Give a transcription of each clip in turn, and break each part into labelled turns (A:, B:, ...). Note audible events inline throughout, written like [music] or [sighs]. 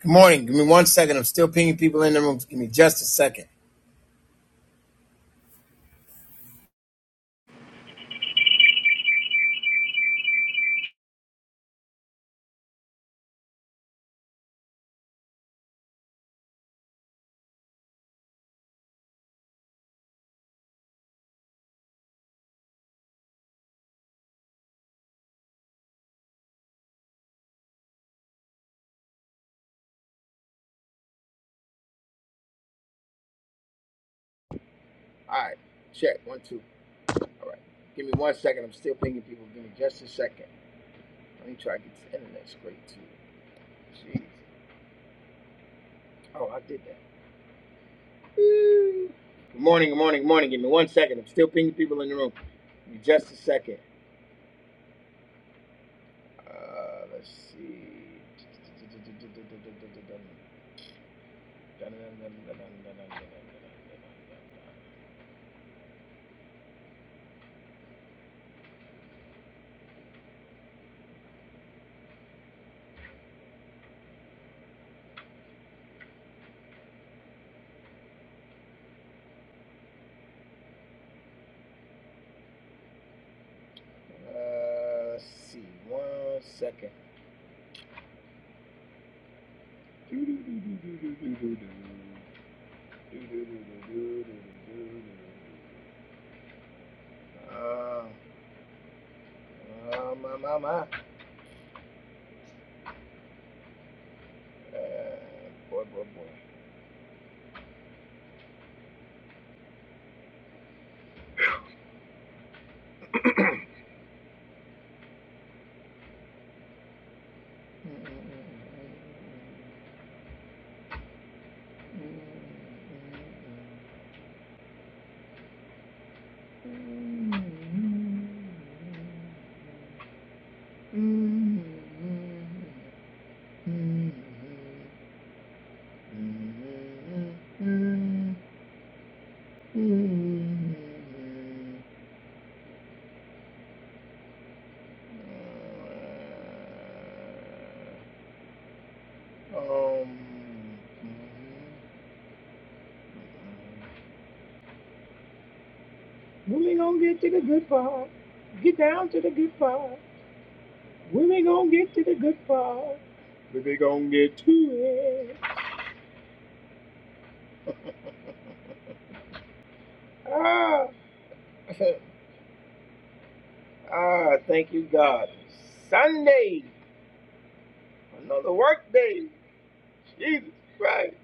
A: Good morning. Give me one second. I'm still pinging people in the room. Give me just a second.
B: All right, check one two. All right, give me one second. I'm still pinging people. Give me just a second. Let me try to get the internet straight too. Jeez. Oh, I did that. Good morning. Good morning. Good morning. Give me one second. I'm still pinging people in the room. Give me just a second. Uh, let's see. Uh, let's see. One second. Uh, Ah, my, my, my. Uh, boy, boy, boy. Um, moving on, get to the good part. Get down to the good part. When they gonna get to the good part? When they gonna get to it? [laughs] Ah, [laughs] ah, thank you, God. Sunday, another work day. Jesus Christ,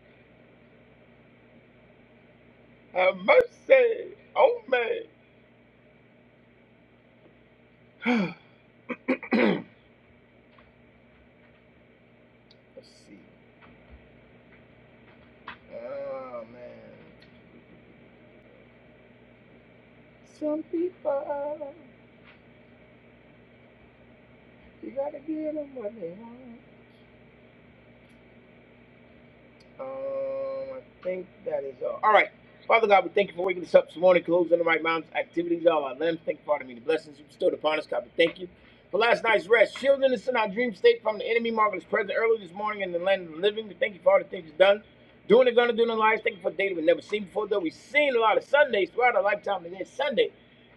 B: have mercy on me. [sighs] Let's see. Oh, man. Some people, you gotta give them what they want. Um, I think that is all. All right. Father God, we thank you for waking us up this morning, closing the right mom's activities, all our limbs. Thank you for all the many blessings you bestowed upon us, God. We thank you for last night's rest, shielding us in our dream state from the enemy, marvelous present early this morning in the land of the living. We thank you for all the things you've done, doing and gonna do in our lives. Thank you for a day that we've never seen before, though we've seen a lot of Sundays throughout our lifetime. Today is Sunday.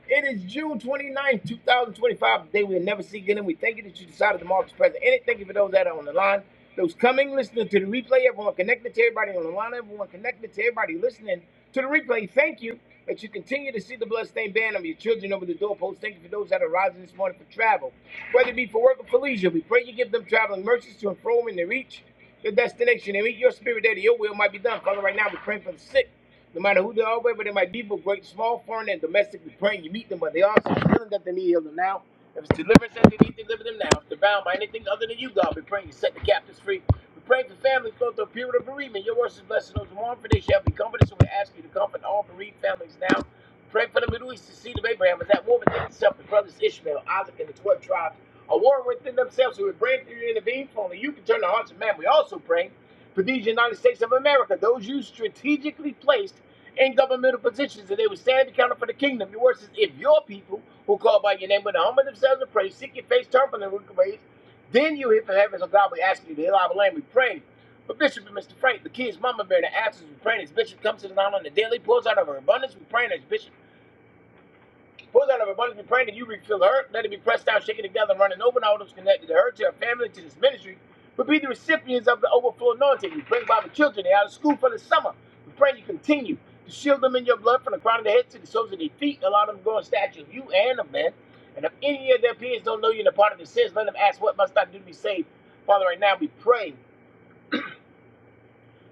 B: It is June twenty ninth, 2025, the day we'll never see again. And we thank you that you decided to mark this present. And thank you for those that are on the line, those coming, listening to the replay, everyone connected to everybody on the line, everyone connected to everybody listening to the replay. Thank you that you continue to see the bloodstained band of your children over the doorpost. Thank you for those that are rising this morning for travel, whether it be for work or for leisure. We pray you give them traveling mercies to and fro when they reach their destination and meet your spirit there that your will might be done. Father, right now we're praying for the sick. No matter who they are, whether they might be, but great, small, foreign, and domestic, we pray and you meet them, but they are so healing that they need healing now. If it's deliverance that they need, deliver them now. If they're bound by anything other than you, God, we pray you set the captives free. We pray for families going through a period of bereavement. Your words is blessed those who mourn, for they shall be comforted. So we ask you to comfort all bereaved families now. Pray for the Middle East, the seed of Abraham, as that war within itself, the brothers Ishmael, Isaac, and the 12 tribes, a war within themselves. So we pray for you to intervene, for only you can turn the hearts of man. We also pray for these United States of America, those you strategically placed in governmental positions, and they would stand accounted for the kingdom. Your word says, if your people who call by your name will humble themselves and pray, seek your face, turn from their wicked ways, then you hear from heaven, so God will ask you to heal our land. We pray. But Bishop and Mr. Frank, the kids, Mama Bear, the absence, we pray as Bishop comes to the island, on the daily pours out of her abundance. We pray as Bishop Pulls out of abundance, we pray that you refill her. Let it be pressed down, shaken together, and running over. And all those connected to her, to her family, to this ministry, will be the recipients of the overflow anointing. We bring Bible children. They're out of school for the summer. We pray you continue to shield them in your blood from the crown of their head to the soles of their feet. Allow them to grow in stature of you and of men. And if any of their peers don't know you in the part of the sins, let them ask, What must I do to be saved? Father, right now we pray.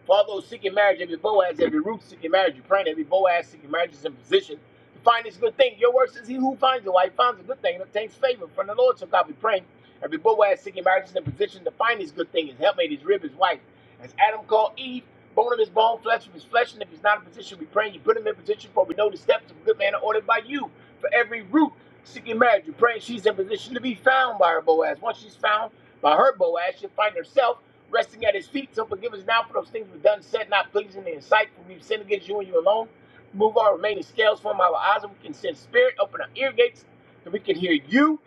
B: For all those seeking marriage, every Boaz, every Ruth seeking marriage, you're praying every Boaz seeking marriage is in position to find this good thing. Your word says he who finds a wife finds a good thing and obtains favor from the Lord. So God we praying. Every Boaz seeking marriage is in position to find this good thing, his helpmate, his rib, his wife. As Adam called Eve, bone of his bone, flesh of his flesh, and if he's not in position, we pray you put him in position for we know the steps of a good man are ordered by you for every root seeking marriage. We pray she's in position to be found by her Boaz. Once she's found by her Boaz, she'll find herself resting at his feet. So forgive us now for those things we've done, said, not pleasing in his sight, for we've sinned against you and you alone. Remove our remaining scales from our eyes, and we can send spirit, open our ear gates, and we can hear you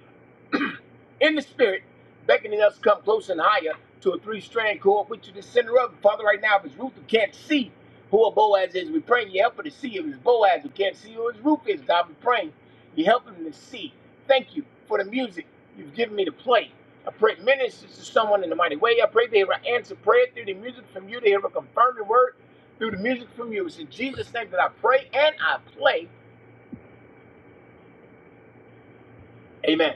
B: in the spirit, beckoning us to come close and higher to a three-strand cord, which is the center of. it. Father, right now, if it's Ruth who can't see who a Boaz is, we pray you help her to see. If it's Boaz who can't see who his Ruth is, God, we pray you help him to see. Thank you for the music you've given me to play. I pray it ministers to someone in the mighty way. I pray they will answer prayer through the music from you. They hear confirm confirming word through the music from you. It's in Jesus' name that I pray and I play. Amen.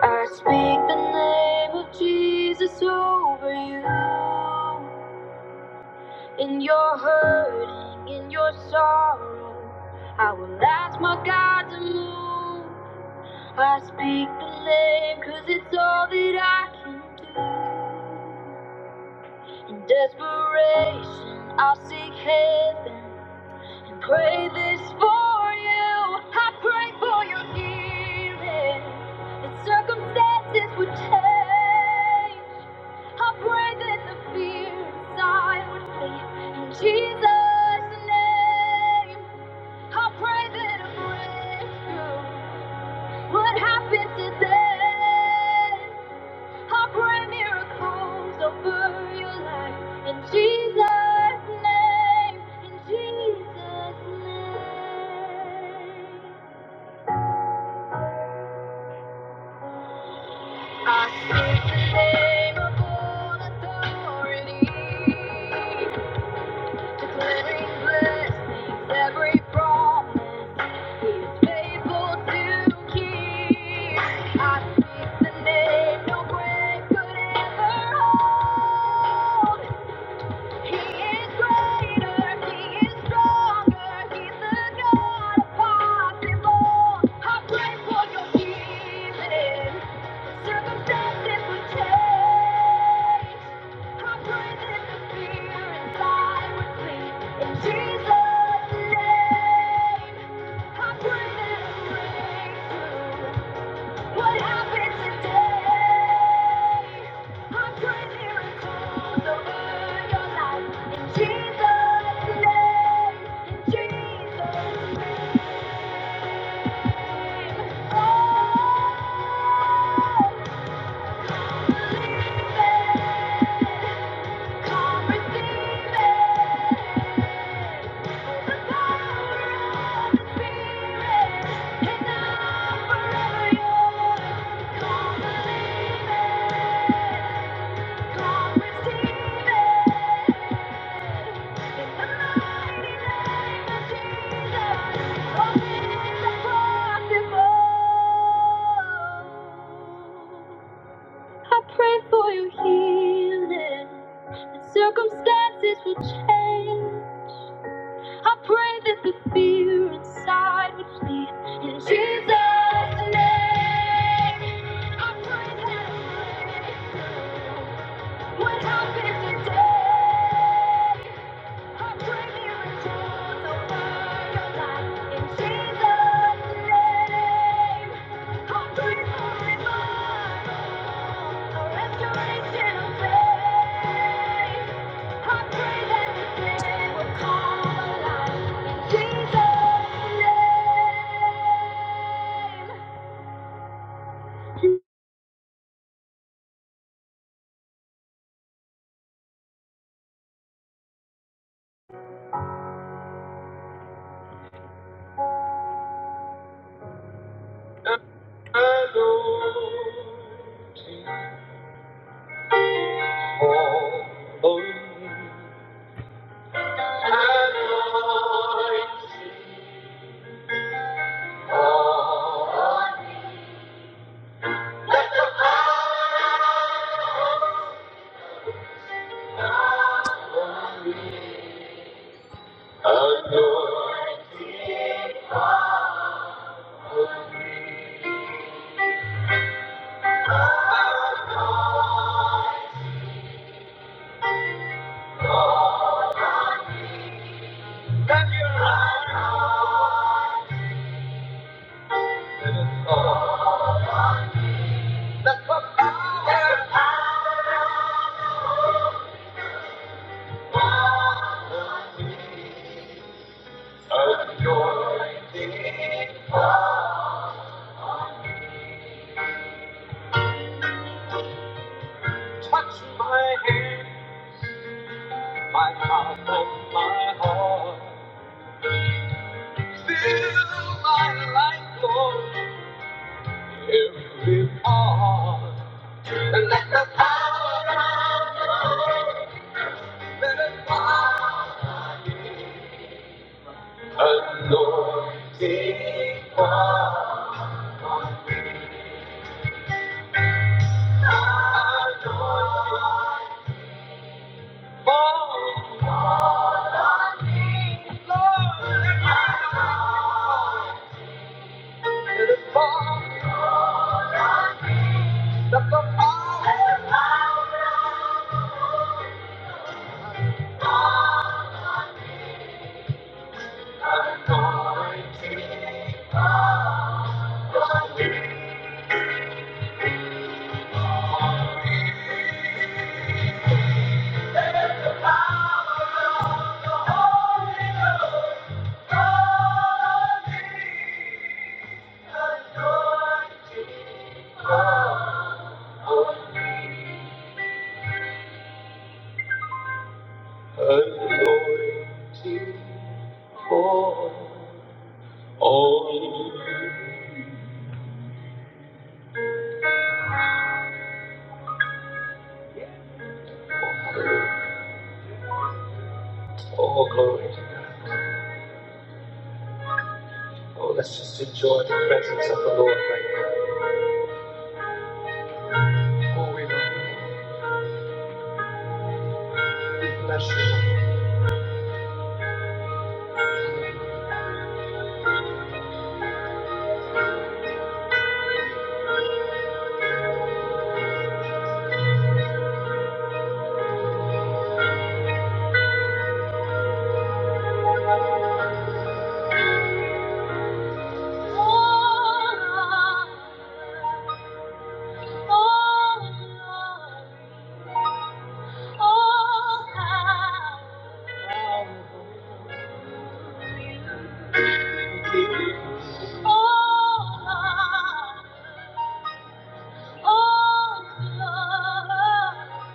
B: I speak the name of Jesus over you. In your hurting, in your sorrow, I will ask my God to move. I speak the name because it's all that I can do. In desperation, I'll seek heaven and pray this for you. I pray for your healing that circumstances would change. I pray that the fear inside would flee in Jesus' name. I pray that a breakthrough would happen today. I pray miracles over your life in Jesus' name. In Jesus' name. I speak the name of all authority. Declaring blessings, every promise. He is faithful to keep. I speak the name no grave could ever hold. He is greater, He is stronger, He's the God of possible. I pray for your healing. Circumstances would change. I pray that the fear inside would flee. In Jesus' name, I pray that a breakthrough. What happened today? I pray miracles over your life. In Jesus' name, in Jesus' name. Oh, I believe Come receive it. The power of the Spirit is now forever yours. Come believe it. Come receive it. In the mighty name of Jesus, all things are possible. I pray for your healing. The circumstances will change. I pray that the fear inside would flee. In Jesus' name, I pray that a breakthrough what happen today. Oh, oh, oh, Touch my hand, my mouth, and my heart. Fill my life, Lord, every part. let the power of your anointing fall. Anointing for all. Oh, glory. Oh, let's just enjoy the presence of the Lord right now. Oh, we love you. We bless you. Holy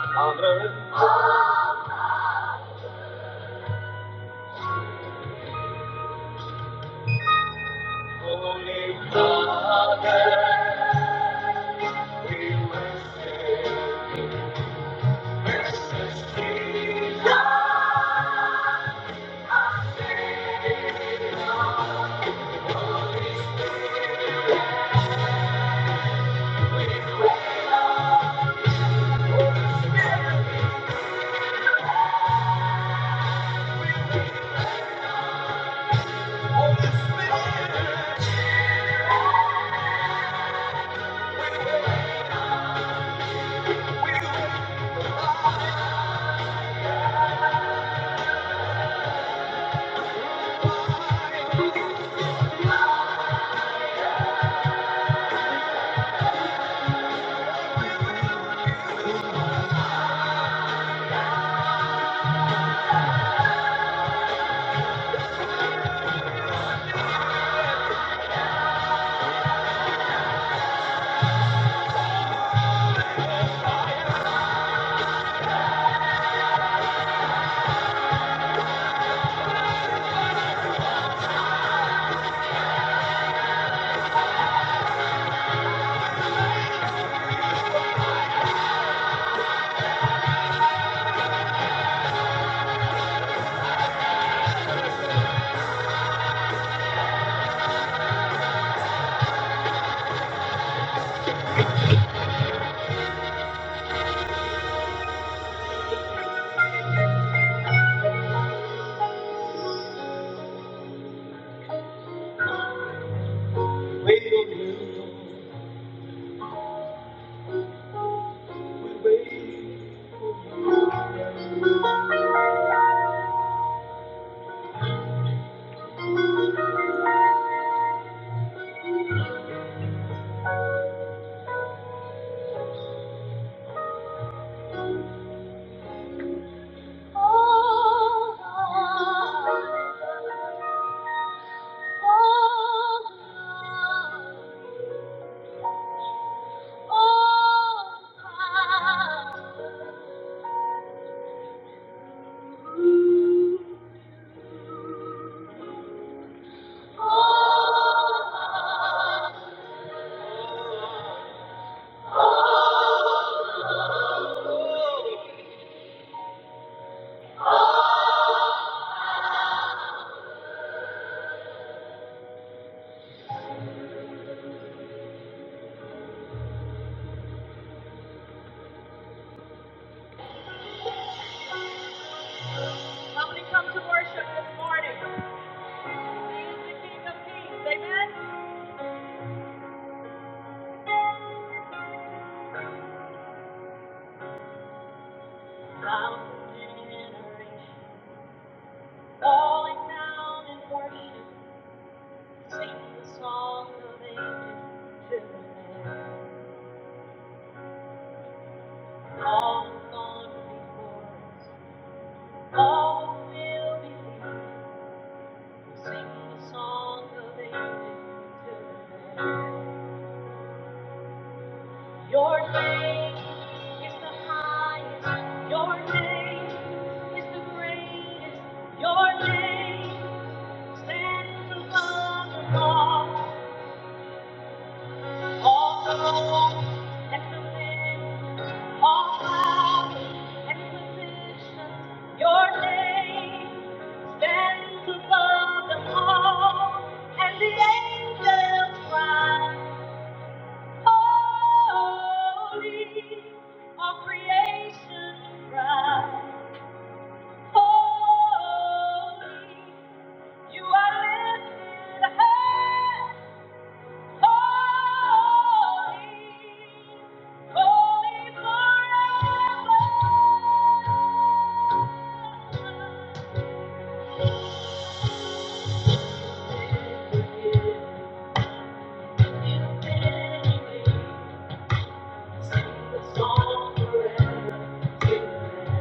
B: Father, Wait on you. We wait. Oh, oh, oh, oh, oh. Somebody come to worship this morning. King of men, sound of generation, falling down in worship, sing the song of ages to the Lamb. All gone before us, All will be free. Sing the song of ages to the Your name is the highest. Your name is the greatest. Your name stands above them all. All thrones and dominions, all powers and positions. Your name. Stands above them all, and the angels cry, Holy. All creation cries, Holy. You are lifted high, holy, holy forever. You've been, sing the song forever.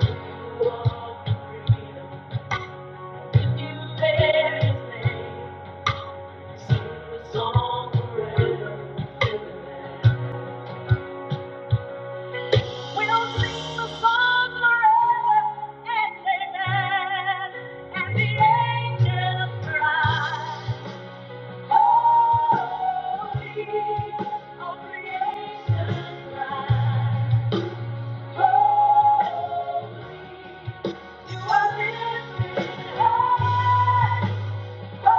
B: We don't sing the the song forever. We'll and the angels cry. Holy, all creation cry, Holy, You are lifted high. Thank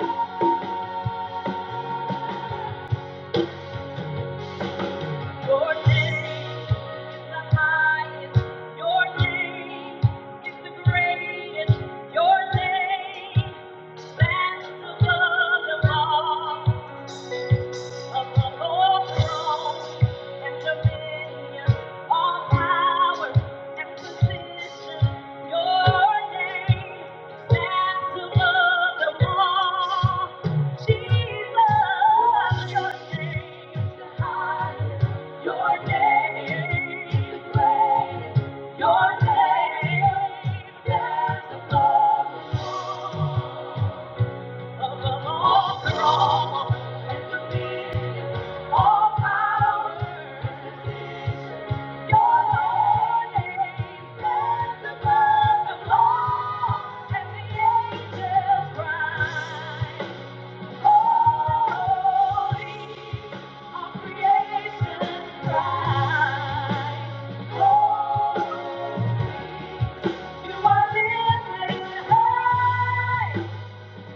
B: you. Your name is the highest. Your name is the greatest. Your name stands above them all. Your name stands above. the law.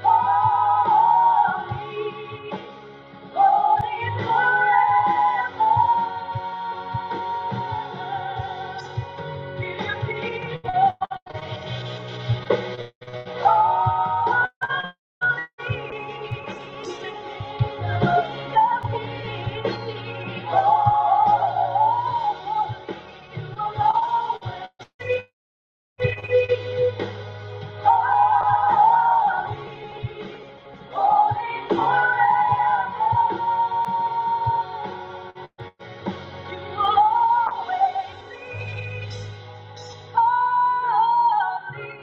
B: Holy, you. Thank you. always be holy.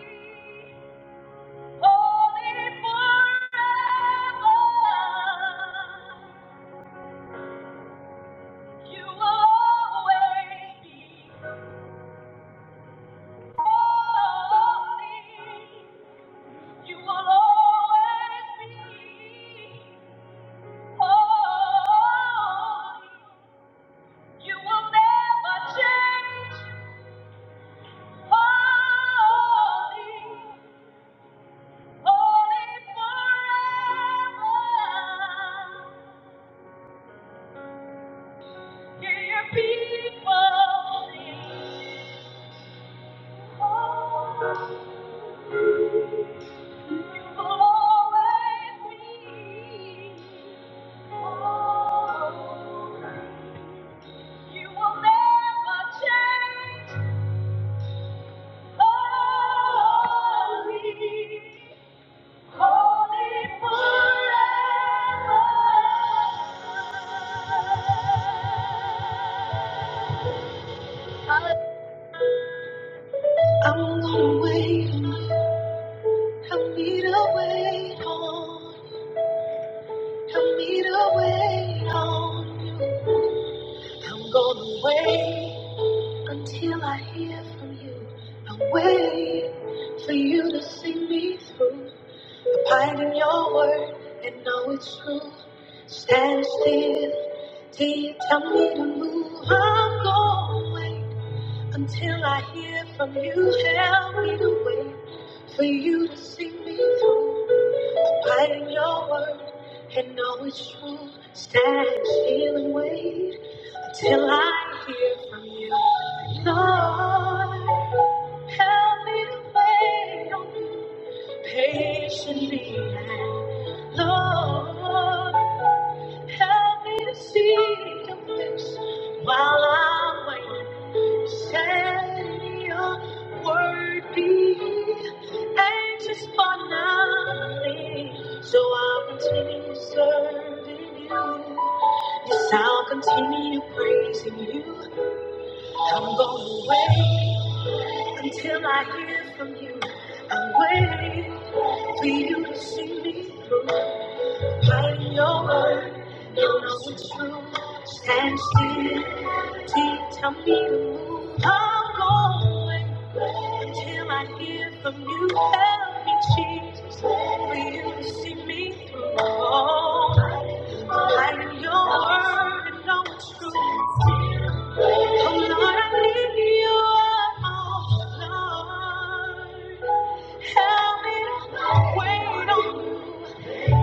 B: Hear your people sing. Help me to wait on, help me to wait on. I'm gonna wait until I hear from you. I'll wait for you to see me through. Abide in your word and know it's true. Stand still till you tell me to move. I'm gonna wait until I hear from you. Help me to wait for you to see me through. Abide in your word and know it's true. Stand still and wait till I hear from you. Lord, help me to wait on you patiently. And Lord, help me to see your face while I'm waiting. Shall your word be anxious for nothing? So I'll continue serving you. Yes, I'll continue praising you. I'm gonna wait until I hear from you. I'm waiting for you to see me through. Hiding your word, you know it's true. Stand still, till tell me to move. I'm going. Until I hear from you, help me, Jesus. For you to see me through. I am your word and no truth. Oh Lord, I need you all, Lord. Help me to wait on you.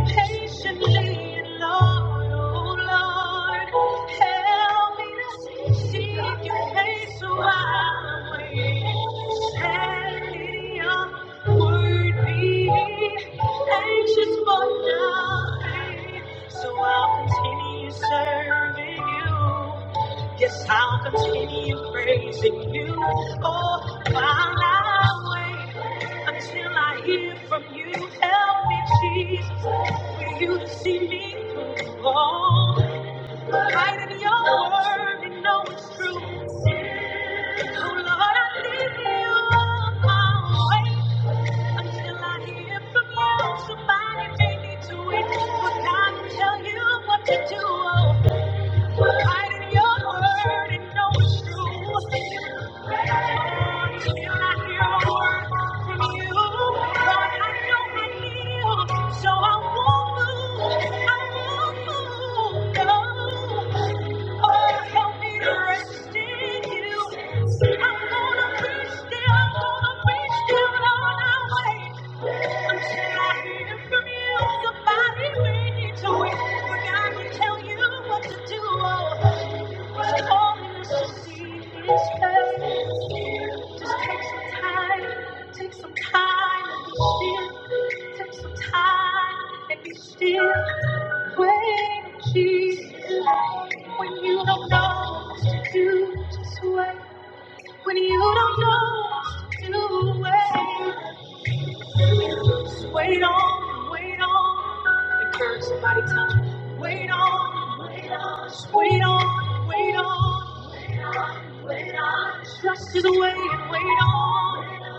B: Patiently, Lord, oh Lord, help me to seek your face while I wait. Let your word be anxious for nothing, so I'll continue serving you. Yes, I'll continue praising you. Oh, while I wait until I hear from you, help me, Jesus. You see me fall, hide in your word and know it's true. Oh Lord, I need you all my way until I hear from you. Somebody take me to it, but I can tell you what to do. Hide in your word and know it's true. Somebody we need to wait. We're gonna tell you what to do. What's calling us see His face? Just take some time, take some time and be still. Take some time and be still. Wait, Jesus. When you don't know what to do, just wait. When you don't know what to do, wait. Just wait on, wait on. Encourage somebody, tell them, wait on, wait on, just wait on, wait on. Wait on, trust is wait and wait on.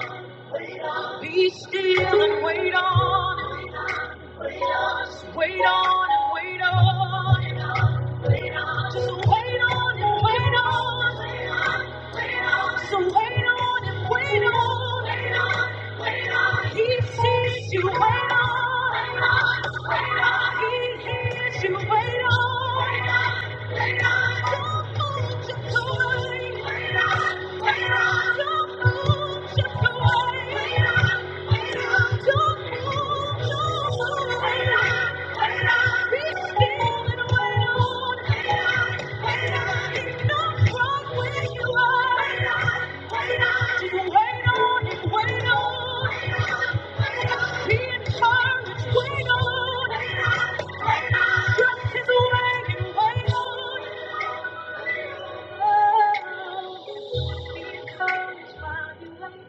B: Wait on. Be still and wait on. Wait on, just wait on and wait on and on. Wait on, just wait on and wait on. Wait on, wait on, so wait on and wait on. Wait on, wait on. He sees you. Wait on, wait on, wait on. He hears you. Wait on, wait on, wait on. Don't hold your joy. Wait on, wait on. Don't hold Wait on. Be encouraged while you wait.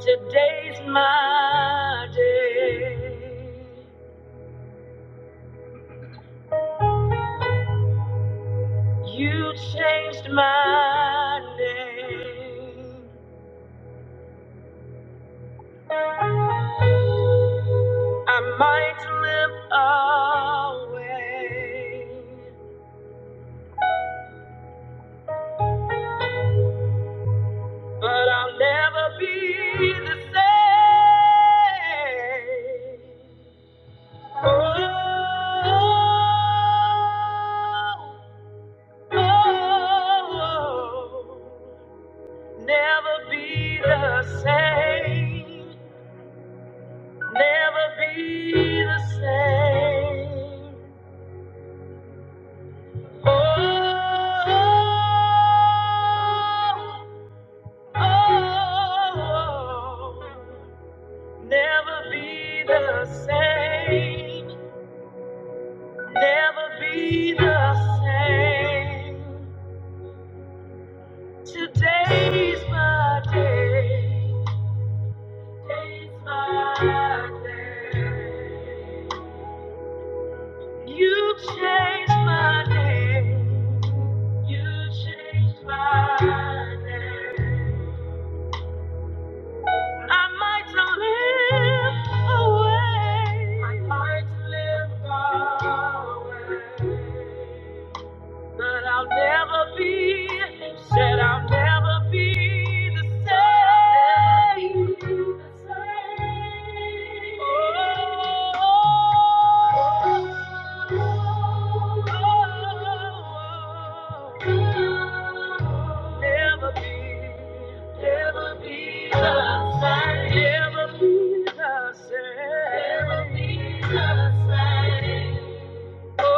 B: Today's my day. You changed my name. I might live away, but I'll never be the same. Oh, oh, oh. oh. Never be the same. Never be the same. Oh, oh, oh. never be the same. Never be the same. Today's my day. Today's my day. You changed my name. You changed my name. I might not live away. I might live away. But I'll never be, said I'll never be the same. Oh, never be, never be the same. Never be the same. Never be the same. Never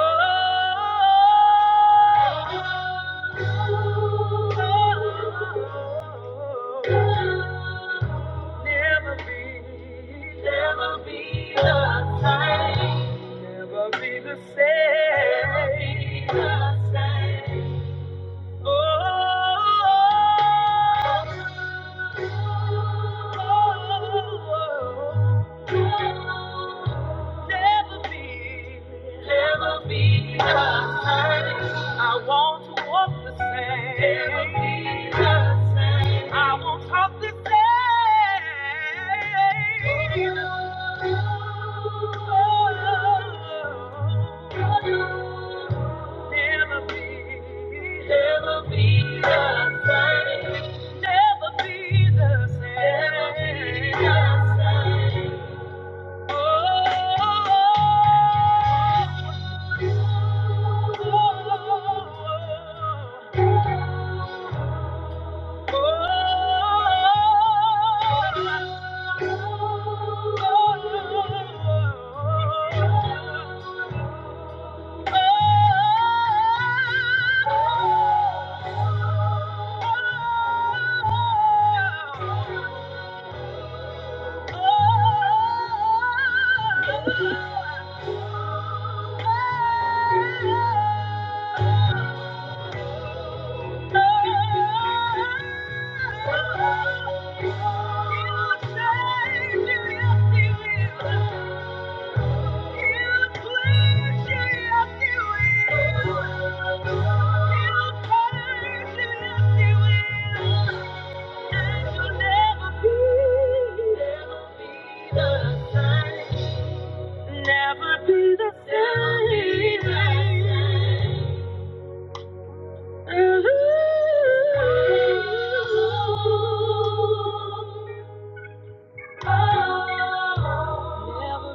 B: be, never be the same. Never be the same. Oh. Never be, never be the same. I want to walk the same. I will talk the same. Never be, never be the same. Never be the same. Never be the same. Oh, oh, oh, oh. Oh Oh, Never be the same.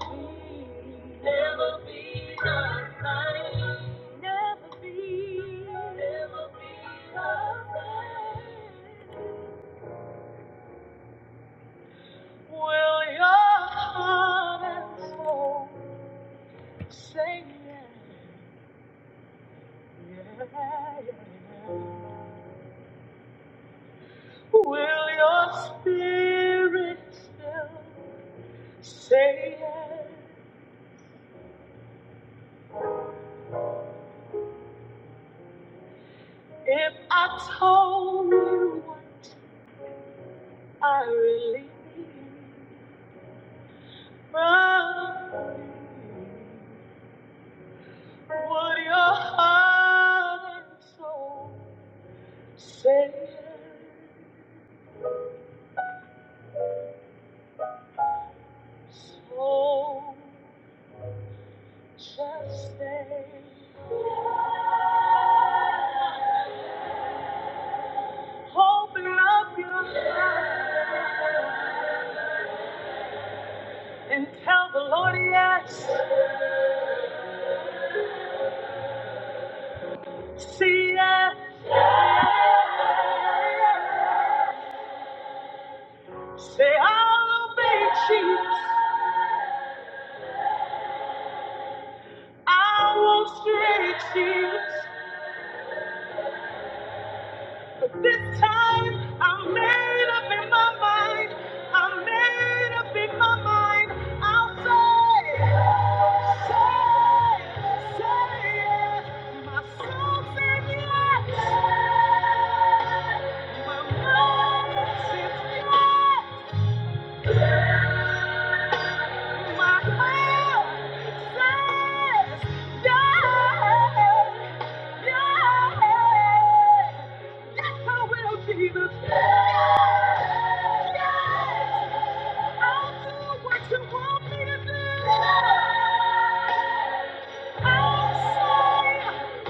B: Ooh. Never be the same. Never be. Never be the same. Will your heart and soul say Yeah, yeah. yeah? Will your spirit still say yes? If I told you what I really felt, would your heart and soul? Savior's soul, shall stay. Hope and love you and tell the Lord yes. See yes. Say I'll obey Jesus. I will stray Jesus. This time I'm made up in my mind. I'm made up in my mind. I'll say, say, say yes. My soul says yes. My mind says yes. My heart says yes. Yes. Yes, I will, Jesus. Yes, yes. I'll do what you want me to do. I'll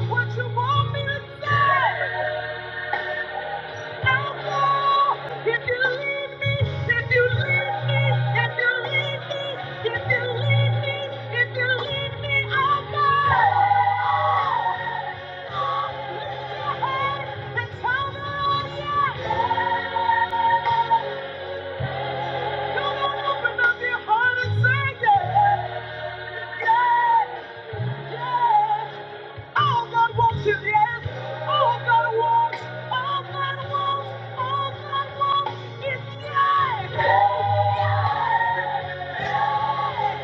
B: say what you want me to say. I'll go if you leave me, if you leave me, if you leave me, if you leave me, if you leave me, I'll go. Lift your head and tell the Lord yes. Come on, open up your heart and say yes. Yes. Yes. All God wants is yes. All God wants, all God wants, all God wants is yes. Yes. Yes.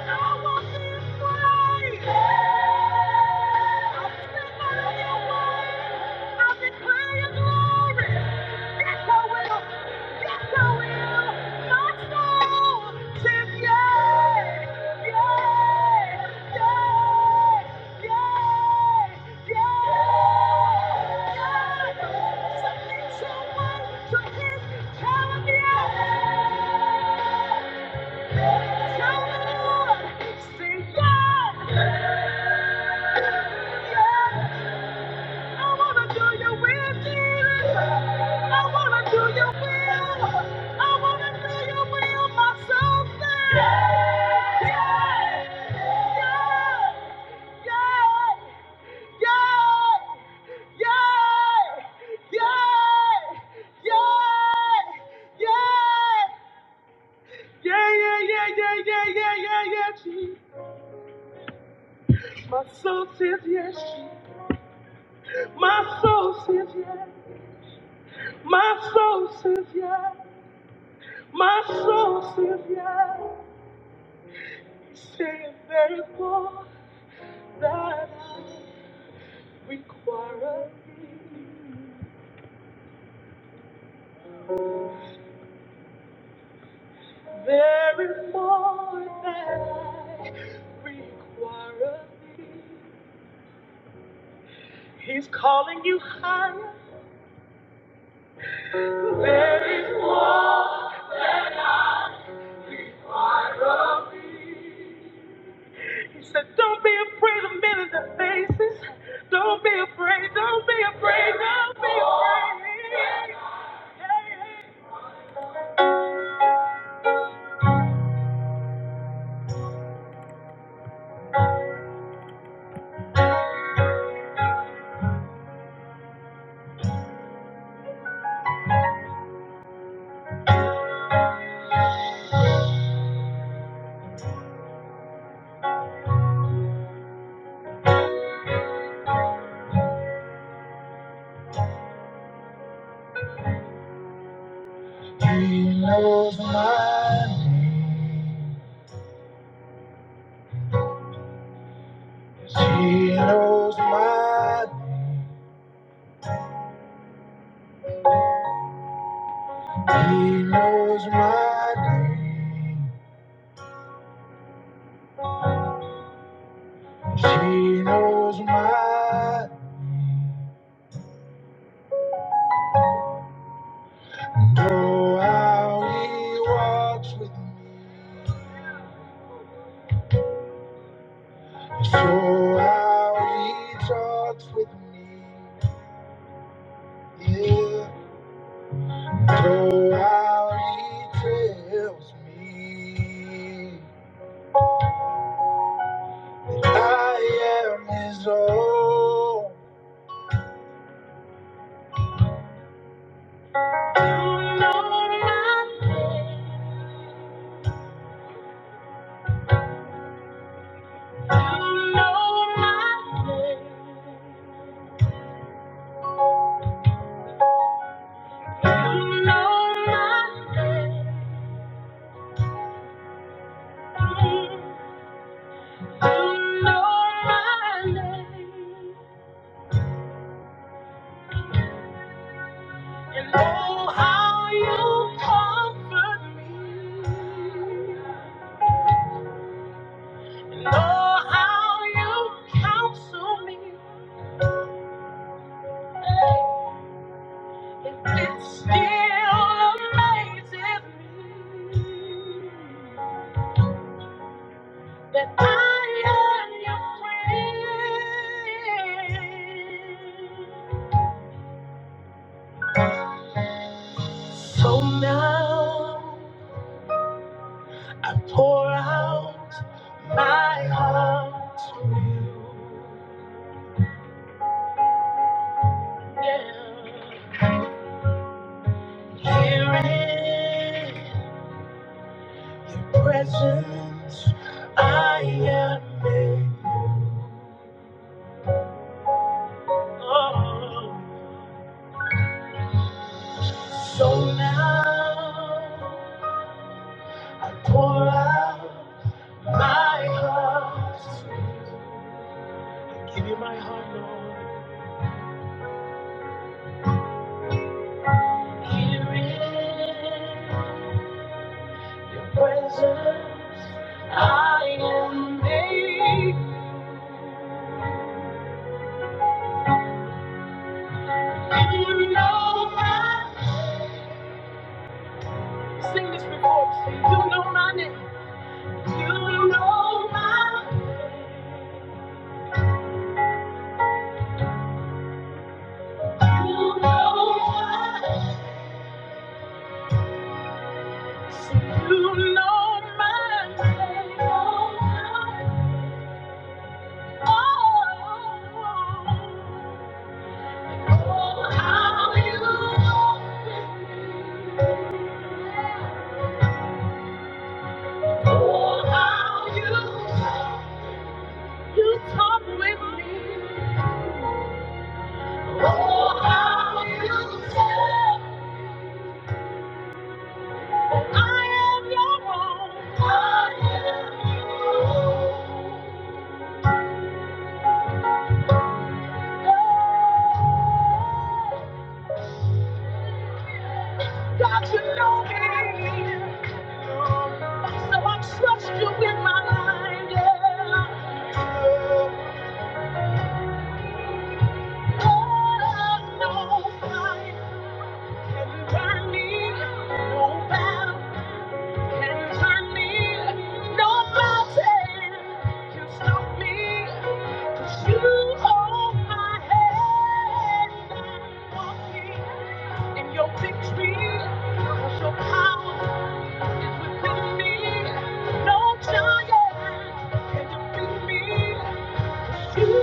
B: Submit your will to his calendar. Yeah! Yeah, yeah, yeah, yeah, yeah, yeah, yeah, yeah, Jesus. My soul says yes. My soul says yes. My soul says yes. My soul says yes. Saying there is more that I require of thee. There is more that I require of thee. He's calling you higher. He said, Don't be afraid of men in the faces. Don't be afraid. Don't be afraid. Don't be afraid. He knows my name. He knows my name. She knows my know how he walks with me. So how he talks with me. Yeah, so how he tells me. I am his own. You You You You You You You You know know know know know know my my my my name. name. name. name. how how comfort me. You know how you Counsel me. It still amazes me that I am your friend. So now I pour out my heart to you. Here in your presence, I am made new. So I pour out my heart. I give you my heart, Lord. Here in presence. I am made. You know my. Sing this before we sing. You know my name. You know my. You know my. Sing. You know my name. You know my. Oh, oh, how you love me. Oh, how you love me. You talk with me. Oh, I am your own. I am your own. God, you know me. So I trust you with my life, yeah. All I know, I can burn me. No giant can Thank you. Thank you.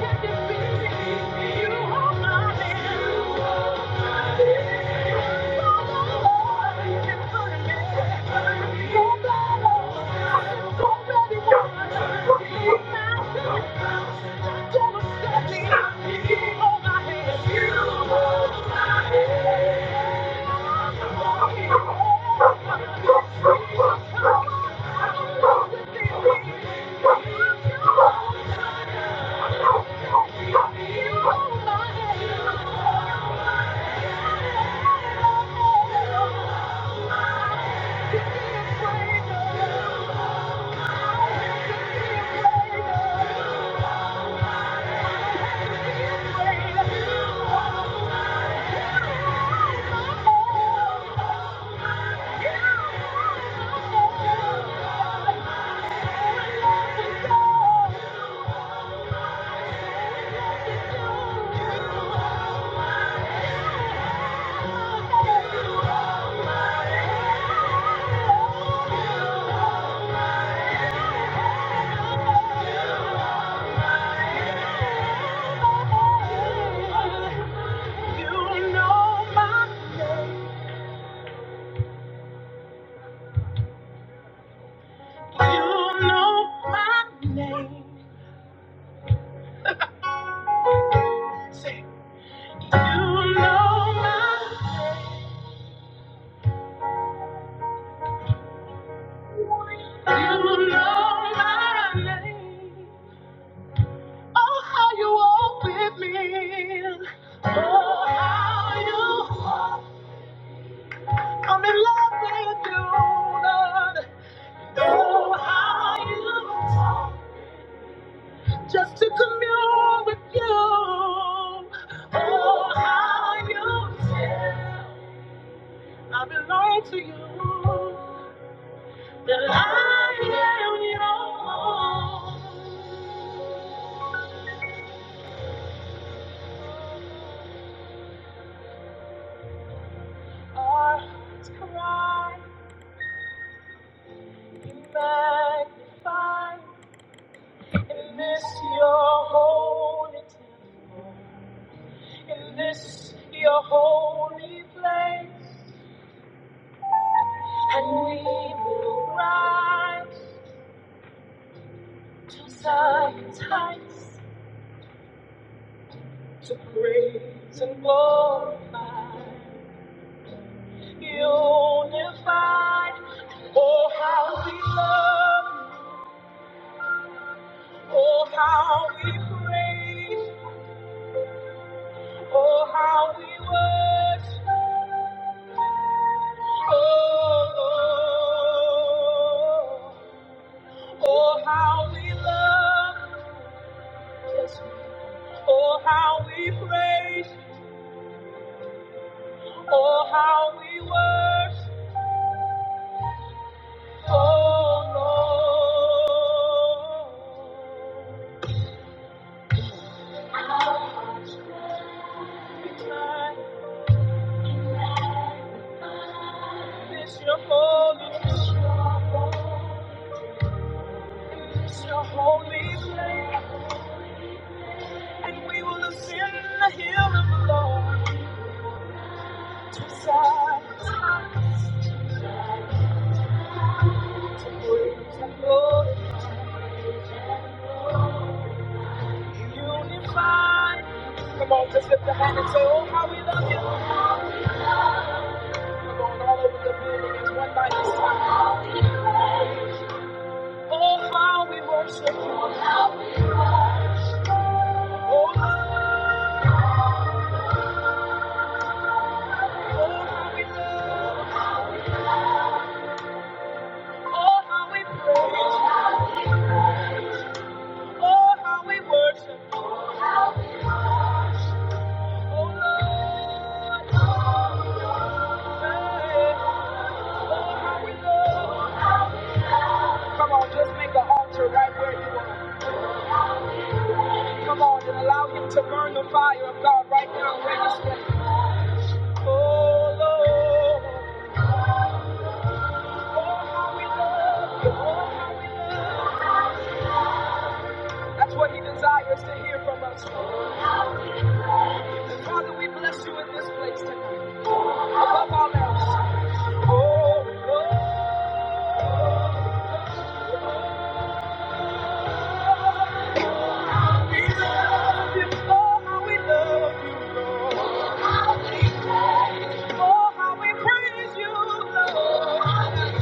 B: Thank you. Yeah. Oh how I'm in love with you, Lord. know how you just to commune with you. Oh, how you feel. I belong to you. That I am your own. Our hearts cry and magnify in this your holy temple, in this your holy place, and we will rise. to sacrifice, to praise and glorify, unified. Oh, how we love you, oh, how we praise, oh, how we worship, oh, Lord. Oh, how we love, oh, how we praise, oh, how we worship, oh, Lord. It's your holy, place. it's your holy place, and we will ascend the hill of the Lord to sight and glory, unified. Come on, just lift the hand and say, Oh, how we love you. We're going all over the building. It's one night this time. Oh, how we worship you. Oh, how, oh, how we love Oh, how we praise Oh, how we worship you. Oh, how we love Come on, just make an altar right where you are. Come on and allow him to burn the fire of God right now where you stand. Oh Lord, we love you. Lord. That's what he desires to hear from us. Father, we bless you in this place tonight. Above all else. Oh Lord, we love you. Oh, how we love you. Oh, how we praise you. Oh, how we praise you, Lord.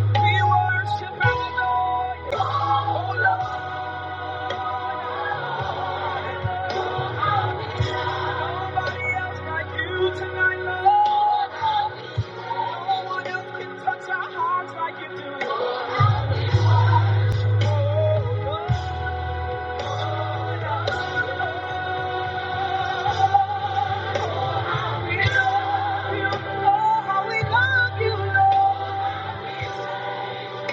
B: We worship you. Oh, how we love you, Lord.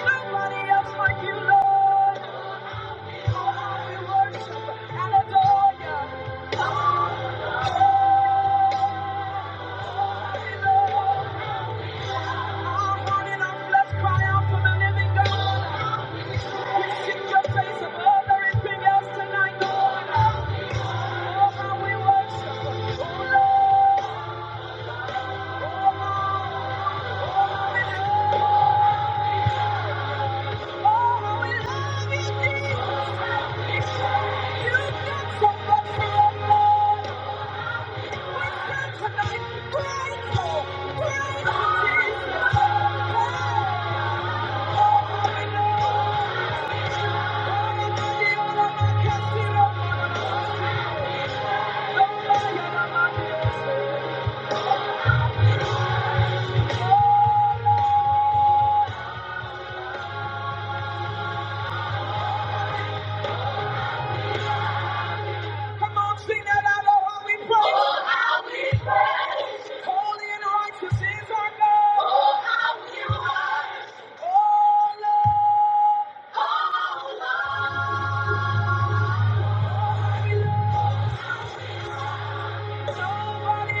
B: Nobody else like you, Lord. Oh, we worship and adore you. Lord. we Lord. Our heart and our flesh cry out to the living God. We seek your face above everything else tonight, Lord. Oh, how we worship. Oh, Lord. Oh, Lord. Oh, Lord. Oh, we love you, Jesus. You've done so much for us. We're tonight grateful, grateful, Jesus. Oh, you. Nobody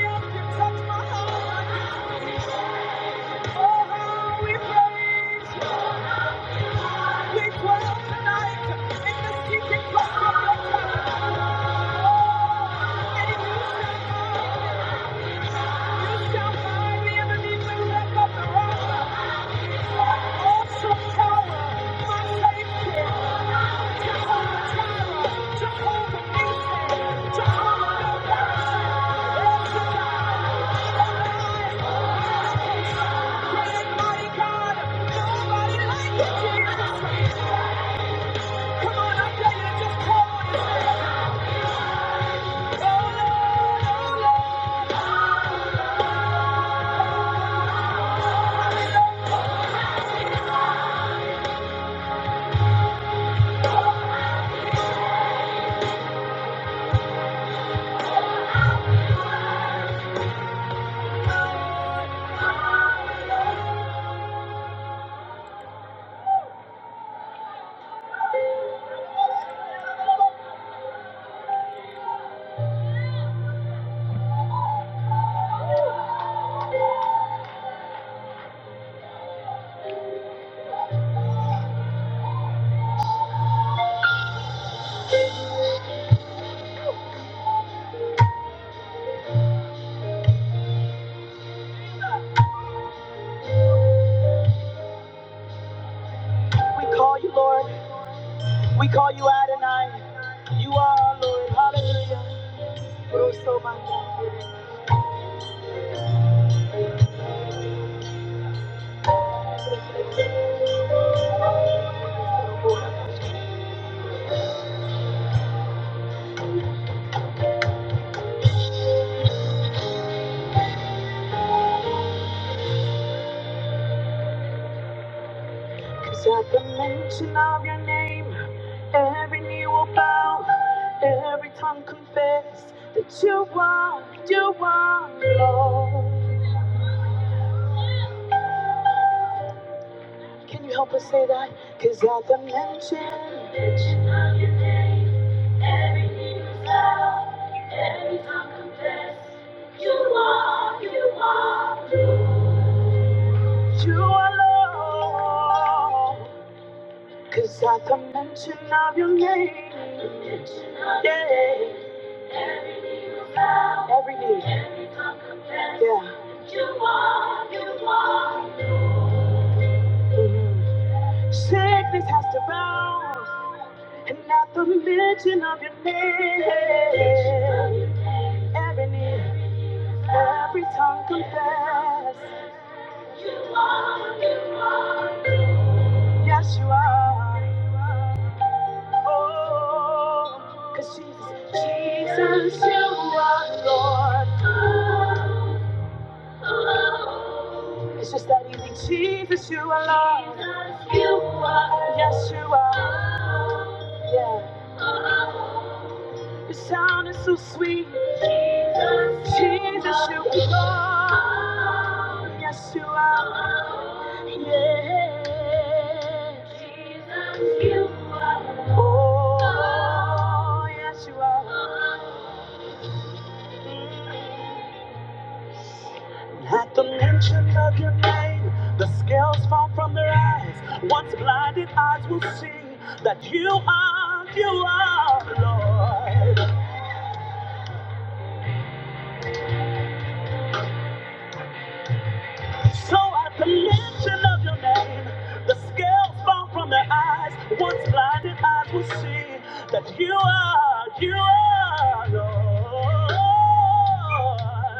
B: else can touch my heart. Thank you. Come on, I tell you, just call on his name. Oh, Lord, oh, Lord. Every tongue confess that you are, you are Lord. Can you help us say that? Cause at the mention, you are Lord. Cause at the mention of your name, yeah, every knee, yeah. Mhm. Sickness has to bow. And at the mention of your name, every knee, every tongue confess. Yes, you are. Oh, cause Jesus, Jesus, you are Lord. It's just that easy. Jesus, you are Lord. Yes, you are. Yeah. Your sound is so sweet. Jesus, you are Lord. Yes, you are. Yeah. Oh, yes, you are. At the mention of your name, the scales fall from their eyes. Once blinded eyes will see that you are, you are, Lord. So at the mention of your name, the scales fall from their eyes. Once blinded eyes will see that you are, you are,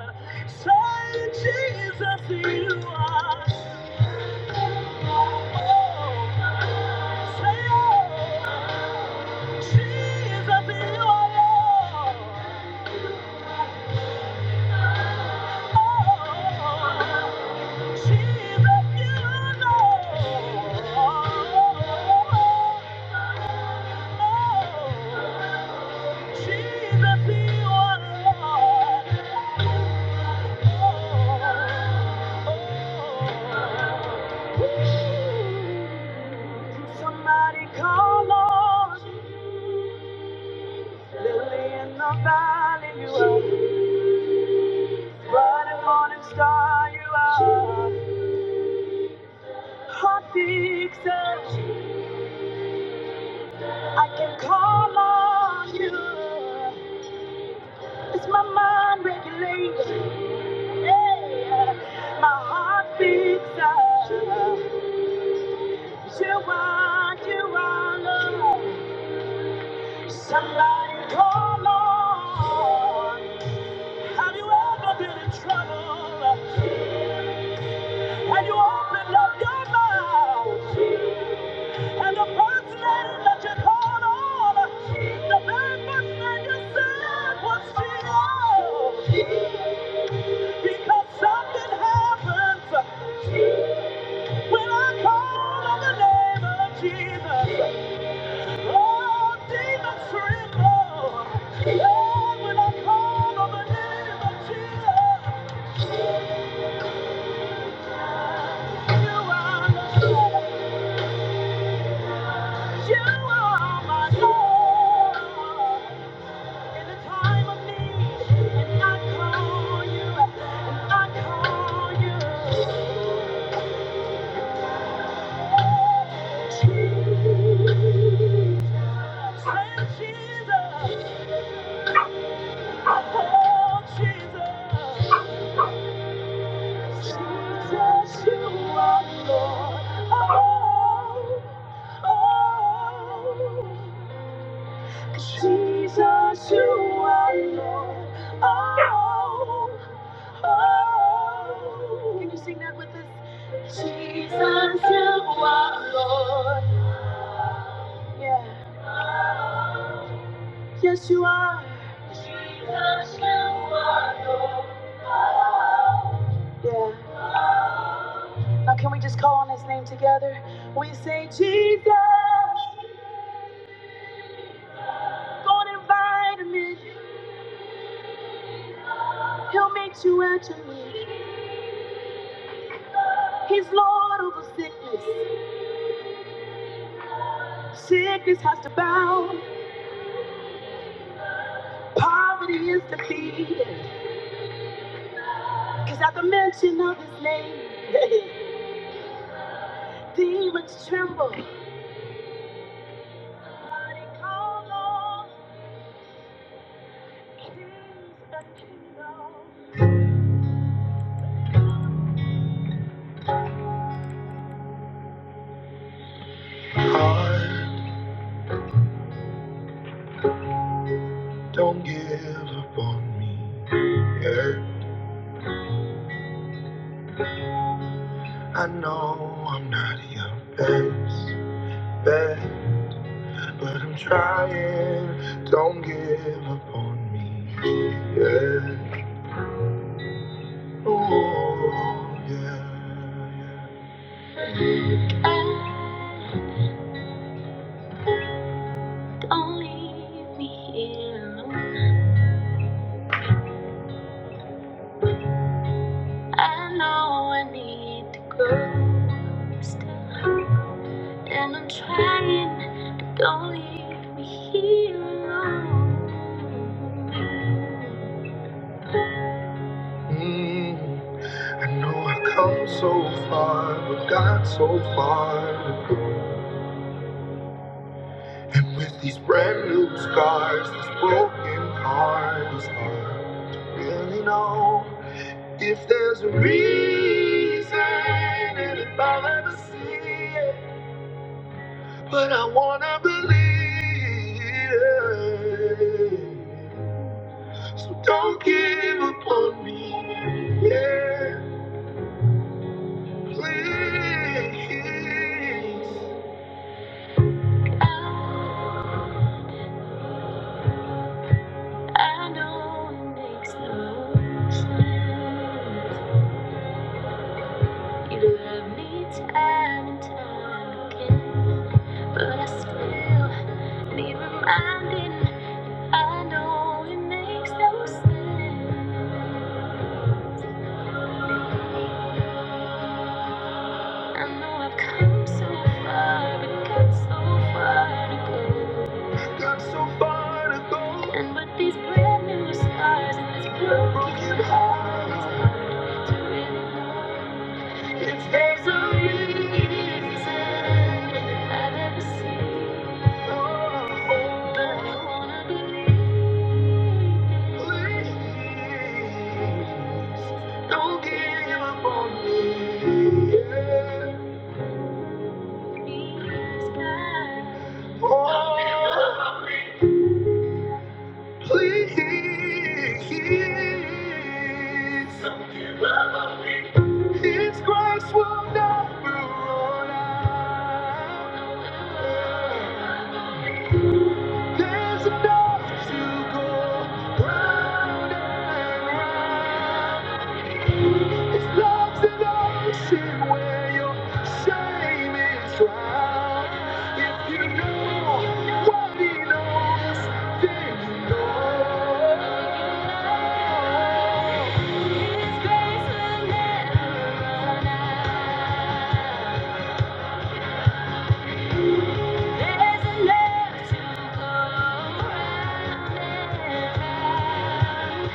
B: Lord. Say, Jesus, you are. Oh Somebody call on Lily in the valley, you are. Bright morning star, you are. Hot fixer, I can call on you. It's my mind regulated. Yeah. My heart beats out. You are. And I feel that you keep the goodness of what's here. That something happens when I call on the name of Jesus. Oh, demons tremble. Oh, when I call on the name of Jesus. You are Lord. You are my Lord. In the time of need, and I call you, and I call you. Say, Jesus, I Jesus. Jesus, you are Lord. Oh, oh. oh. Jesus, you are Lord. Oh. Oh, Can you sing that with us? Jesus, you are Lord. Yeah. Yes, you are. Jesus, you are Lord. Yeah. Now, can we just call on his name together? We say, Jesus, go and invite him in. He'll meet you at your need. He's Lord over sickness. Sickness has to bow. Poverty is defeated. Cause at the mention of his name, [laughs] Demons tremble. Heart, don't give up on me. Yeah, I know I'm not your best bet, but I'm trying. Don't give up on me. Yeah, oh yeah. yeah. Oh, Don't leave me here alone. I know I need to go. Still. And I'm trying, but don't leave me here alone. Mm, I know I've come so far, but got so far to go. And with these brand new scars, this broken heart is hard to really know if there's a reason, and if I'll ever see it. But I wanna believe. So don't give up on me. Yeah, please. I know it makes no sense. You love me time and time again. But I still need reminding. I know it makes no sense. so so so And with these brand new scars and this broken heart, it's hard really know if there's a reason I've ever seen. Oh, but I wanna believe. Please, don't give up on me. Oh. Please, His grace will never run out. There's enough to go round and round. His love's an ocean with what He knows, things He knows. His grace will never run out. There's enough to go and round.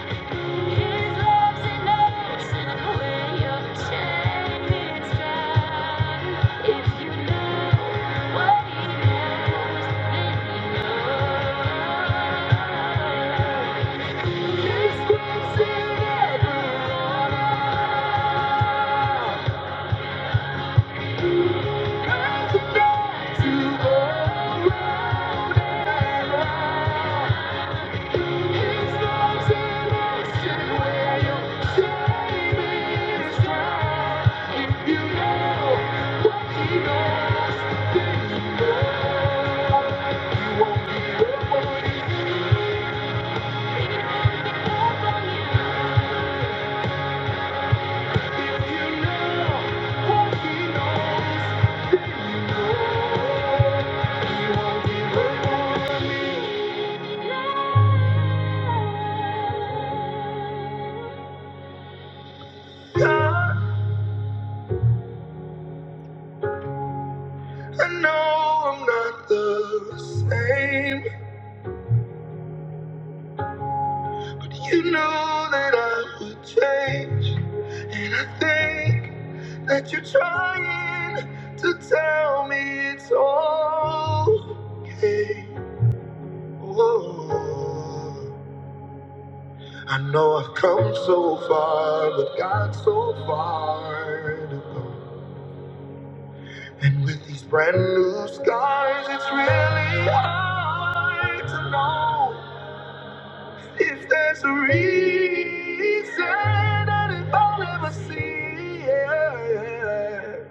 B: His love's enough to wear your chains down. If you knew what he knows, then you know. His grace is never enough to go and round. God. I know I'm not the same, but you know that I would change. And I think that you're trying to tell me it's okay. Oh, I know I've come so far, but got so far to go. And with these brand new scars, it's really hard to know. If there's a reason that if I'll ever see it,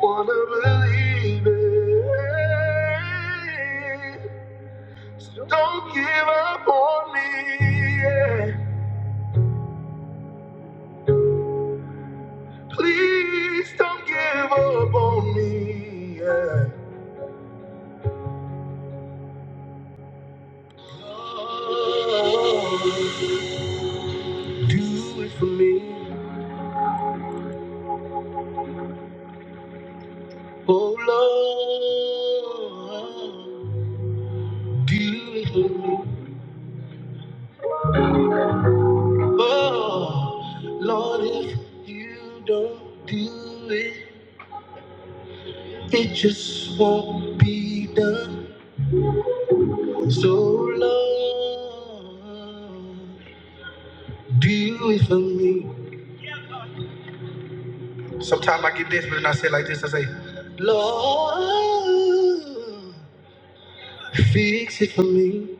B: wanna believe it. So don't give up on me. yeah. Please don't give up on me. yeah. Oh, do it for me. Oh Lord, do it for me. Oh, Lord, if you don't do it, it just won't be done. So, Lord, do it for me. Sometimes I get desperate and I say it like this I say, Lord, fix it for me.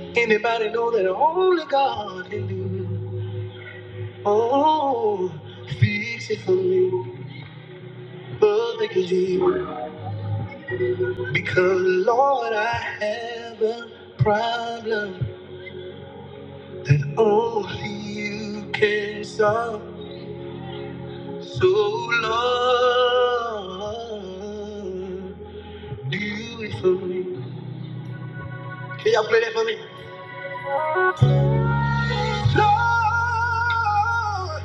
B: Anybody know that only God can do it? Oh, fix it for me. Oh, thank you, it. Because, Lord, I have a problem that only you can solve. So, Lord, do it for me. Can y'all play that for me? Lord,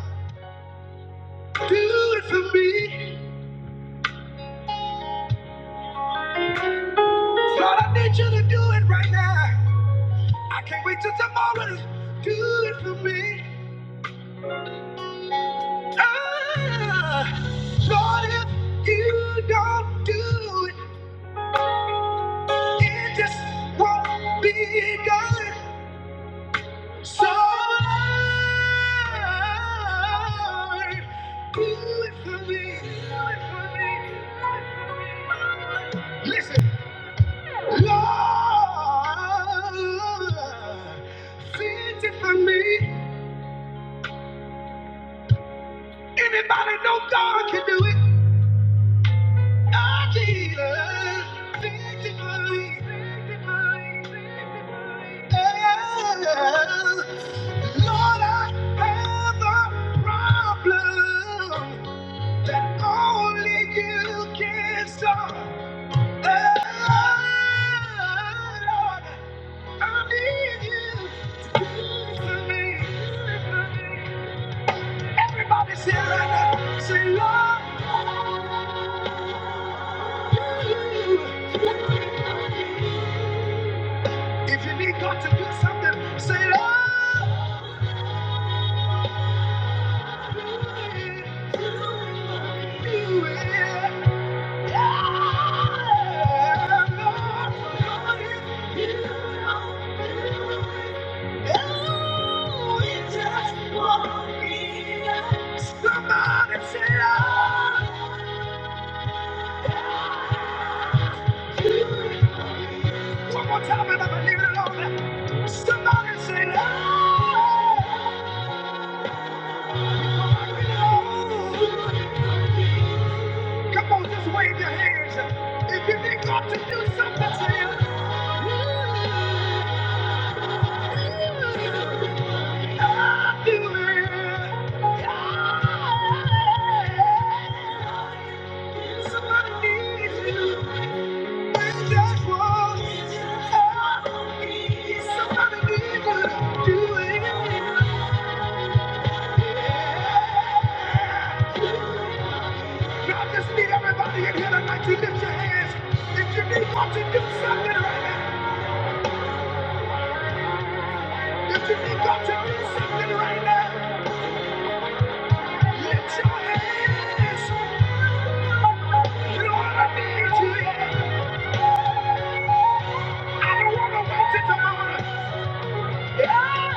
B: do it for me. Lord, I need you to do it right now. I can't wait till tomorrow. Do it for me. Ah, Lord, if you don't do it, it just won't be done. So, Lord, do it for me. Do it for me. Listen, Lord, fix it for me. Anybody know God can do it? Our Jesus, victory, victory, victory. Oh, Lord, I have a problem that only you can solve. Oh, Lord, I need you to for me. do for me. Everybody say right now, say, Lord, you? If you need God to do something, say, Lord, do it. Yeah, Lord, help me. Somebody say, Lord. One more time, and I'm leaving it alone. Somebody say, Lord. Come on, just wave your hands. If you need God to do something, say, Lord. I just need everybody in here tonight to lift your hands. If you need God do something right now, if you need God to do something right now, lift your hands. Lord, I need you. I don't want to wait till tomorrow. Everybody else,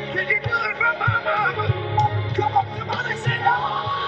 B: Did you do it for my mama? Come on, somebody say, no.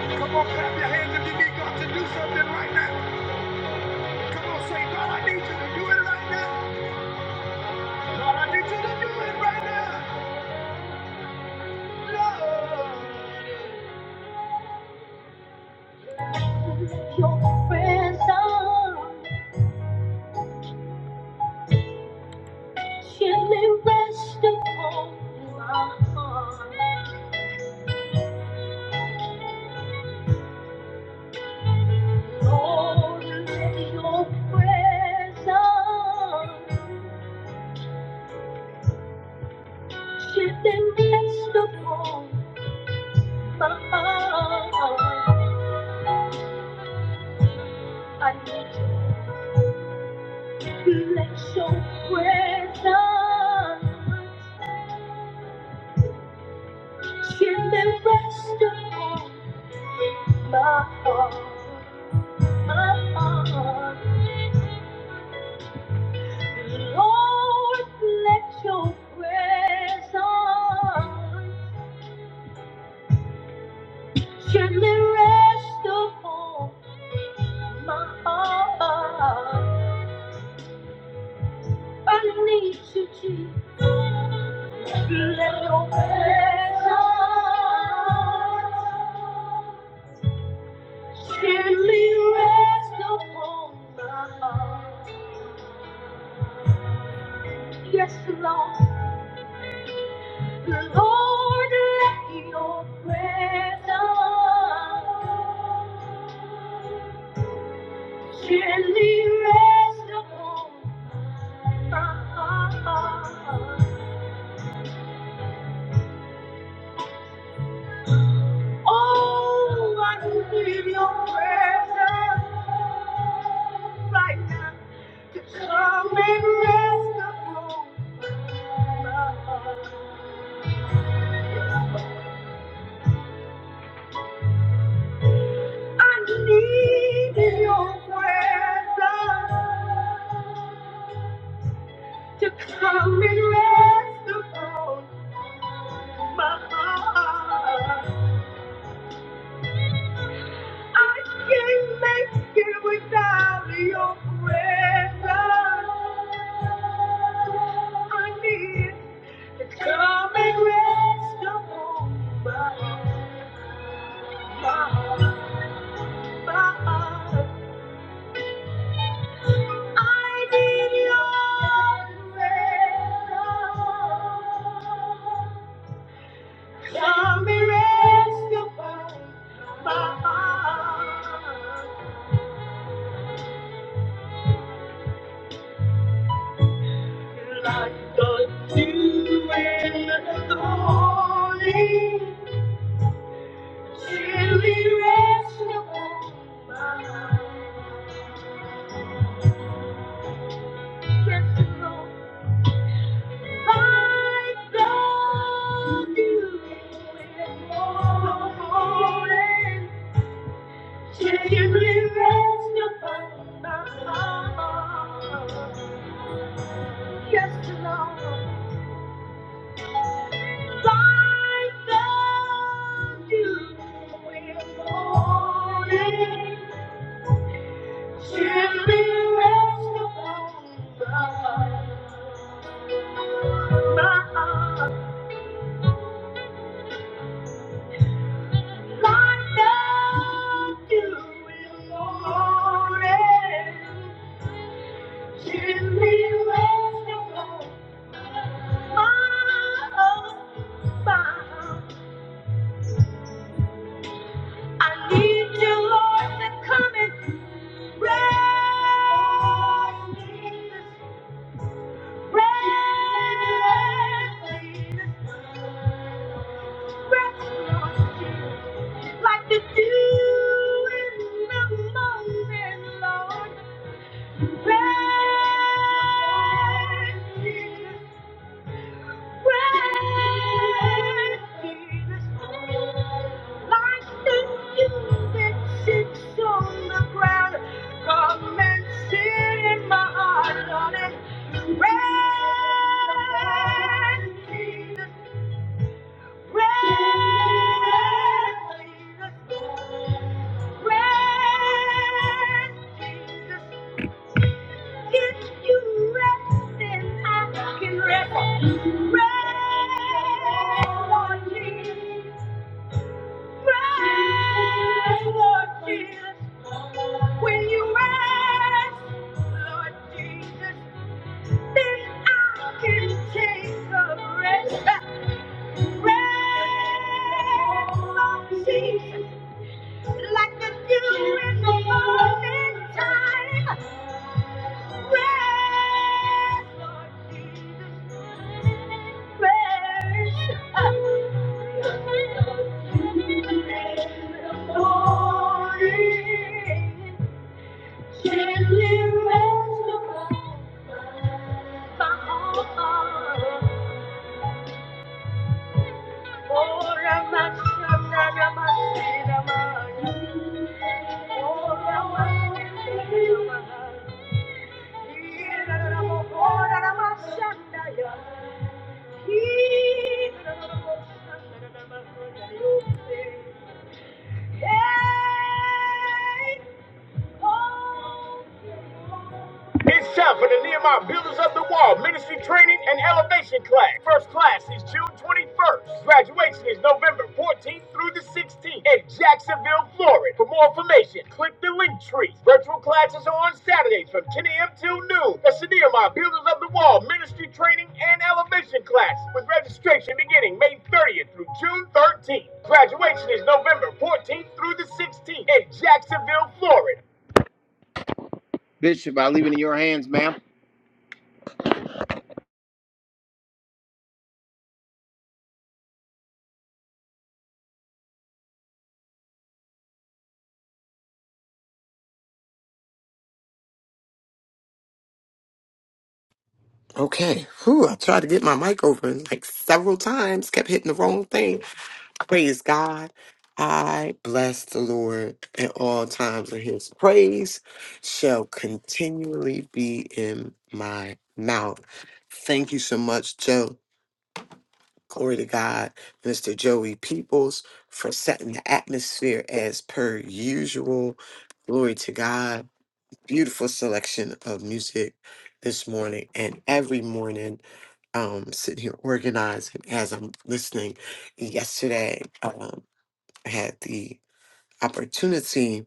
B: Come on, clap your hands if you need God to do something right now. Come on, say, God, I need you to do it right now. God, I need you to do it right now. Lord. Your presence gently rest upon my heart. Lord, let your presence gently rest upon my heart. I need you. Let your presence gently rest upon my heart. My heart. Lord, let your presence gently rest upon my heart. I need you, Jesus. Let your presence gently rest upon my heart. Yes, Lord. Lord, let your presence Surely rest upon my heart. Oh, I can feel your presence right now. To come and rest upon my heart. I need your presence to come and rest upon my heart. I can't make it without your presence. I need to come and rest upon my heart, my heart, my heart. I need your presence. Come and rest upon my heart. like the dew in the morning, surely rest upon my mind. Yes, Lord, like the dew in the morning, surely rest upon my mind. Yes, Lord, like the dew in the morning. I need you, Lord, to come and Rest in the Like the dew in the morning, Lord. Rest Rest, Jesus, if you rest, then I can rest. Rest, Lord Jesus. Rest, Lord Jesus. When you rest, Lord Jesus, then I can take a rest. Rest, Lord Jesus. like the dew in the morning time. Rest, Lord Jesus, rest. In the morning, gently rest upon my heart. Hey, oh. It's time for the Nehemiah Builders of the Wall Ministry Training and Elevation Class. First class is June 21st. Graduation is November 14th through the 16th in Jacksonville, Florida. For more information, click the link tree. Virtual classes are on Saturdays from 10 a.m. till noon. That's the Nehemiah Builders of the Wall Ministry Training and Elevation Class with registration beginning May 30th through June 13th. Graduation is November 14th through the 16th in Jacksonville, Florida.
C: Okay. Whew, I tried to get my mic open like several times, kept hitting the wrong thing. Praise God. I bless the Lord at all times, and his praise shall continually be in my mouth. Thank you so much, Joe. Glory to God, Mr. Joey Peoples, for setting the atmosphere as per usual. Glory to God. Beautiful selection of music this morning and every morning um, sitting here organizing as I'm listening. Yesterday, um, I had the opportunity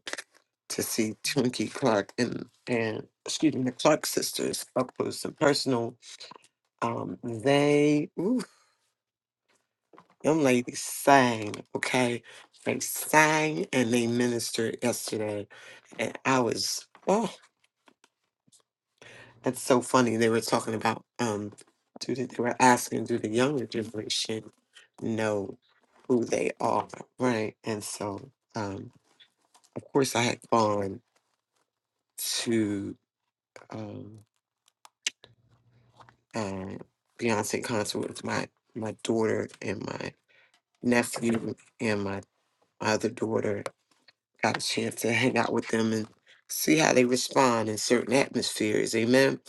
C: to see Twinkie Clark and, and excuse me, the Clark sisters up close and personal. Um, they, ooh, them ladies sang, okay? They sang and they ministered yesterday. And I was, oh, That's so funny. They were talking about um, do the, they were asking, do the younger generation know who they are, right? And so, um, of course, I had gone to um, uh, Beyonce concert with my my daughter and my nephew and my, my other daughter. Got a chance to hang out with them and see how they respond in certain atmospheres. Amen.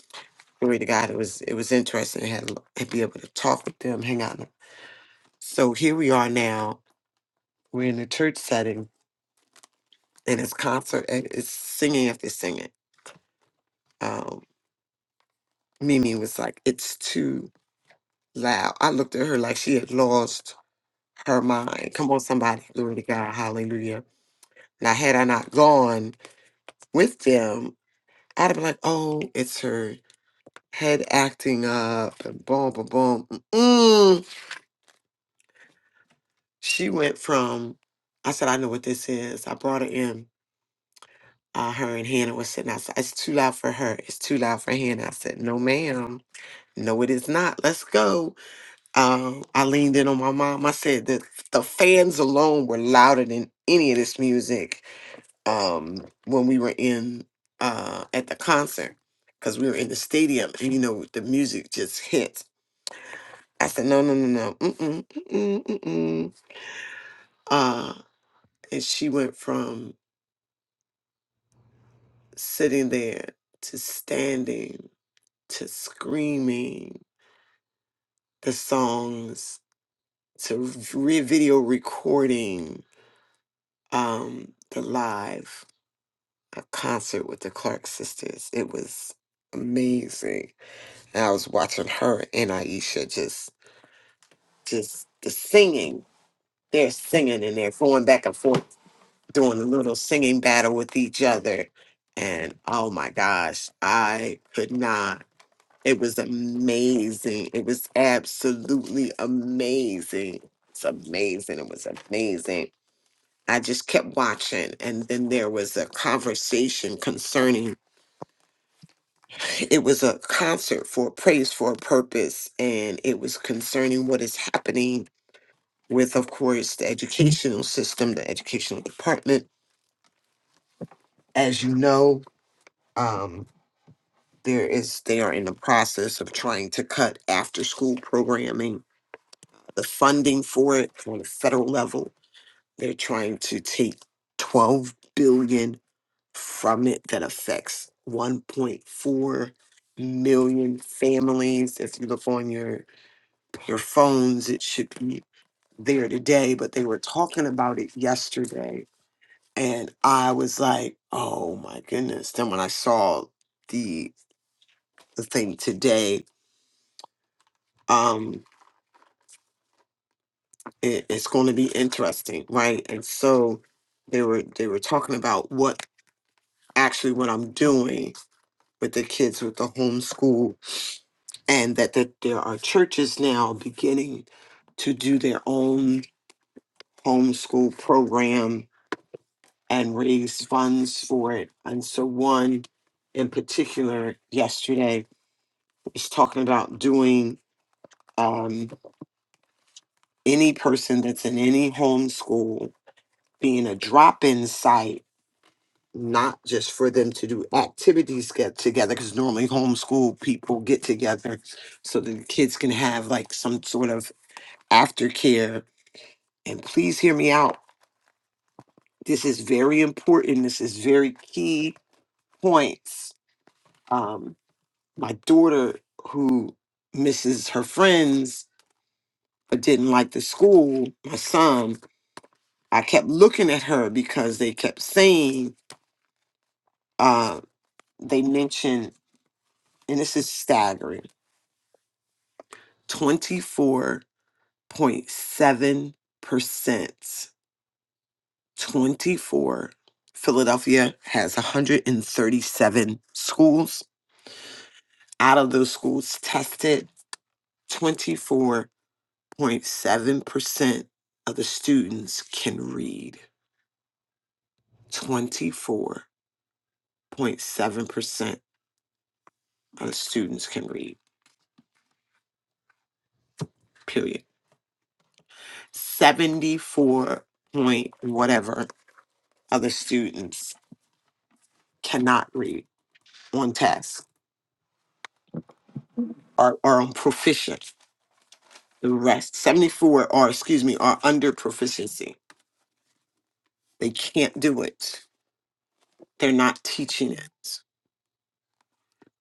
C: Glory to God. It was it was interesting. I had to be able to talk with them, hang out in the So here we are now. We're in a church setting, and it's concert. and It's singing after singing. Um, Mimi was like, "It's too loud." I looked at her like she had lost her mind. Come on, somebody, glory to God, Hallelujah! Now, had I not gone with them, I'd have been like, "Oh, it's her head acting up," and boom, boom, boom. Mm. She went from, I said, "I know what this is." I brought her in uh, her and Hannah was sitting outside. It's too loud for her. It's too loud for Hannah. I said, No, ma'am. No, it is not. Let's go. Um, I leaned in on my mom. I said that the fans alone were louder than any of this music um, when we were in uh, at the concert because we were in the stadium and you know the music just hits. I said, No, no, no, no. Mm-mm, mm-mm, mm-mm. Uh, and she went from sitting there to standing to screaming the songs to re- video recording um, the live a concert with the Clark sisters. It was amazing. And I was watching her and Aisha just just the singing. They're singing and they're going back and forth doing a little singing battle with each other. And oh my gosh, I could not. It was amazing. It was absolutely amazing. It's amazing. It was amazing. I just kept watching, and then there was a conversation concerning it was a concert for Praise for a Purpose, and it was concerning what is happening with, of course, the educational system, the educational department. As you know, um, there is they are in the process of trying to cut after school programming the funding for it on the federal level. They're trying to take 12 billion from it that affects 1.4 million families. If you look on your your phones, it should be there today, but they were talking about it yesterday and I was like, "Oh my goodness." Then when I saw the the thing today, um, it, it's going to be interesting right and so they were they were talking about what actually what i'm doing with the kids with the homeschool and that, that there are churches now beginning to do their own homeschool program and raise funds for it and so one in particular yesterday was talking about doing um, any person that's in any homeschool being a drop-in site not just for them to do activities get together because normally homeschool people get together so the kids can have like some sort of aftercare and please hear me out this is very important this is very key points um my daughter who misses her friends but didn't like the school my son i kept looking at her because they kept saying uh they mentioned and this is staggering 24 0.7%. 24. Philadelphia has 137 schools. Out of those schools tested, 24.7% of the students can read. 24.7% of the students can read, period. 74 point whatever other students cannot read on task or, or on proficient. The rest, 74 are, excuse me, are under proficiency. They can't do it. They're not teaching it.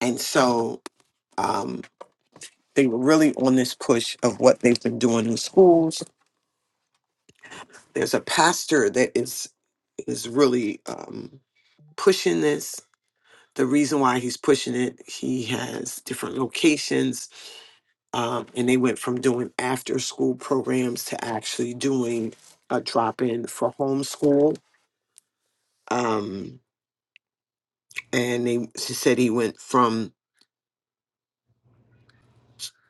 C: And so um, they were really on this push of what they've been doing in schools. There's a pastor that is is really um, pushing this. The reason why he's pushing it, he has different locations, um, and they went from doing after school programs to actually doing a drop in for homeschool. Um, and they, she said he went from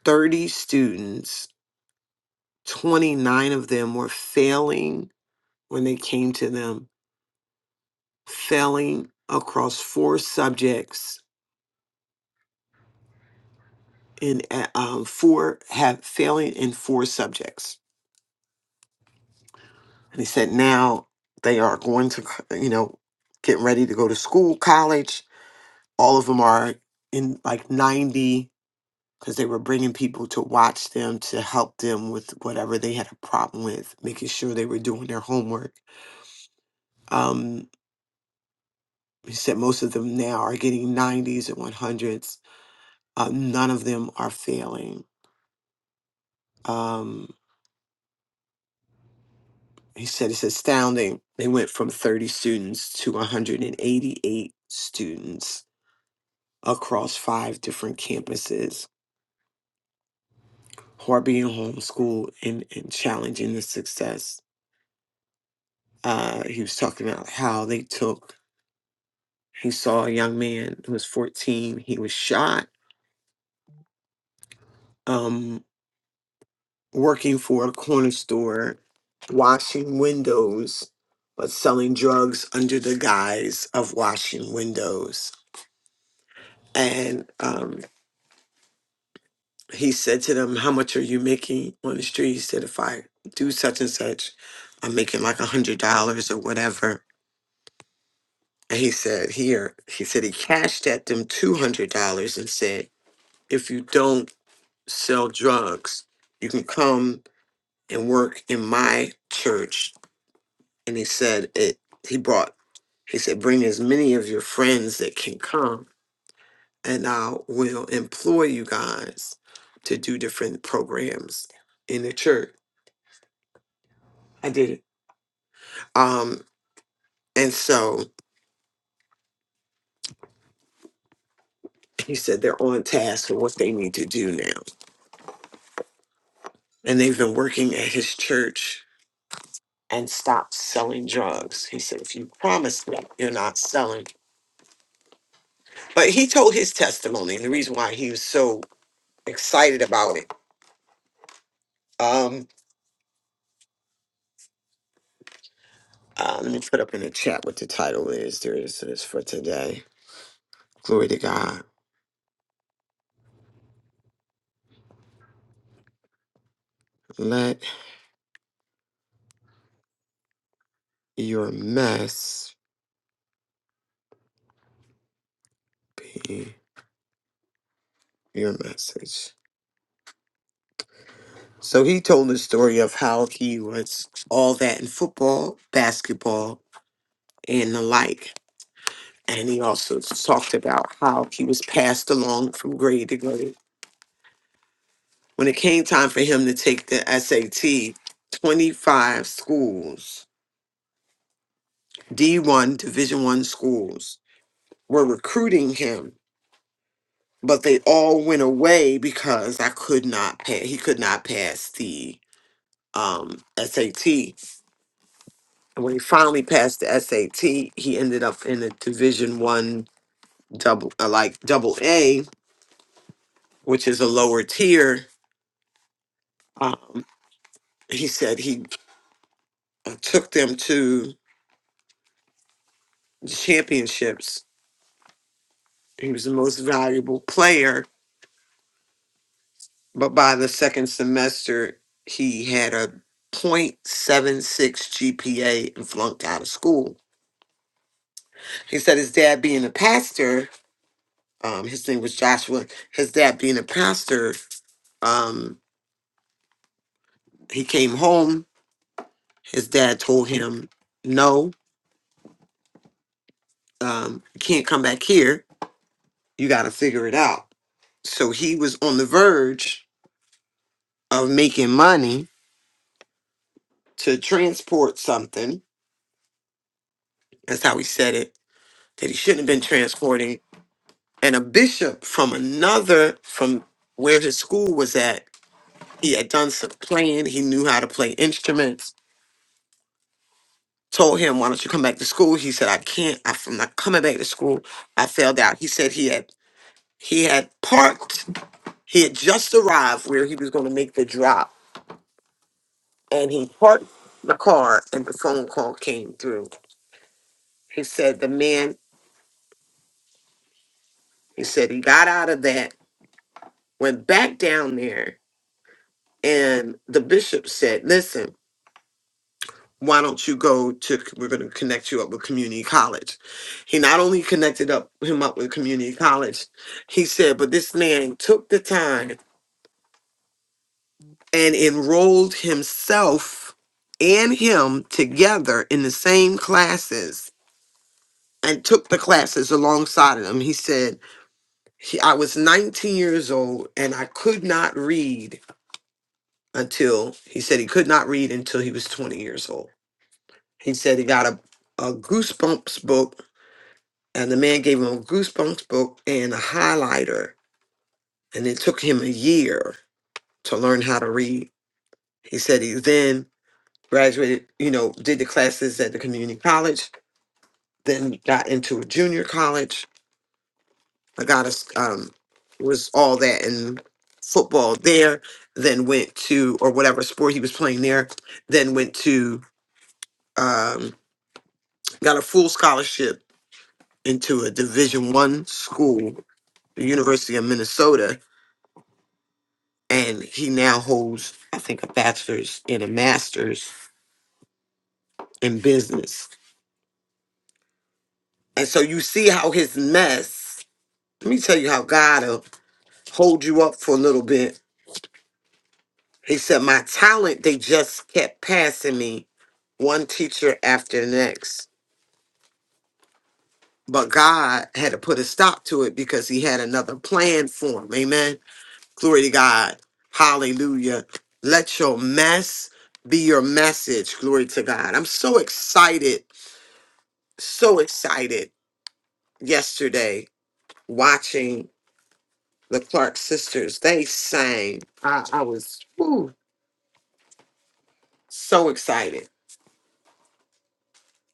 C: 30 students, 29 of them were failing when they came to them, failing across four subjects in uh, um, four have failing in four subjects. And he said now they are going to, you know, getting ready to go to school, college. All of them are in like 90. because they were bringing people to watch them to help them with whatever they had a problem with, making sure they were doing their homework. Um, he said most of them now are getting 90s and 100s. Uh, none of them are failing. Um, he said it's astounding. They went from 30 students to 188 students across five different campuses who are being homeschooled and, and challenging the success. Uh, he was talking about how they took He saw a young man who was 14. He was shot um, working for a corner store, washing windows, but selling drugs under the guise of washing windows. And um, he said to them, How much are you making on the street? He said, If I do such and such, I'm making like a $100 or whatever. And he said, Here, he said he cashed at them $200 and said, If you don't sell drugs, you can come and work in my church. And he said it he brought he said, Bring as many of your friends that can come and I will employ you guys to do different programs in the church. I did it. Um and so he said they're on task for what they need to do now. And they've been working at his church and stopped selling drugs. He said, if you promise me you're not selling. But he told his testimony and the reason why he was so excited about it Um, uh, let me put up in the chat what the title is. There it is it is for today. Glory to God. Let your mess be your message. So he told the story of how he was all that in football, basketball, and the like. And he also talked about how he was passed along from grade to grade. When it came time for him to take the SAT, 25 schools, D1 Division 1 schools were recruiting him, but they all went away because I could not pass. He could not pass the um, SAT. And when he finally passed the SAT, he ended up in a Division One double, uh, like double A, which is a lower tier. Um, he said he uh, took them to the championships. He was the most valuable player but by the second semester, he had a point seven six GPA and flunked out of school. He said his dad being a pastor, um, his name was Joshua, his dad being a pastor, um, he came home. His dad told him, no, um, you can't come back here. You got to figure it out. So he was on the verge of making money to transport something. That's how he said it, that he shouldn't have been transporting and a bishop from another from where his school was at he had done some playing he knew how to play instruments told him why don't you come back to school he said i can't I- i'm not coming back to school i failed out he said he had he had parked he had just arrived where he was going to make the drop and he parked the car and the phone call came through he said the man he said he got out of that went back down there and the bishop said listen why don't you go to we're going to connect you up with community college he not only connected up him up with community college he said but this man took the time and enrolled himself and him together in the same classes and took the classes alongside of them he said he, i was 19 years old and i could not read until he said he could not read until he was 20 years old he said he got a, a goosebumps book and the man gave him a goosebumps book and a highlighter and it took him a year to learn how to read he said he then graduated you know did the classes at the community college then got into a junior college i got a s- um was all that in football there then went to or whatever sport he was playing there then went to um got a full scholarship into a division one school the university of minnesota and he now holds, I think, a bachelor's and a master's in business. And so you see how his mess, let me tell you how God will hold you up for a little bit. He said, My talent, they just kept passing me one teacher after the next. But God had to put a stop to it because he had another plan for him. Amen. Glory to God. Hallelujah. Let your mess be your message. Glory to God. I'm so excited so excited yesterday watching the Clark sisters. They sang. I, I was whew, so excited,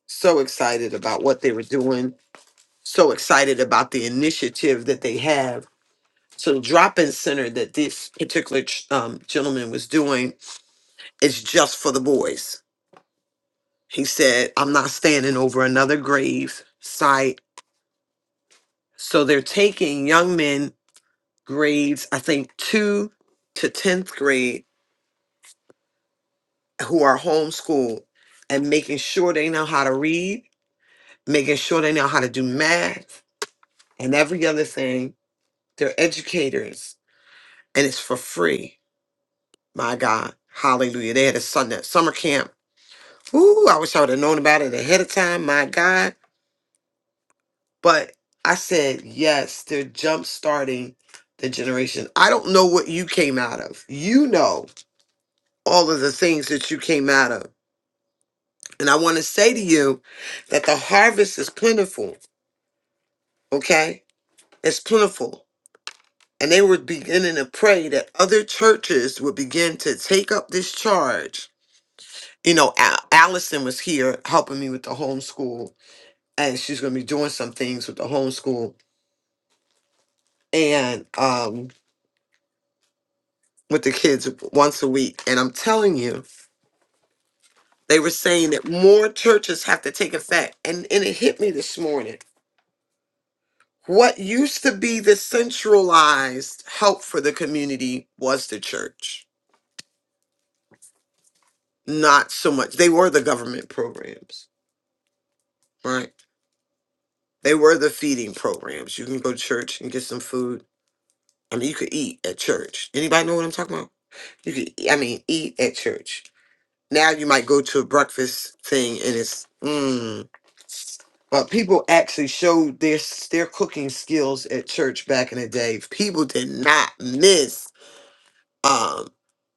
C: so excited about what they were doing, so excited about the initiative that they have. So, the drop in center that this particular ch- um, gentleman was doing is just for the boys. He said, I'm not standing over another grave site. So, they're taking young men grades, I think two to 10th grade who are homeschooled and making sure they know how to read, making sure they know how to do math and every other thing. They're educators and it's for free. My God. Hallelujah. They had a son at summer camp. Ooh, I wish I would have known about it ahead of time. My God. But I said, yes, they're jump starting the generation. I don't know what you came out of. You know all of the things that you came out of. And I want to say to you that the harvest is plentiful okay? It's plentiful. And they were beginning to pray that other churches would begin to take up this charge. You know, Al- Allison was here helping me with the homeschool, and she's going to be doing some things with the homeschool and um, with the kids once a week. And I'm telling you, they were saying that more churches have to take effect. And, and it hit me this morning. What used to be the centralized help for the community was the church not so much. They were the government programs, right? They were the feeding programs. You can go to church and get some food. I mean, you could eat at church. Anybody know what I'm talking about? You could, e, I mean, eat at church. Now you might go to a breakfast thing and it's, mm. But people actually showed their s- their cooking skills at church back in the day. People did not miss. um,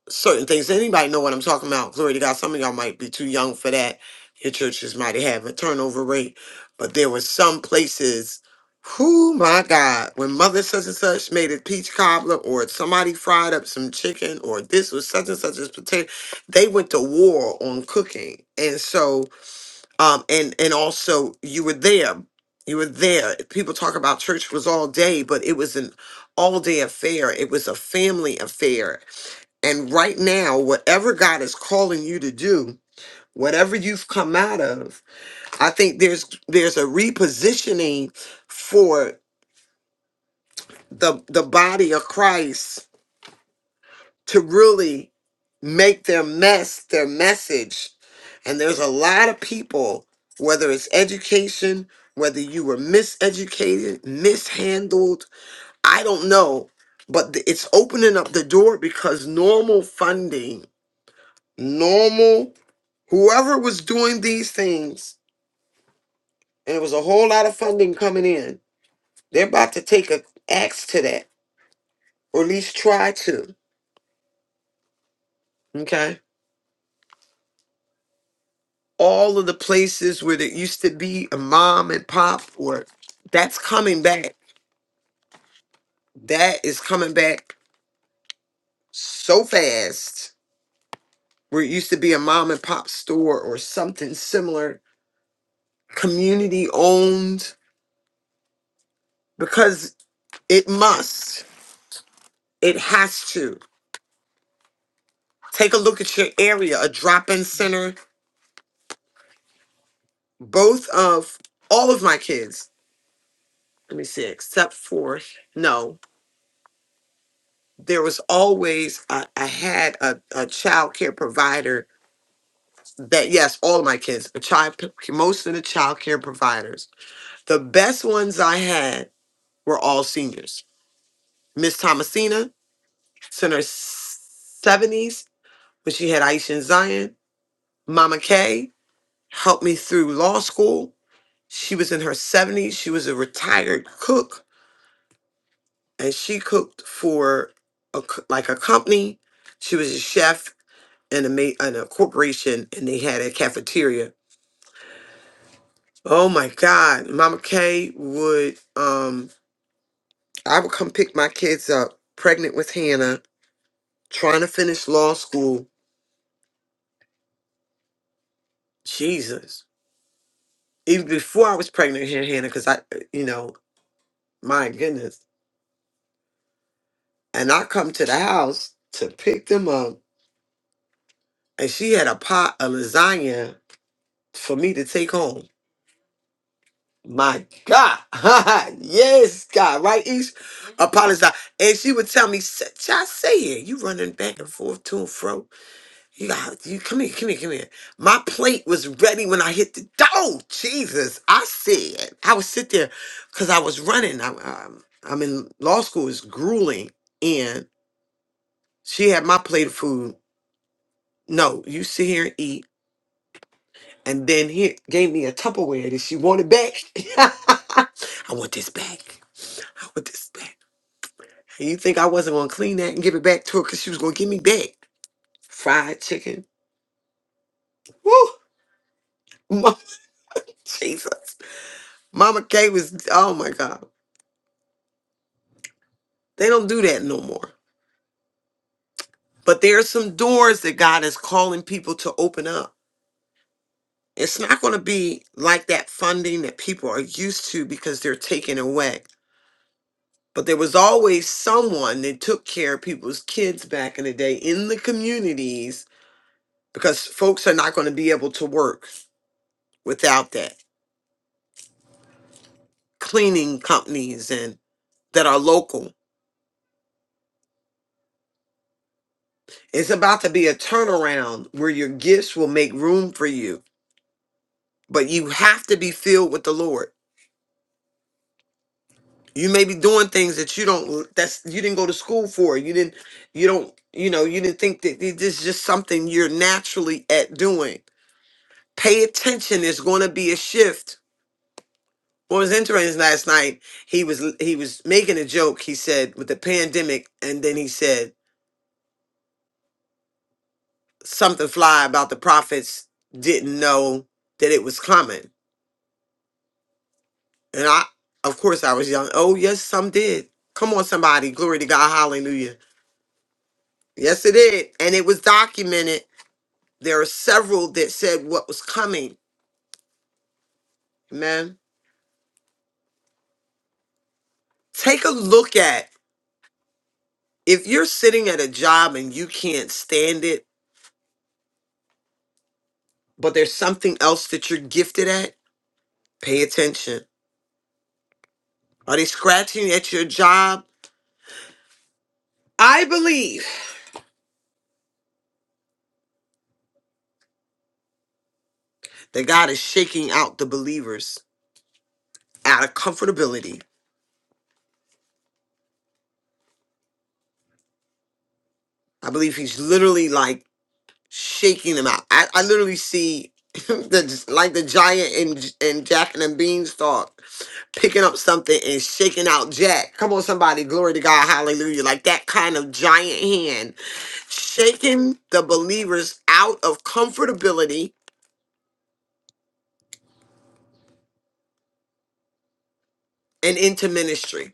C: certain things. Anybody know what I'm talking about? Glory to God. Some of y'all might be too young for that. Your churches might have a turnover rate, but there were some places. Who my God, when mother such and such made a peach cobbler or somebody fried up some chicken or this was such and such as potato, they went to war on cooking. And so um and and also you were there. You were there. People talk about church was all day, but it was an all day affair. It was a family affair and right now, whatever God is calling you to do, whatever you've come out of, I think there's there's a repositioning for the the body of Christ to really make their mess their message. And there's a lot of people, whether it's education, whether you were miseducated, mishandled, I don't know, but th- it's opening up the door because normal funding normal whoever was doing these things, and it was a whole lot of funding coming in, they're about to take a axe to that, or at least try to. Okay. All of the places where there used to be a mom and pop, or that's coming back. That is coming back so fast. Where it used to be a mom and pop store or something similar, community owned, because it must. It has to. Take a look at your area, a drop-in center. Both of all of my kids, let me see, except for no, there was always I, I had a, a child care provider that yes, all of my kids, a child most of the child care providers. The best ones I had were all seniors. Miss Thomasina, it's in her seventies, when she had Aisha and Zion. Mama K helped me through law school She was in her 70s. She was a retired cook and she cooked for a, c- like a company. She was a chef in a, ma- in a corporation and they had a cafeteria. Oh my God. Mama Kay would, um, I would come pick my kids up pregnant with Hannah, trying to finish law school. Jesus. Even before I was pregnant with Hannah, because I, you know, my goodness. And I come to the house to pick them up and she had a pot of lasagna for me to take home. My God. [laughs] yes, God. Right, Ish? Apologize. And she would tell me, "S- I say it. You running back and forth to and fro. You got you come here, come here, come here. My plate was ready when I hit the door. Jesus. I said. I would sit there because I was running. I, I'm, um, I'm in law school, it's grueling. And she had my plate of food. No, you sit here and eat. and then he gave me a Tupperware that she wanted back. [laughs] I want this back. I want this back. And you think I wasn't gonna clean that and give it back to her because she was gonna give me back fried chicken? Woo! [laughs] Mama, Jesus, Mama K was. Oh my God, they don't do that no more. But there are some doors that God is calling people to open up. It's not going to be like that funding that people are used to because they're taken away but there was always someone that took care of people's kids back in the day in the communities because folks are not going to be able to work without that cleaning companies and that are local it's about to be a turnaround where your gifts will make room for you but you have to be filled with the lord you may be doing things that you don't that's you didn't go to school for you didn't you don't you know you didn't think that this is just something you're naturally at doing pay attention there's going to be a shift What was interesting last night, he was he was making a joke. He said with the pandemic, and then he said something fly about the prophets didn't know that it was coming. And I, of course, I was young. Oh yes, some did. Come on, somebody, glory to God, hallelujah. Yes, it did, and it was documented. There are several that said what was coming. Amen. Take a look at if you're sitting at a job and you can't stand it, but there's something else that you're gifted at. Pay attention Are they scratching at your job? I believe that God is shaking out the believers out of comfortability. I believe He's literally like shaking them out. I, I literally see [laughs] the like the giant and and Jack and the Beanstalk picking up something and shaking out Jack. Come on, somebody, glory to God, hallelujah! Like that kind of giant hand shaking the believers out of comfortability and into ministry.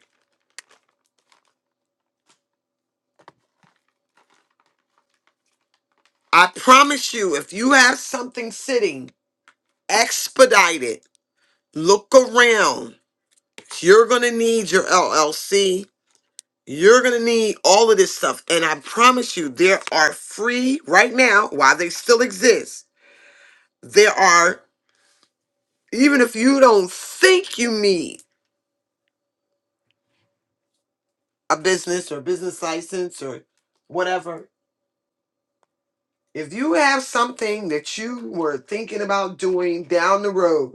C: I promise you, if you have something sitting expedite it. Look around. You're going to need your LLC. You're going to need all of this stuff. And I promise you, there are free right now while they still exist. There are, even if you don't think you need a business or business license or whatever, if you have something that you were thinking about doing down the road,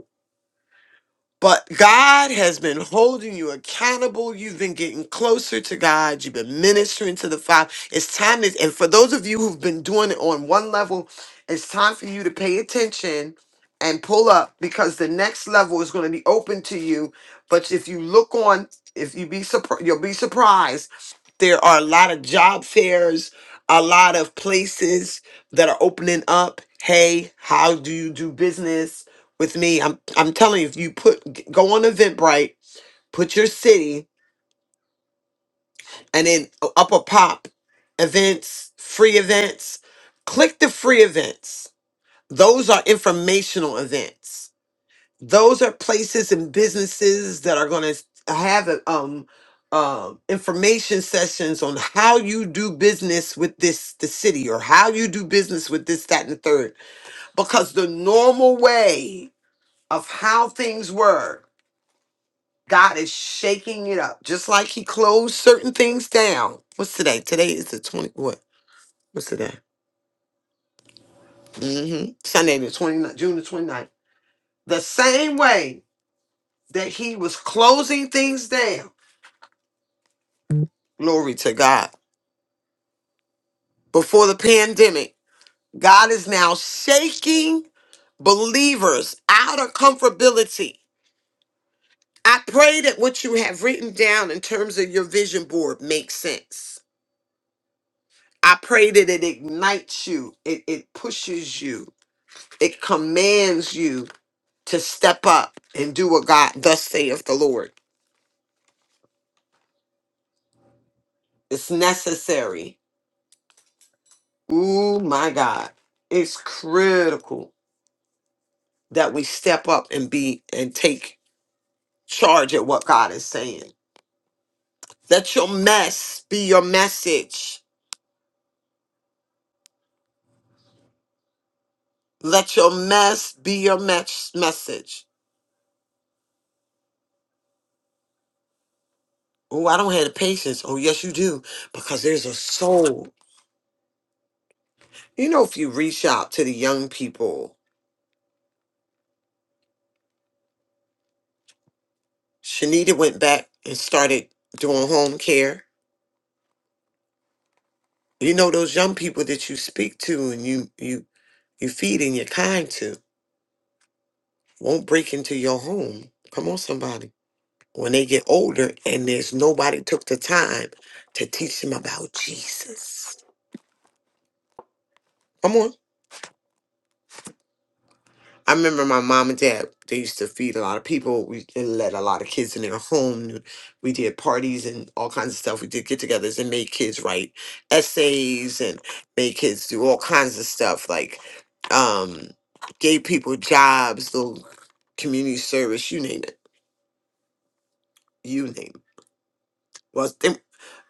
C: But God has been holding you accountable. You've been getting closer to God. You've been ministering to the Father. It's time to, and for those of you who've been doing it on one level, it's time for you to pay attention and pull up because the next level is going to be open to you. But if you look on, if you be surprised, you'll be surprised. There are a lot of job fairs, a lot of places that are opening up. Hey, how do you do business? with me. I'm I'm telling you, if you put go on Eventbrite, put your city, and then uh, up a pop events, free events. Click the free events. Those are informational events. Those are places and businesses that are going to have um um information sessions on how you do business with this the city or how you do business with this that and the third because the normal way of how things were God is shaking it up, just like He closed certain things down. What's today? Today is the 20, what? What's today? Mm-hmm. Sunday, the 29th, June the 29th. The same way that He was closing things down, glory to God, before the pandemic, God is now shaking believers out of comfortability. I pray that what you have written down in terms of your vision board makes sense. I pray that it ignites you, it, it pushes you, It commands you to step up and do what God thus saith the Lord. It's necessary. Ooh, my God. It's critical that we step up and be and take charge at what God is saying. Let your mess be your message. Let your mess be your mes- message. Oh, I don't have the patience. Oh, yes, you do, because there's a soul. You know, if you reach out to the young people Shanita went back and started doing home care. You know those young people that you speak to and you you you feed and you're kind to won't break into your home. Come on, somebody. When they get older and there's nobody took the time to teach them about Jesus. Come on. I remember my mom and dad, they used to feed a lot of people. We and let a lot of kids in their home. We did parties and all kinds of stuff. We did get togethers and made kids write essays and made kids do all kinds of stuff. Like um gave people jobs, little community service, you name it. You name it. Well they,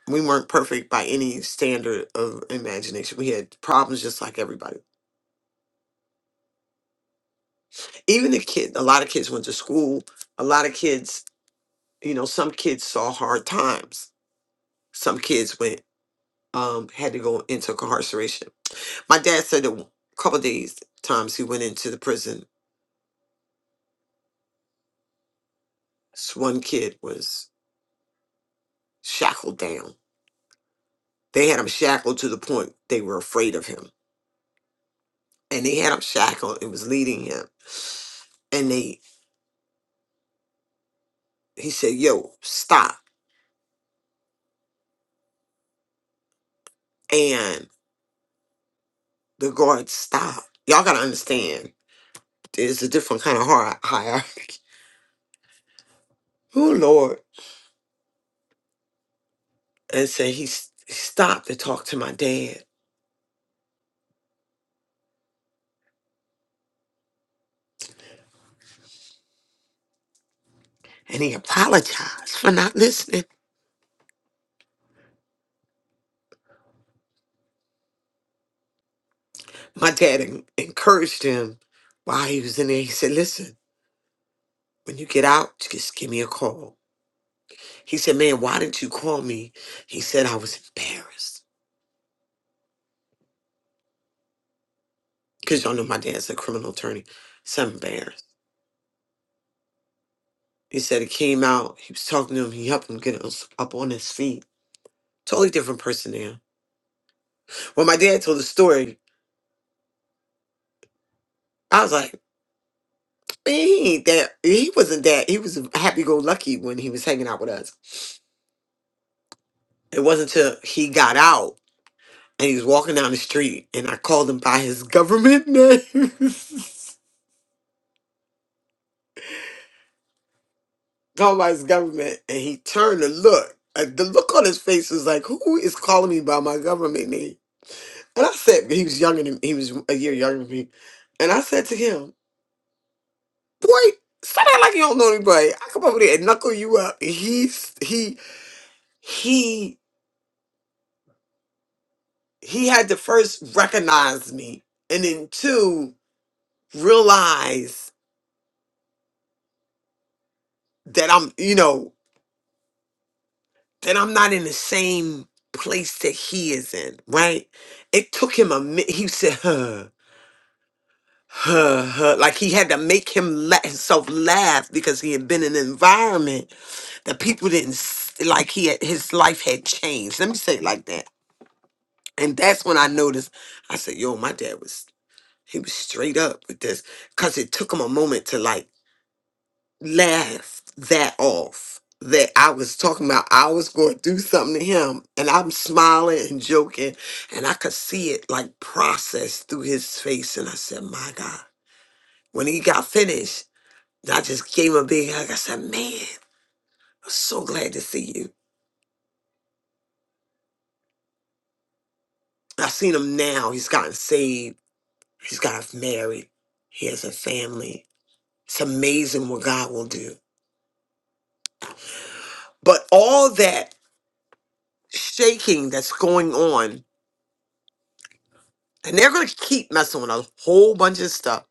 C: we weren't perfect by any standard of imagination. We had problems just like everybody. Even the kid a lot of kids went to school. A lot of kids you know some kids saw hard times some kids went um had to go into incarceration my dad said a couple of days times he went into the prison this one kid was shackled down they had him shackled to the point they were afraid of him and they had him shackled and was leading him and they he said yo stop and the guard stopped y'all gotta understand there's a different kind of hierarchy [laughs] oh lord and said he s- he stopped to talk to my dad and he apologized for not listening. My dad en- encouraged him while he was in there. He said, Listen, when you get out, just give me a call. He said, Man, why didn't you call me? He said, I was embarrassed. Because y'all know my dad's a criminal attorney. So I'm embarrassed. He said he came out, he was talking to him, he helped him get us up on his feet. Totally different person now. When my dad told the story, I was like, man, he ain't that he wasn't that he was happy go lucky when he was hanging out with us. It wasn't till he got out and he was walking down the street and I called him by his government name. [laughs] called by his government and he turned to look. Uh, The look on his face was like, who is calling me by my government name? And I said, he was younger than he was a year younger than me. And I said to him, boy, stop acting like you don't know anybody. I come over there and knuckle you up. And He he he he had to first recognize me and then two realize that I'm you know then I'm not in the same place that he is in, right? It took him a minute. He said, huh, huh, huh. Like he had to make him let himself laugh because he had been in an environment that people didn't s- like. He had, his life had changed. Let me say it like that. And that's when I noticed. I said, "Yo, my dad was he was straight up with this," because it took him a moment to like. laughed that off. That I was talking about, I was going to do something to him, and I'm smiling and joking, and I could see it like process through his face. And I said, My God. When he got finished, I just gave him a big hug. I said, Man, I'm so glad to see you. I've seen him now. He's gotten saved, he's gotten married, he has a family. It's amazing what God will do. But all that shaking that's going on and they're going to keep messing with a whole bunch of stuff.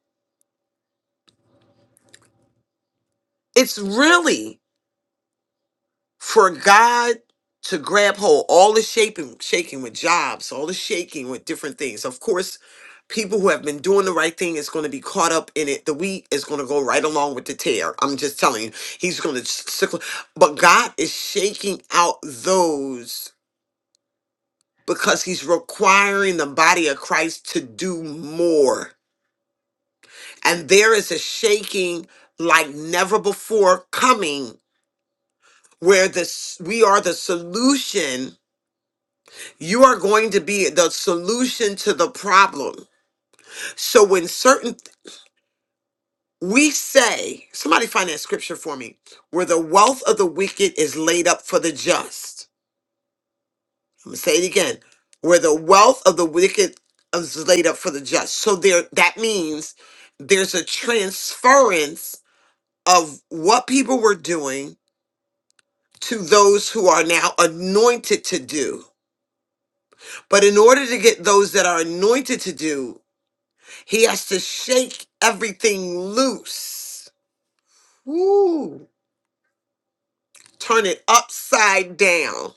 C: It's really for God to grab hold all the shaping, shaking with jobs, all the shaking with different things. Of course, people who have been doing the right thing is going to be caught up in it. The wheat is going to go right along with the tear. I'm just telling you, he's going to sickle. But God is shaking out those because he's requiring the body of Christ to do more and there is a shaking like never before coming where this we are the solution you are going to be the solution to the problem so when certain we say somebody find that scripture for me where the wealth of the wicked is laid up for the just i'm going to say it again where the wealth of the wicked is laid up for the just so there that means there's a transference of what people were doing to those who are now anointed to do. But in order to get those that are anointed to do, he has to shake everything loose. Woo! Turn it upside down.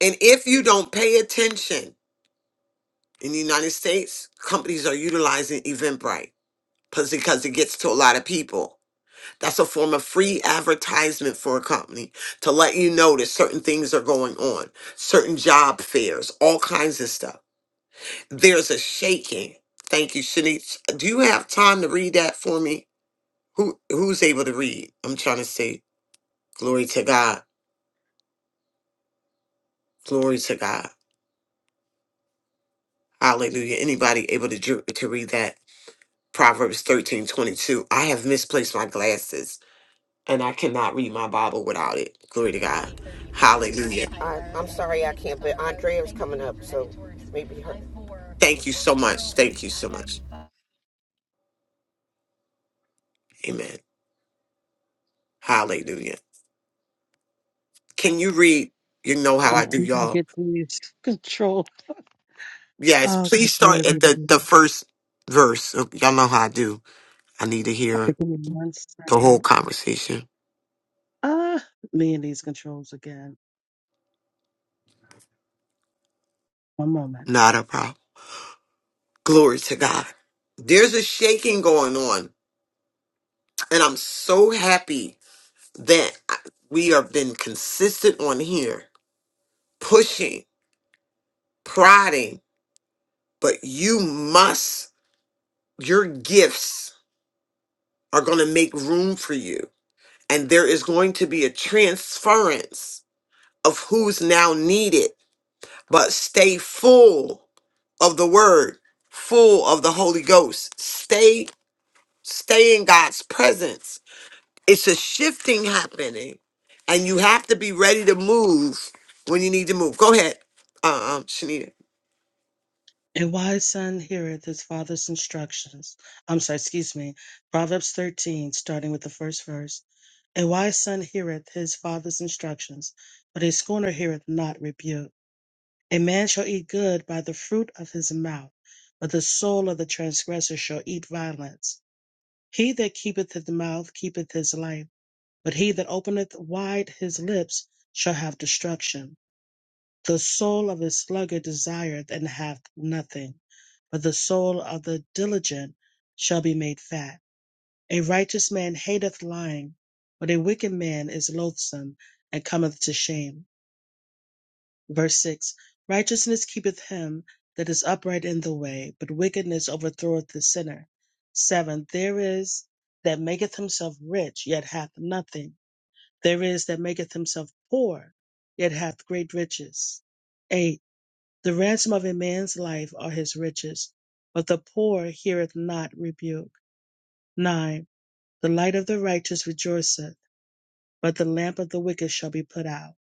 C: And if you don't pay attention, in the United States, companies are utilizing Eventbrite 'cause- because it gets to a lot of people. That's a form of free advertisement for a company to let you know that certain things are going on, certain job fairs, all kinds of stuff. There's a shaking. Thank you, Shanice. Do you have time to read that for me? Who who's able to read? I'm trying to say glory to God. Glory to God. Hallelujah. Anybody able to dr- to read that? Proverbs 13 22. I have misplaced my glasses and I cannot read my Bible without it. Glory to God. Hallelujah.
D: I, I'm sorry I can can't, but five, Andrea's coming up, so maybe her.
C: Thank you so much.
D: oh
C: Thank you so much. Amen. Hallelujah. Can you read? You know how I
E: and
C: do,
F: Amen.
C: y'all.
E: get these [laughs] control.
C: Yes,
E: Oh,
C: please
E: glory
C: start
E: be to
C: at the,
E: God.
C: the first verse. Oh, Y'all know how I do. I need to hear
E: Give me one
C: the whole
E: second.
C: conversation.
E: Ah, me and these controls again. One moment.
C: Not a problem. Glory to God. There's a shaking going on, and I'm so happy that I- we have been consistent on here, pushing, prodding, but you must, your gifts are going to make room for you. And there is going to be a transference of who's now needed but stay full of the word, full of the Holy Ghost. Stay stay in God's presence. It's a shifting happening and you have to be ready to move when you need to move. Go ahead. Uh, um Shanita.
E: A wise son heareth his father's instructions. I'm sorry, excuse me. Proverbs 13, starting with the first verse. A wise son heareth his father's instructions, but a scorner heareth not rebuke. A man shall eat good by the fruit of his mouth, but the soul of the transgressor shall eat violence. He that keepeth his mouth keepeth his life But he that openeth wide his lips shall have destruction. The soul of a sluggard desireth and hath nothing, but the soul of the diligent shall be made fat. A righteous man hateth lying, but a wicked man is loathsome and cometh to shame. Verse 6 Righteousness keepeth him that is upright in the way, but wickedness overthroweth the sinner. 7. There is that maketh himself rich, yet hath nothing there is that maketh himself poor, yet hath great riches. 8. The ransom of a man's life are his riches, but the poor heareth not rebuke. 9. The light of the righteous rejoiceth, but the lamp of the wicked shall be put out.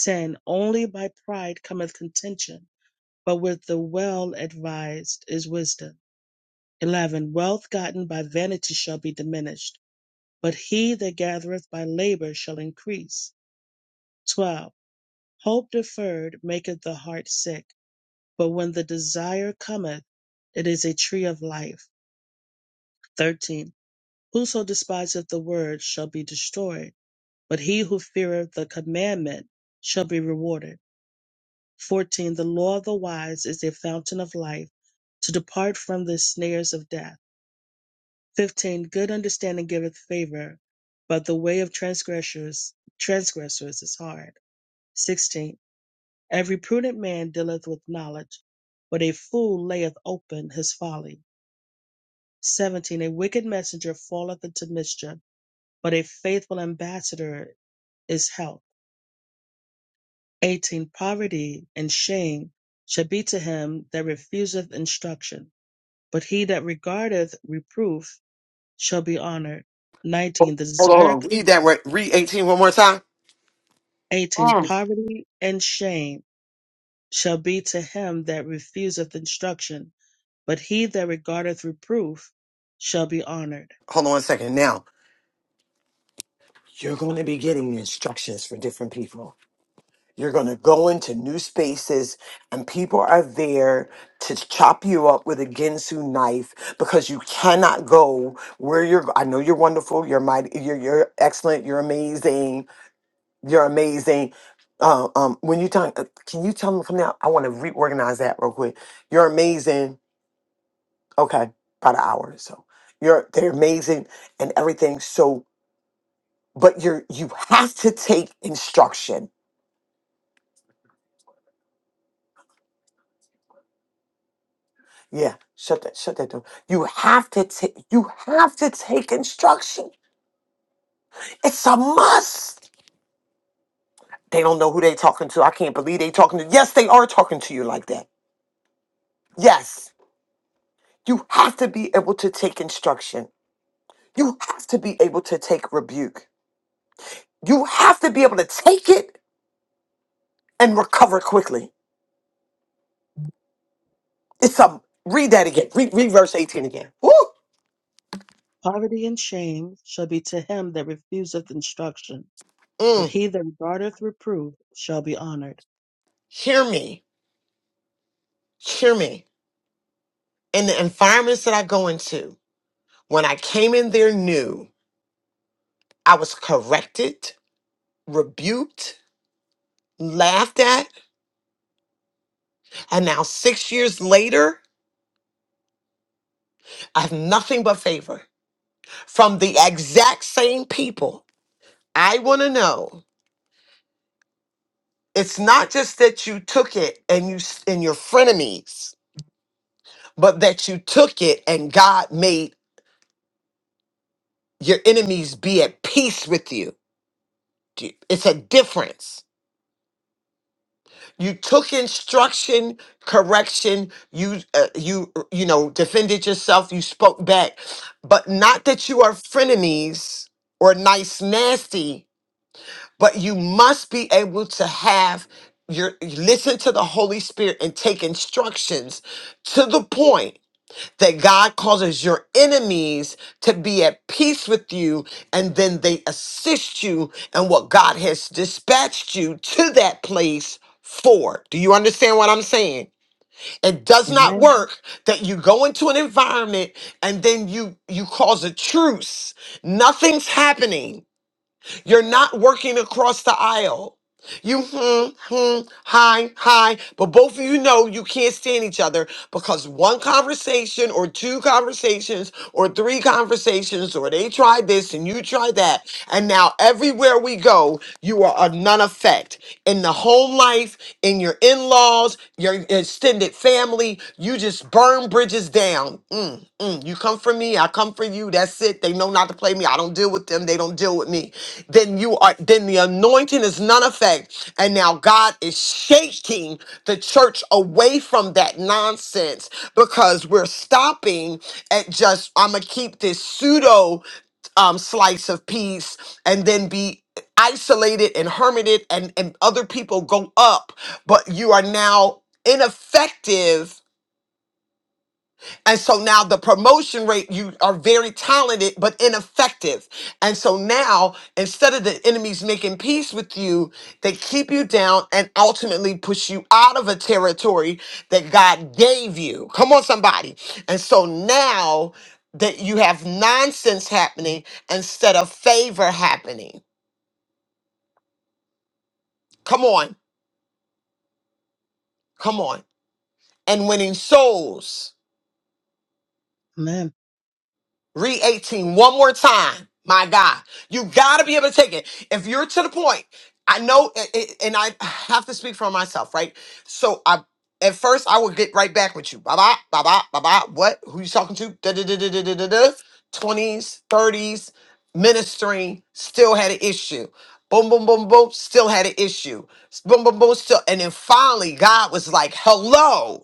E: 10. Only by pride cometh contention, but with the well advised is wisdom. 11. Wealth gotten by vanity shall be diminished, but he that gathereth by labor shall increase. 12 Hope deferred maketh the heart sick, but when the desire cometh, it is a tree of life. 13. Whoso despiseth the word shall be destroyed, but he who feareth the commandment shall be rewarded. 14. The law of the wise is a fountain of life, to depart from the snares of death. 15. Good understanding giveth favor, but the way of transgressors transgressors is hard. 16. Every prudent man dealeth with knowledge, but a fool layeth open his folly. 17. A wicked messenger falleth into mischief, but a faithful ambassador is health. 18. Poverty and shame shall be to him that refuseth instruction, but he that regardeth reproof shall be honored.
C: Hold
E: 19. The
C: on, hold
E: desire,
C: on. Read that right. Read eighteen one more time.
E: 18.
C: Mm.
E: Poverty and shame shall be to him that refuseth instruction But he that regardeth reproof shall be honored.
C: Hold on a second. Now, you're going to be getting instructions for different people. You're going to go into new spaces, and people are there to chop you up with a Ginsu knife because you cannot go where you're. I know you're wonderful. You're mighty. You're you're excellent. You're amazing. You're amazing. Uh, um, when you talk, uh, can you tell me from now? I want to reorganize that real quick. You're amazing. Okay, about an hour or so. You're they're amazing and everything. So, but you're you have to take instruction Yeah, shut that, shut that door. You have to take, you have to take instruction. It's a must. They don't know who they talking to. I can't believe they talking to. Yes, they are talking to you like that. Yes, you have to be able to take instruction. You have to be able to take rebuke. You have to be able to take it and recover quickly. It's a read that again. Read, read verse eighteen again. Woo!
E: Poverty and shame shall be to him that refuseth instruction. But
C: Mm,
E: he that regardeth reproof shall be honored.
C: hear me, hear me. In the environments that I go into, when I came in there new. I was corrected, rebuked, laughed at, and now six years later, I have nothing but favor from the exact same people. I want to know. It's not just that you took it and you s- and your frenemies, but that you took it and God made your enemies be at peace with you. Do- It's a difference. you took instruction correction you uh, you you know defended yourself you spoke back but not that you are frenemies or nice nasty but you must be able to have your you listen to the holy spirit and take instructions to the point that God causes your enemies to be at peace with you, and then they assist you in what God has dispatched you to that place for. Do you understand what I'm saying? It does not
E: Amen.
C: work that you go into an environment and then you you cause a truce. Nothing's happening you're not working across the aisle. You hmm, hmm, hi, hi, but both of you know you can't stand each other because one conversation or two conversations or three conversations or they tried this and you tried that. And now everywhere we go, you are a none effect in the home life, in your in laws, your extended family. You just burn bridges down. Mm, mm. You come for me, I come for you. That's it. They know not to play me. I don't deal with them. They don't deal with me. Then you are. Then the anointing is none effect. And now God is shaking the church away from that nonsense because we're stopping at just. I'm gonna keep this pseudo um, slice of peace and then be isolated and hermited and, and other people go up, but you are now ineffective. And so now the promotion rate, you are very talented, but ineffective. And so now, instead of the enemies making peace with you, they keep you down and ultimately push you out of a territory that God gave you. Come on, somebody. And so now that you have nonsense happening instead of favor happening. Come on. Come on. and winning souls.
E: Amen.
C: Read eighteen one more time. My God, you got to be able to take it. If you're to the point, I know, it, it- and I have to speak for myself, right? So I, at first, I would get right back with you. Bye bye, bye bye, bye bye. What? Who you talking to? Da da da da da da da. da. 20s, 30s, ministering, still had an issue. Boom, boom, boom, boom, still had an issue. Boom, boom, boom, still. And then finally, God was like, hello.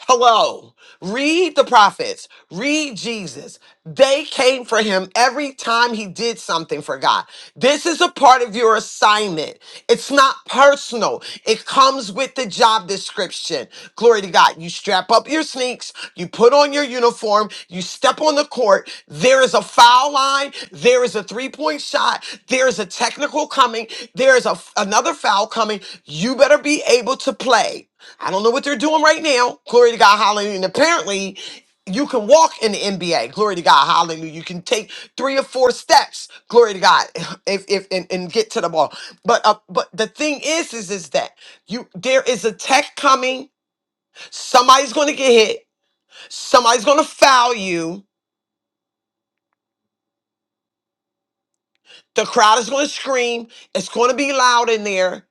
C: Hello. Read the prophets. Read Jesus. They came for him every time he did something for God. This is a part of your assignment. It's not personal, it comes with the job description. Glory to God. You strap up your sneaks, you put on your uniform, you step on the court. There is a foul line, there is a three point shot, there is a technical coming, there is a, another foul coming. You better be able to play. I don't know what they're doing right now. Glory to God, hallelujah. And apparently, you can walk in the NBA. Glory to God, hallelujah. You can take three or four steps, glory to God, [laughs] if, if and, and get to the ball. But uh, but the thing is, is is that you there is a tech coming. Somebody's going to get hit. Somebody's going to foul you. The crowd is going to scream. It's going to be loud in there.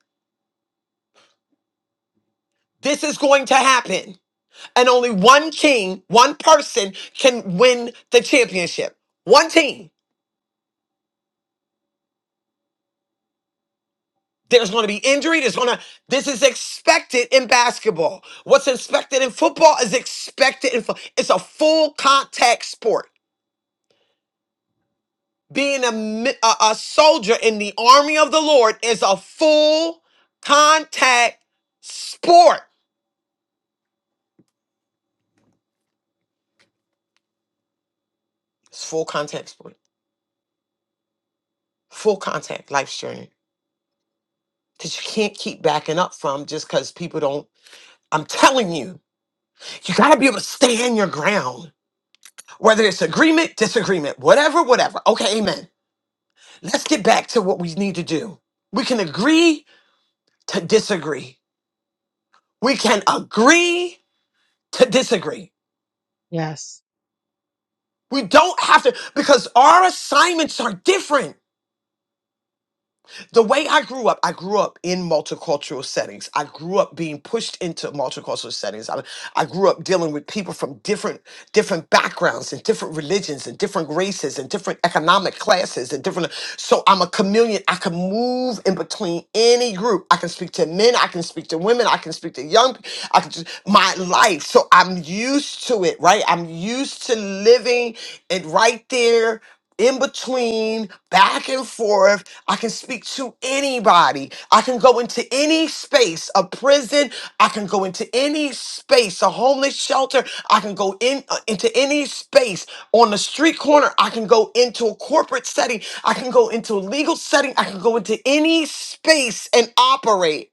C: This is going to happen. And only one king, one person can win the championship. One team. There's going to be injury. There's going to, this is expected in basketball. What's expected in football is expected in, fo- it's a full contact sport. Being a, mi- a, a soldier in the army of the Lord is a full contact sport. It's full contact sport, full contact life's journey that you can't keep backing up from just because people don't. I'm telling you, you got to be able to stand your ground, whether it's agreement, disagreement, whatever, whatever. Okay, amen Let's get back to what we need to do. We can agree to disagree. We can agree to disagree.
E: Yes.
C: We don't have to, because our assignments are different. the way I grew up, I grew up in multicultural settings. I grew up being pushed into multicultural settings. I, I grew up dealing with people from different different backgrounds and different religions and different races and different economic classes and different. So I'm a chameleon. I can move in between any group. I can speak to men. I can speak to women. I can speak to young. pe- I can just my life. So I'm used to it, right? I'm used to living it right there in between, back and forth. I can speak to anybody. I can go into any space, a prison. I can go into any space, a homeless shelter. I can go in uh, into any space on the street corner. I can go into a corporate setting. I can go into a legal setting. I can go into any space and operate.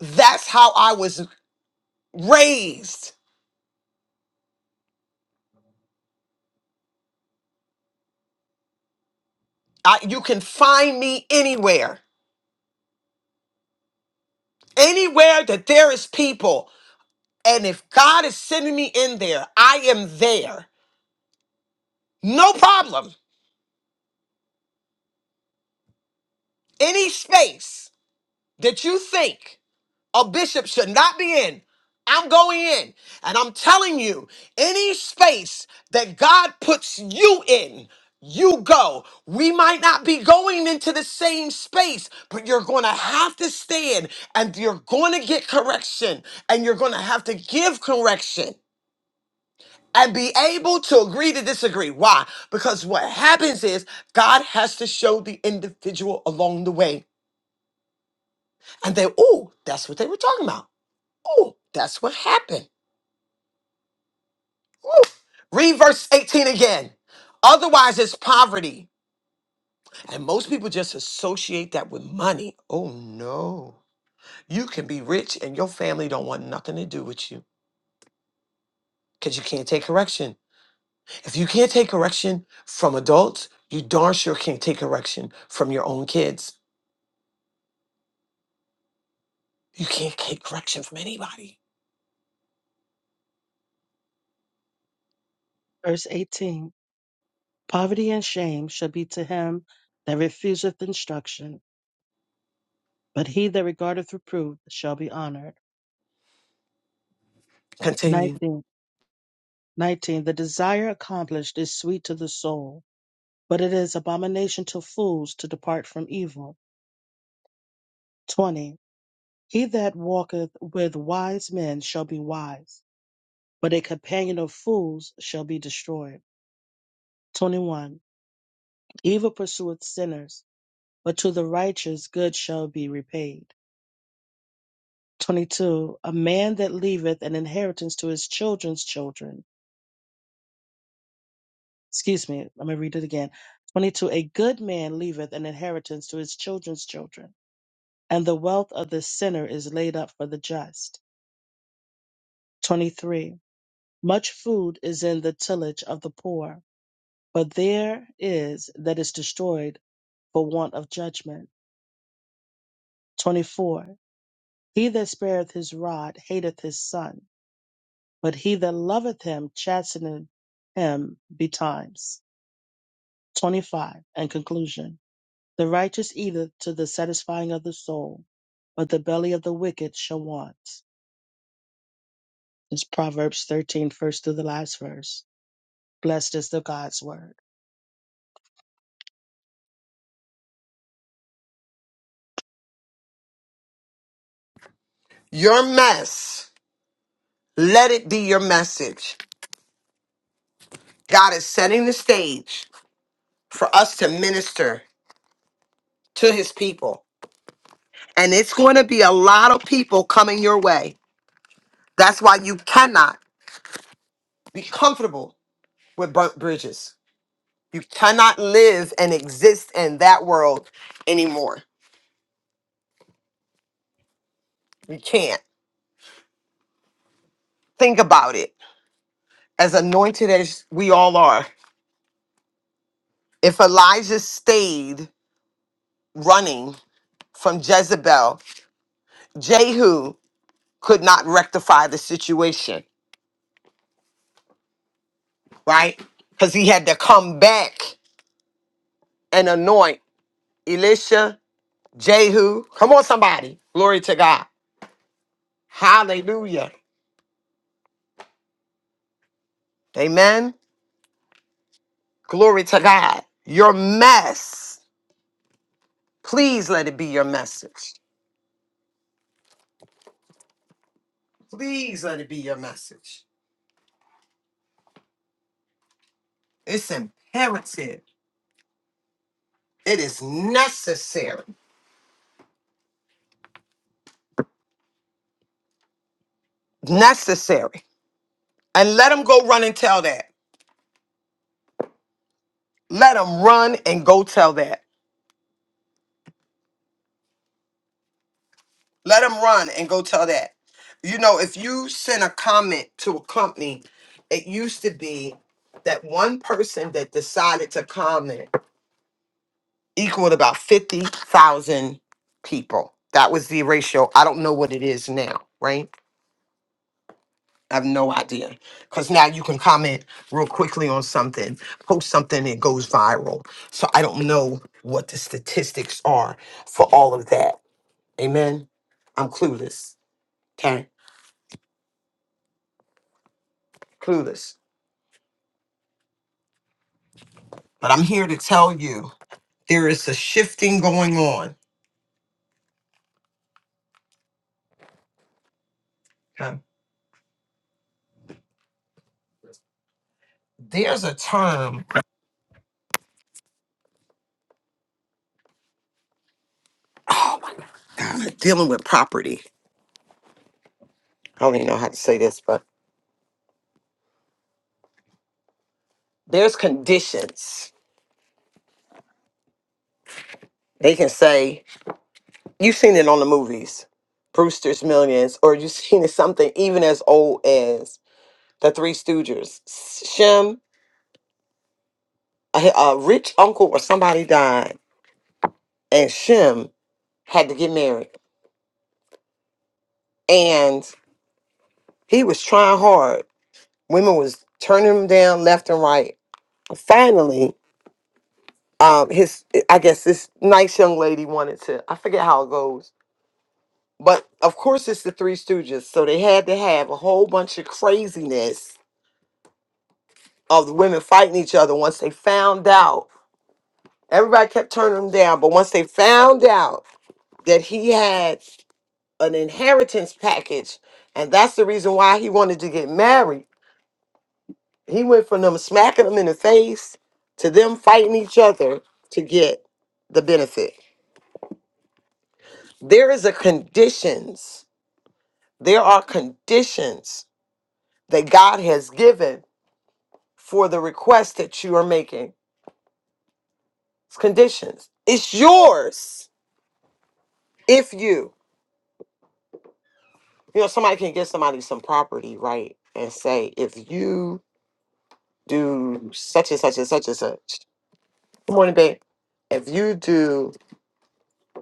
C: That's how I was raised. I, you can find me anywhere. Anywhere that there is people. And if God is sending me in there, I am there. No problem. Any space that you think a bishop should not be in, I'm going in. And I'm telling you, any space that God puts you in, you go. We might not be going into the same space, but you're going to have to stand and you're going to get correction and you're going to have to give correction. and be able to agree to disagree. Why? Because what happens is God has to show the individual along the way. And they, oh, that's what they were talking about. Oh, that's what happened. Ooh. Read verse 18 again. Otherwise, it's poverty. And most people just associate that with money. Oh, no. You can be rich and your family don't want nothing to do with you because you can't take correction. If you can't take correction from adults, you darn sure can't take correction from your own kids. You can't take correction from anybody.
E: Verse 18. Poverty and shame shall be to him that refuseth instruction. But he that regardeth reproof shall be honored.
C: Continue.
E: 19. 19. The desire accomplished is sweet to the soul, but it is abomination to fools to depart from evil. 20. He that walketh with wise men shall be wise, but a companion of fools shall be destroyed. 21. Evil pursueth sinners, but to the righteous good shall be repaid. 22. A man that leaveth an inheritance to his children's children. Excuse me, let me read it again. 22. A good man leaveth an inheritance to his children's children, and the wealth of the sinner is laid up for the just. 23. Much food is in the tillage of the poor But there is that is destroyed for want of judgment. 24. He that spareth his rod hateth his son, but he that loveth him chasteneth him betimes. 25. And conclusion. The righteous eateth to the satisfying of the soul, but the belly of the wicked shall want. It's Proverbs 13, first first through the last verse. Blessed is the God's word.
C: Your mess, let it be your message. God is setting the stage for us to minister to his people. And it's going to be a lot of people coming your way. That's why you cannot be comfortable with burnt bridges. You cannot live and exist in that world anymore. You can't. Think about it. As anointed as we all are, if Elijah stayed running from Jezebel, Jehu could not rectify the situation, right? Because he had to come back and anoint Elisha, Jehu. Come on, somebody. Glory to God. Hallelujah. Amen. Glory to God. Your mess, please let it be your message. Please let it be your message. It's imperative. It is necessary. Necessary. And let them go run and tell that. Let them run and go tell that. Let them run and go tell that. You know, if you send a comment to a company, it used to be that one person that decided to comment equaled about 50,000 people. That was the ratio. I don't know what it is now, right? I have no idea. Because now you can comment real quickly on something, post something, it goes viral. So I don't know what the statistics are for all of that Amen. I'm clueless. Okay. Clueless. But I'm here to tell you there is a shifting going on. Okay. There's a term. Oh my God. Dealing with property. I don't even know how to say this, but there's conditions. They can say, you've seen it on the movies, Brewster's Millions, or you've seen it something even as old as The Three Stooges. Shem, a, a rich uncle or somebody died, and Shem had to get married. and He was trying hard. Women was turning him down left and right. Finally, um, his I guess this nice young lady wanted to. I forget how it goes, but of course it's the Three Stooges, so they had to have a whole bunch of craziness of the women fighting each other. Once they found out, everybody kept turning him down, but once they found out that he had an inheritance package, and that's the reason why he wanted to get married He went from them smacking them in the face to them fighting each other to get the benefit. There is a conditions. There are conditions that God has given for the request that you are making. It's conditions. It's yours if you. You know, somebody can give somebody some property, right? And say, if you do such and such and such and such. Good morning, babe. If you do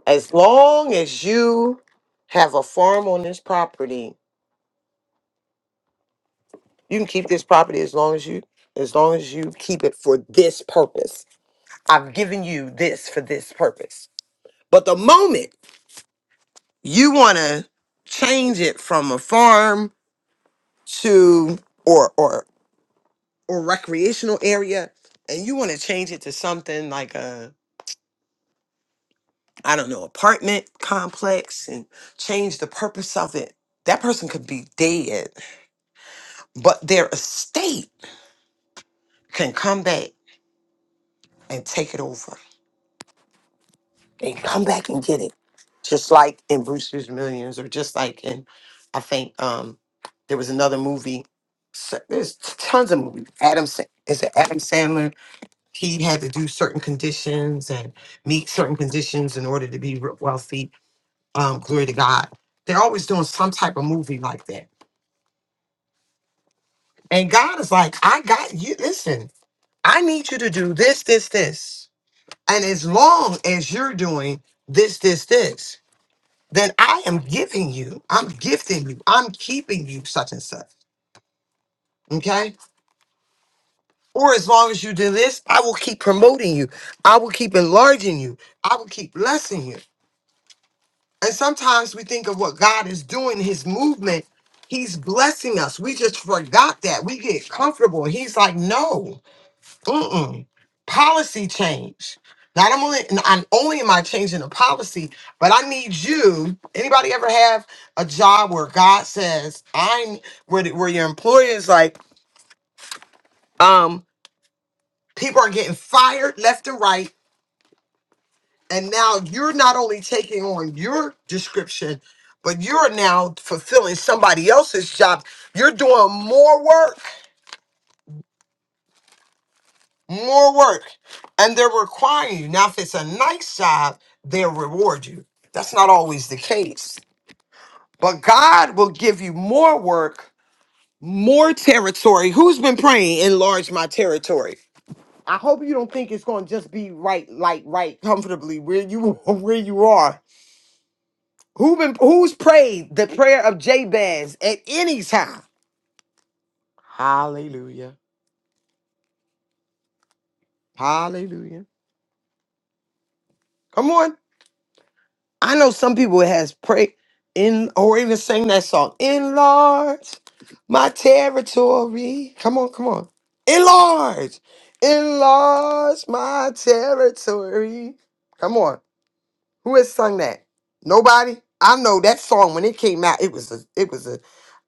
C: As long as you have a farm on this property, you can keep this property as long as you as long as you keep it for this purpose. I've given you this for this purpose. But the moment you want to change it from a farm to or or or recreational area and you want to change it to something like a I don't know, apartment complex and change the purpose of it. That person could be dead, but their estate can come back and take it over. They can come back and get it. Just like in Brewster's Millions, or just like in, I think um, there was another movie. So there's t- tons of movies. Adam Sa- is it Adam Sandler? He had to do certain conditions and meet certain conditions in order to be re- wealthy. Um, glory to God. They're always doing some type of movie like that. And God is like, I got you. Listen, I need you to do this, this, this. And as long as you're doing this, this, this, then I am giving you, I'm gifting you, I'm keeping you such and such. Okay. Or as long as you do this, I will keep promoting you. I will keep enlarging you. I will keep blessing you. And sometimes we think of what God is doing, his movement. He's blessing us. We just forgot that. We get comfortable. He's like, no. Mm-mm. Policy change. Not I'm only not only am I changing the policy, but I need you. Anybody ever have a job where God says I'm where the, where your employer is like, um, people are getting fired left and right, and now you're not only taking on your description, but you're now fulfilling somebody else's job. You're doing more work. more work, and they're requiring you. Now, if it's a nice job, they'll reward you. That's not always the case. But God will give you more work, more territory. Who's been praying, enlarge my territory? I hope you don't think it's going to just be right, like right, comfortably where you [laughs] where you are. Who been who's prayed the prayer of Jabez at any time? Hallelujah. Hallelujah. Come on. I know some people has prayed in or even sang that song. Enlarge my territory. Come on, come on. Enlarge. Enlarge my territory. Come on. Who has sung that? Nobody? I know that song when it came out, it was a it was a,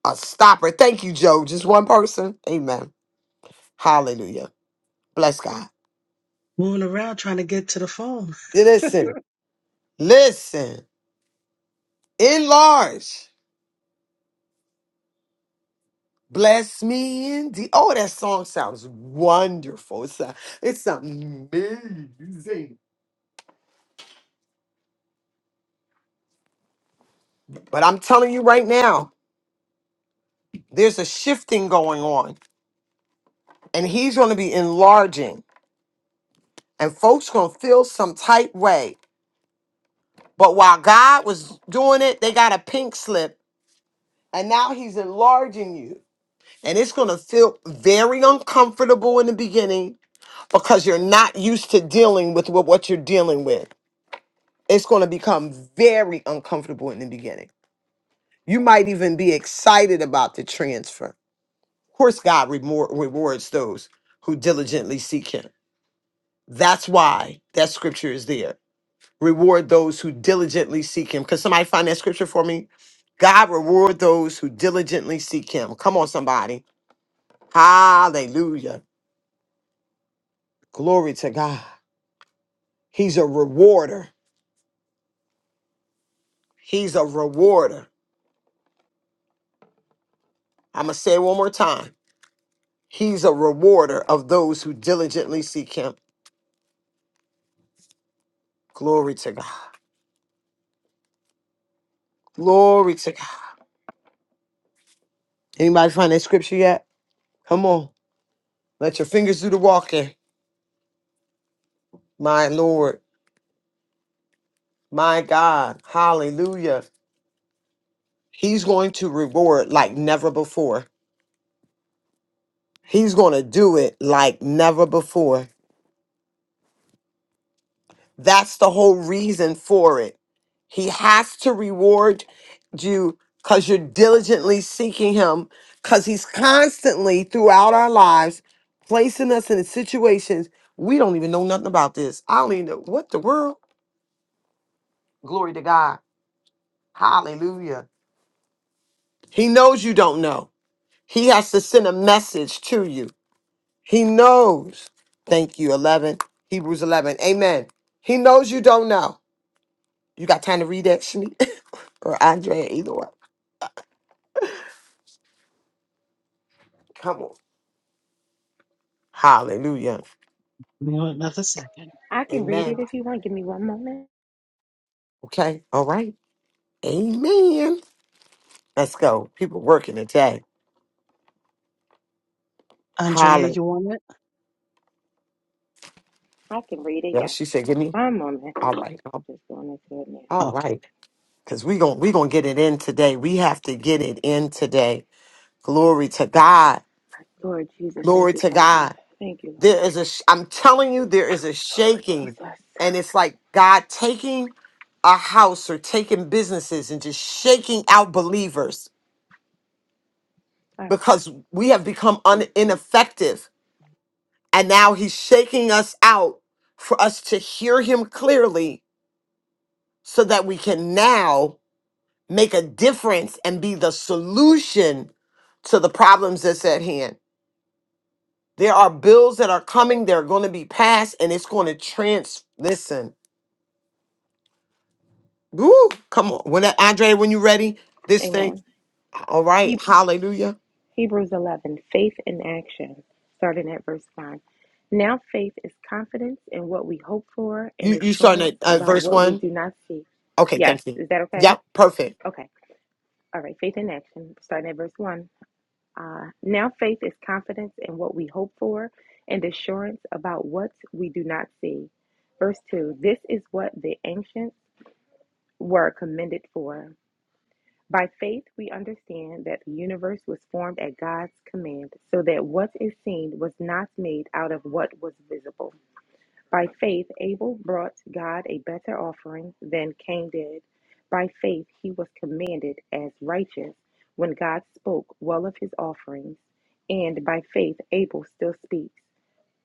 C: a stopper. Thank you, Joe. Just one person. Amen. Hallelujah. Bless God.
E: Moving around trying to get to the phone. [laughs] Give
C: Listen. Listen. Enlarge. Bless me indeed. Oh, that song sounds wonderful. It's, a, it's amazing. But I'm telling you right now, there's a shifting going on, and he's going to be enlarging, and folks going to feel some tight way. But while God was doing it, they got a pink slip, and now he's enlarging you. And it's going to feel very uncomfortable in the beginning because you're not used to dealing with what what you're dealing with. it's going to become very uncomfortable in the beginning. You might even be excited about the transfer. Of course, God remor- rewards those who diligently seek Him. That's why that scripture is there. Reward those who diligently seek Him. Can somebody find that scripture for me? God reward those who diligently seek Him. Come on, somebody. Hallelujah. Glory to God. He's a rewarder. He's a rewarder. I'm going to say it one more time. He's a rewarder of those who diligently seek him. Glory to God. Glory to God. Anybody find that scripture yet? Come on. Let your fingers do the walking. My Lord. My God. Hallelujah. He's going to reward like never before. He's going to do it like never before. That's the whole reason for it. He has to reward you because you're diligently seeking Him, because He's constantly throughout our lives placing us in situations we don't even know nothing about this. I don't even know what the world. Glory to God. Hallelujah. He knows you don't know. He has to send a message to you. He knows. Thank you. 11, Hebrews 11. Amen. He knows you don't know. You got time to read that, Shmi? [laughs] or Andrea, either way. Come on. Hallelujah.
E: me Another second.
F: I can read it
C: Amen.
F: if you want. Give me one moment.
C: Okay. All right. Amen. Let's go. People working today.
E: Andrea,
C: Holla.
E: you want it?
F: I can read it.
C: Yeah,
F: Yeah.
C: she said, give
F: Give me
C: me.
F: one moment.
C: All right. um,
F: Just going into it now.
C: All
E: Okay.
C: right. Because we're going we gonna get it in today. We have to get it in today. Glory to God.
F: Lord Jesus,
C: Glory
F: thank you,
C: to
F: Father.
C: God.
F: Thank you, Lord.
C: There is a, sh- I'm telling you, there is a
F: Oh,
C: shaking.
F: Jesus. All
C: And it's like God taking a house or taking businesses and just shaking out believers
F: right.
C: because we have become un-
F: Mm.
C: ineffective. And now he's shaking us out for us to hear him clearly so that we can now make a difference and be the solution to the problems that's at hand. There are bills that are coming, they're going to be passed, and it's going to trans. Listen, woo, come on. When Andre, when you ready, this thing,
F: Amen.
C: all right,
F: He-
C: hallelujah.
F: Hebrews 11, faith in action, starting at verse 5. Now, faith is confidence in what we hope for and
C: You, you starting
F: assurance
C: at uh,
F: about
C: verse
F: what we
C: one?
F: do not see.
C: Okay,
F: Yes,
C: thank you.
F: is that okay?
C: Yep, perfect.
F: Okay. All right. Faith in action, starting at verse 1. Uh, now faith is confidence in what we hope for and assurance about what we do not see. Verse 2 This is what the ancients were commended for. By faith, we understand that the universe was formed at God's command, so that what is seen was not made out of what was visible. By faith, Abel brought God a better offering than Cain did. By faith, he was commanded as righteous when God spoke well of his offerings. And by faith, Abel still speaks,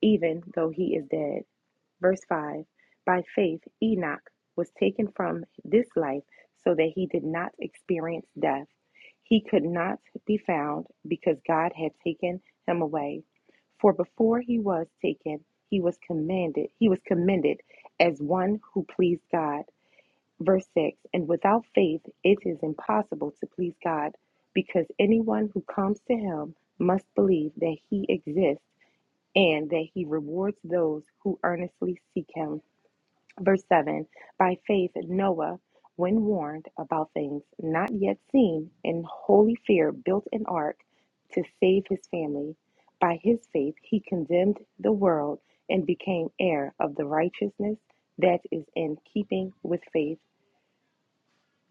F: even though he is dead. Verse 5 By faith, Enoch was taken from this life so that he did not experience death. He could not be found because God had taken him away. For before he was taken, he was commended, he was commended as one who pleased God. Verse 6 And without faith, it is impossible to please God because anyone who comes to him must believe that he exists and that he rewards those who earnestly seek him. Verse 7 By faith, Noah, when warned about things not yet seen, in holy fear built an ark to save his family. By his faith, he condemned the world and became heir of the righteousness that is in keeping with faith.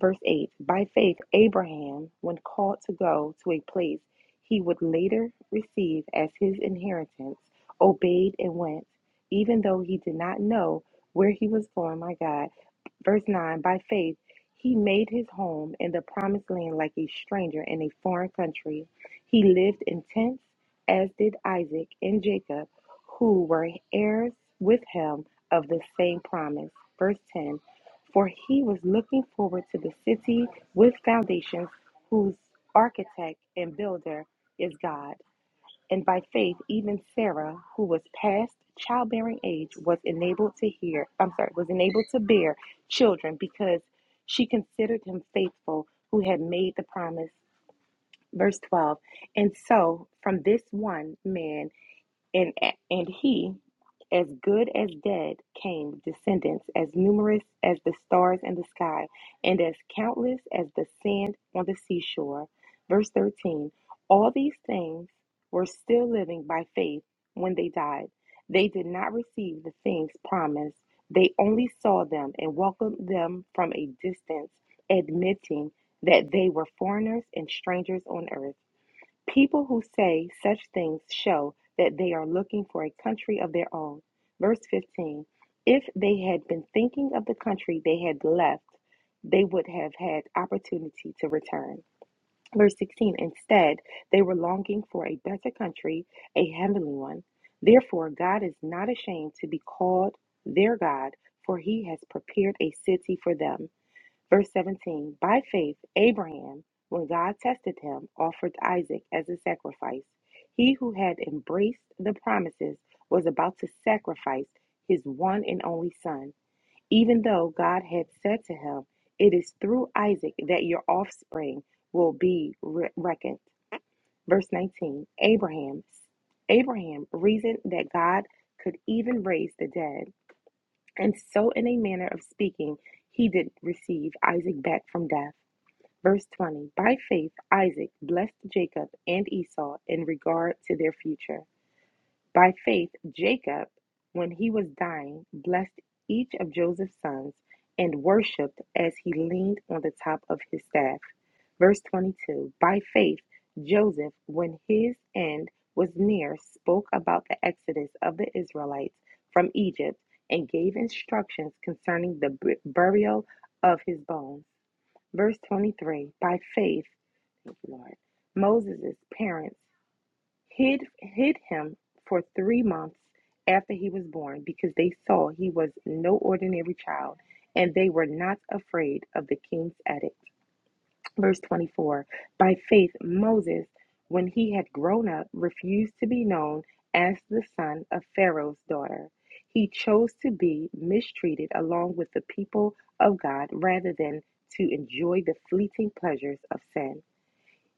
F: Verse 8 By faith, Abraham, when called to go to a place he would later receive as his inheritance, obeyed and went, even though he did not know where he was going. My God. Verse 9 By faith, he made his home in the promised land like a stranger in a foreign country. He lived in tents, as did Isaac and Jacob, who were heirs with him of the same promise. Verse 10 for he was looking forward to the city with foundations, whose architect and builder is God. And by faith, even Sarah, who was past childbearing age, was enabled to hear, I'm sorry, was enabled to bear children because she considered him faithful who had made the promise. Verse 12. And so from this one man, and, and he, as good as dead, came descendants as numerous as the stars in the sky and as countless as the sand on the seashore. Verse 13 All these things were still living by faith when they died. They did not receive the things promised, they only saw them and welcomed them from a distance, admitting that they were foreigners and strangers on earth. People who say such things show that they are looking for a country of their own. Verse 15 If they had been thinking of the country they had left, they would have had opportunity to return. Verse 16 Instead, they were longing for a better country, a heavenly one. Therefore, God is not ashamed to be called their God, for he has prepared a city for them. Verse 17 By faith, Abraham, when God tested him, offered Isaac as a sacrifice. He who had embraced the promises was about to sacrifice his one and only son, even though God had said to him, It is through Isaac that your offspring will be re- reckoned. Verse 19 Abraham, Abraham reasoned that God could even raise the dead, and so, in a manner of speaking, he did receive Isaac back from death. Verse 20 By faith, Isaac blessed Jacob and Esau in regard to their future. By faith, Jacob, when he was dying, blessed each of Joseph's sons and worshiped as he leaned on the top of his staff. Verse 22 By faith, Joseph, when his end was near, spoke about the exodus of the Israelites from Egypt and gave instructions concerning the burial of his bones. Verse 23 By faith, thank you, Lord, Moses' parents hid, hid him for three months after he was born because they saw he was no ordinary child and they were not afraid of the king's edict. Verse 24 By faith, Moses, when he had grown up, refused to be known as the son of Pharaoh's daughter. He chose to be mistreated along with the people of God rather than to enjoy the fleeting pleasures of sin.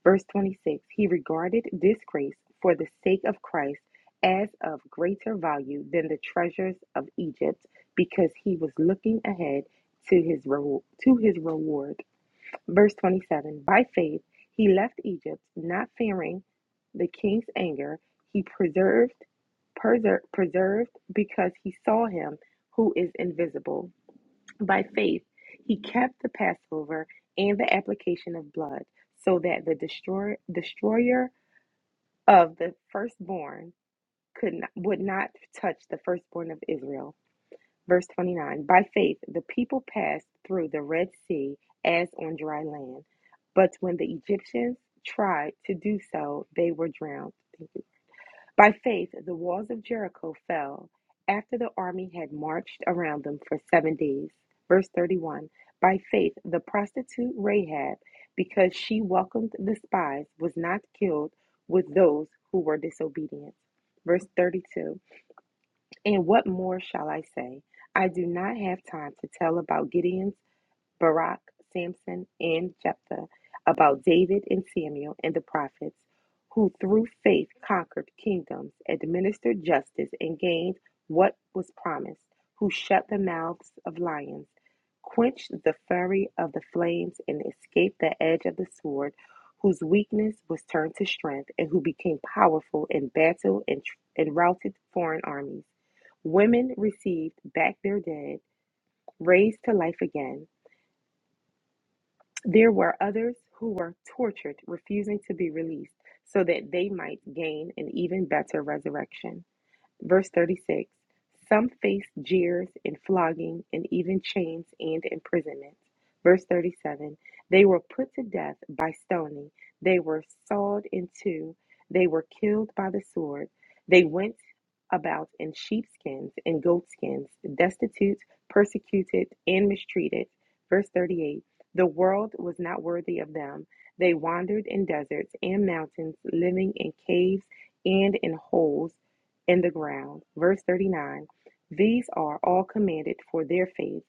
F: Verse 26 He regarded disgrace for the sake of Christ as of greater value than the treasures of Egypt because he was looking ahead to his reward. To his reward. Verse 27 By faith, he left Egypt, not fearing the king's anger. He preserved, preser- preserved because he saw him who is invisible. By faith, he kept the Passover and the application of blood, so that the destroyer, destroyer of the firstborn could not, would not touch the firstborn of Israel. Verse 29 By faith, the people passed through the Red Sea as on dry land, but when the Egyptians tried to do so, they were drowned. Thank you. By faith, the walls of Jericho fell after the army had marched around them for seven days. Verse 31 By faith, the prostitute Rahab, because she welcomed the spies, was not killed with those who were disobedient. Verse 32 and what more shall I say? I do not have time to tell about Gideon's Barak, Samson, and Jephthah, about David and Samuel and the prophets, who through faith conquered kingdoms, administered justice, and gained what was promised, who shut the mouths of lions, quenched the fury of the flames, and escaped the edge of the sword, whose weakness was turned to strength, and who became powerful in battle and, and routed foreign armies. Women received back their dead, raised to life again there were others who were tortured, refusing to be released, so that they might gain an even better resurrection. Verse 36 Some faced jeers and flogging and even chains and imprisonment. Verse 37 They were put to death by stoning, they were sawed in two, they were killed by the sword. They went about in sheepskins and goatskins, destitute, persecuted, and mistreated. Verse 38 The world was not worthy of them. They wandered in deserts and mountains, living in caves and in holes in the ground. Verse 39 These are all commended for their faith.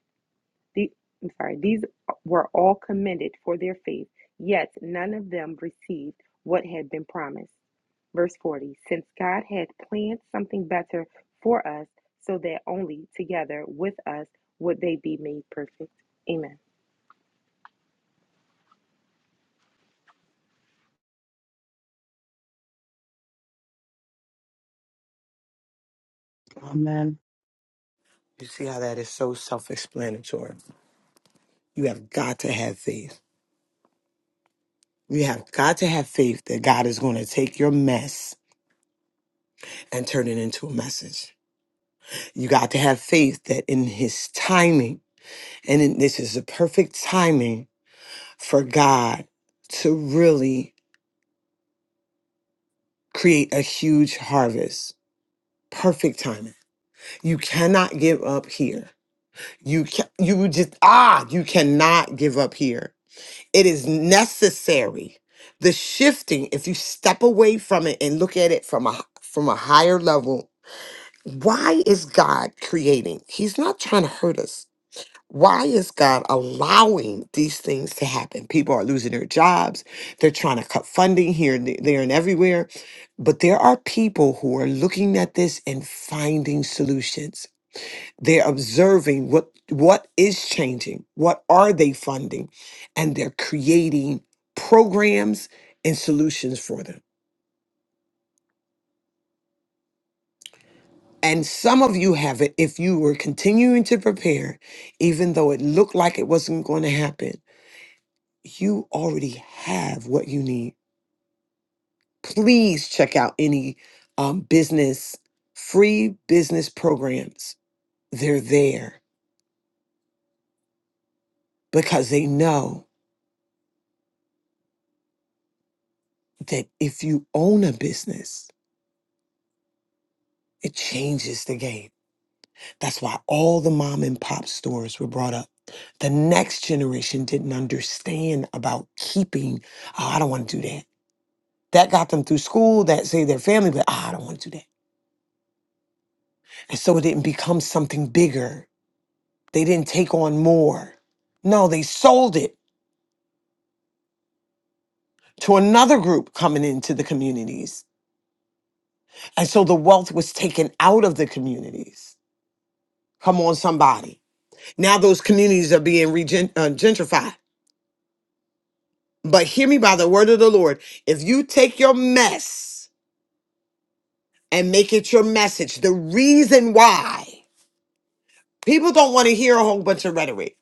F: The, I'm sorry, these were all commended for their faith, yet none of them received what had been promised. Verse 40 Since God had planned something better for us, so that only together with us would they be made perfect. Amen.
E: Amen.
C: You see how that is so self explanatory. You have got to have faith. You have got to have faith that God is going to take your mess and turn it into a message. You got to have faith that in His timing, and in, this is the perfect timing for God to really create a huge harvest. Perfect timing. You cannot give up here. You can, you just ah, you cannot give up here It is necessary. The shifting, if you step away from it and look at it from a from a higher level, why is God creating? He's not trying to hurt us. Why is God allowing these things to happen? People are losing their jobs. They're trying to cut funding here, and th- there, and everywhere. But there are people who are looking at this and finding solutions. They're observing what what is changing, what are they funding, and they're creating programs and solutions for them. And some of you have it if you were continuing to prepare, even though it looked like it wasn't going to happen, you already have what you need. Please check out any um, business, free business programs. They're there because they know that if you own a business, It changes the game. That's why all the mom and pop stores were brought up. The next generation didn't understand about keeping, oh, I don't want to do that. That got them through school, that saved their family, but "Ah, I don't want to do that. And so it didn't become something bigger. They didn't take on more. No, they sold it to another group coming into the communities. And so the wealth was taken out of the communities. Come on, somebody. Now those communities are being regen- uh, gentrified But hear me by the word of the Lord. If you take your mess and make it your message, the reason why people don't want to hear a whole bunch of rhetoric.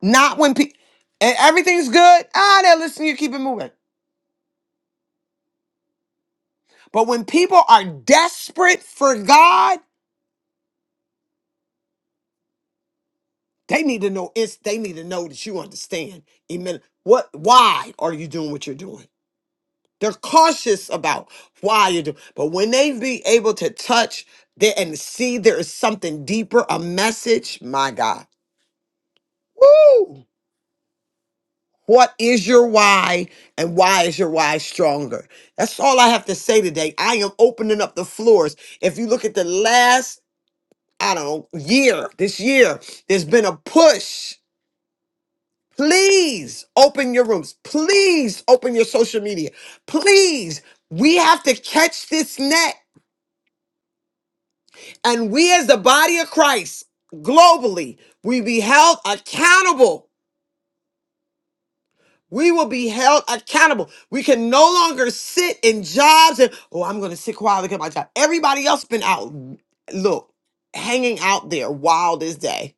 C: Not when people and everything's good. Ah, they're listening. You keep it moving. But when people are desperate for God, they need to know. It's they need to know that you understand. Amen. What? Why are you doing what you're doing? They're cautious about why you do, but when they be able to touch there and see there is something deeper, a message, my God. Woo! What is your why and why is your why stronger? That's all I have to say today. I am opening up the floors. If you look at the last, I don't know, year, this year, there's been a push. Please open your rooms. Please open your social media. Please, we have to catch this net. And we, as the body of Christ, globally, we be held accountable. We will be held accountable. We can no longer sit in jobs and, oh, I'm going to sit quietly at my job. Everybody else been out, look, hanging out there wild as day.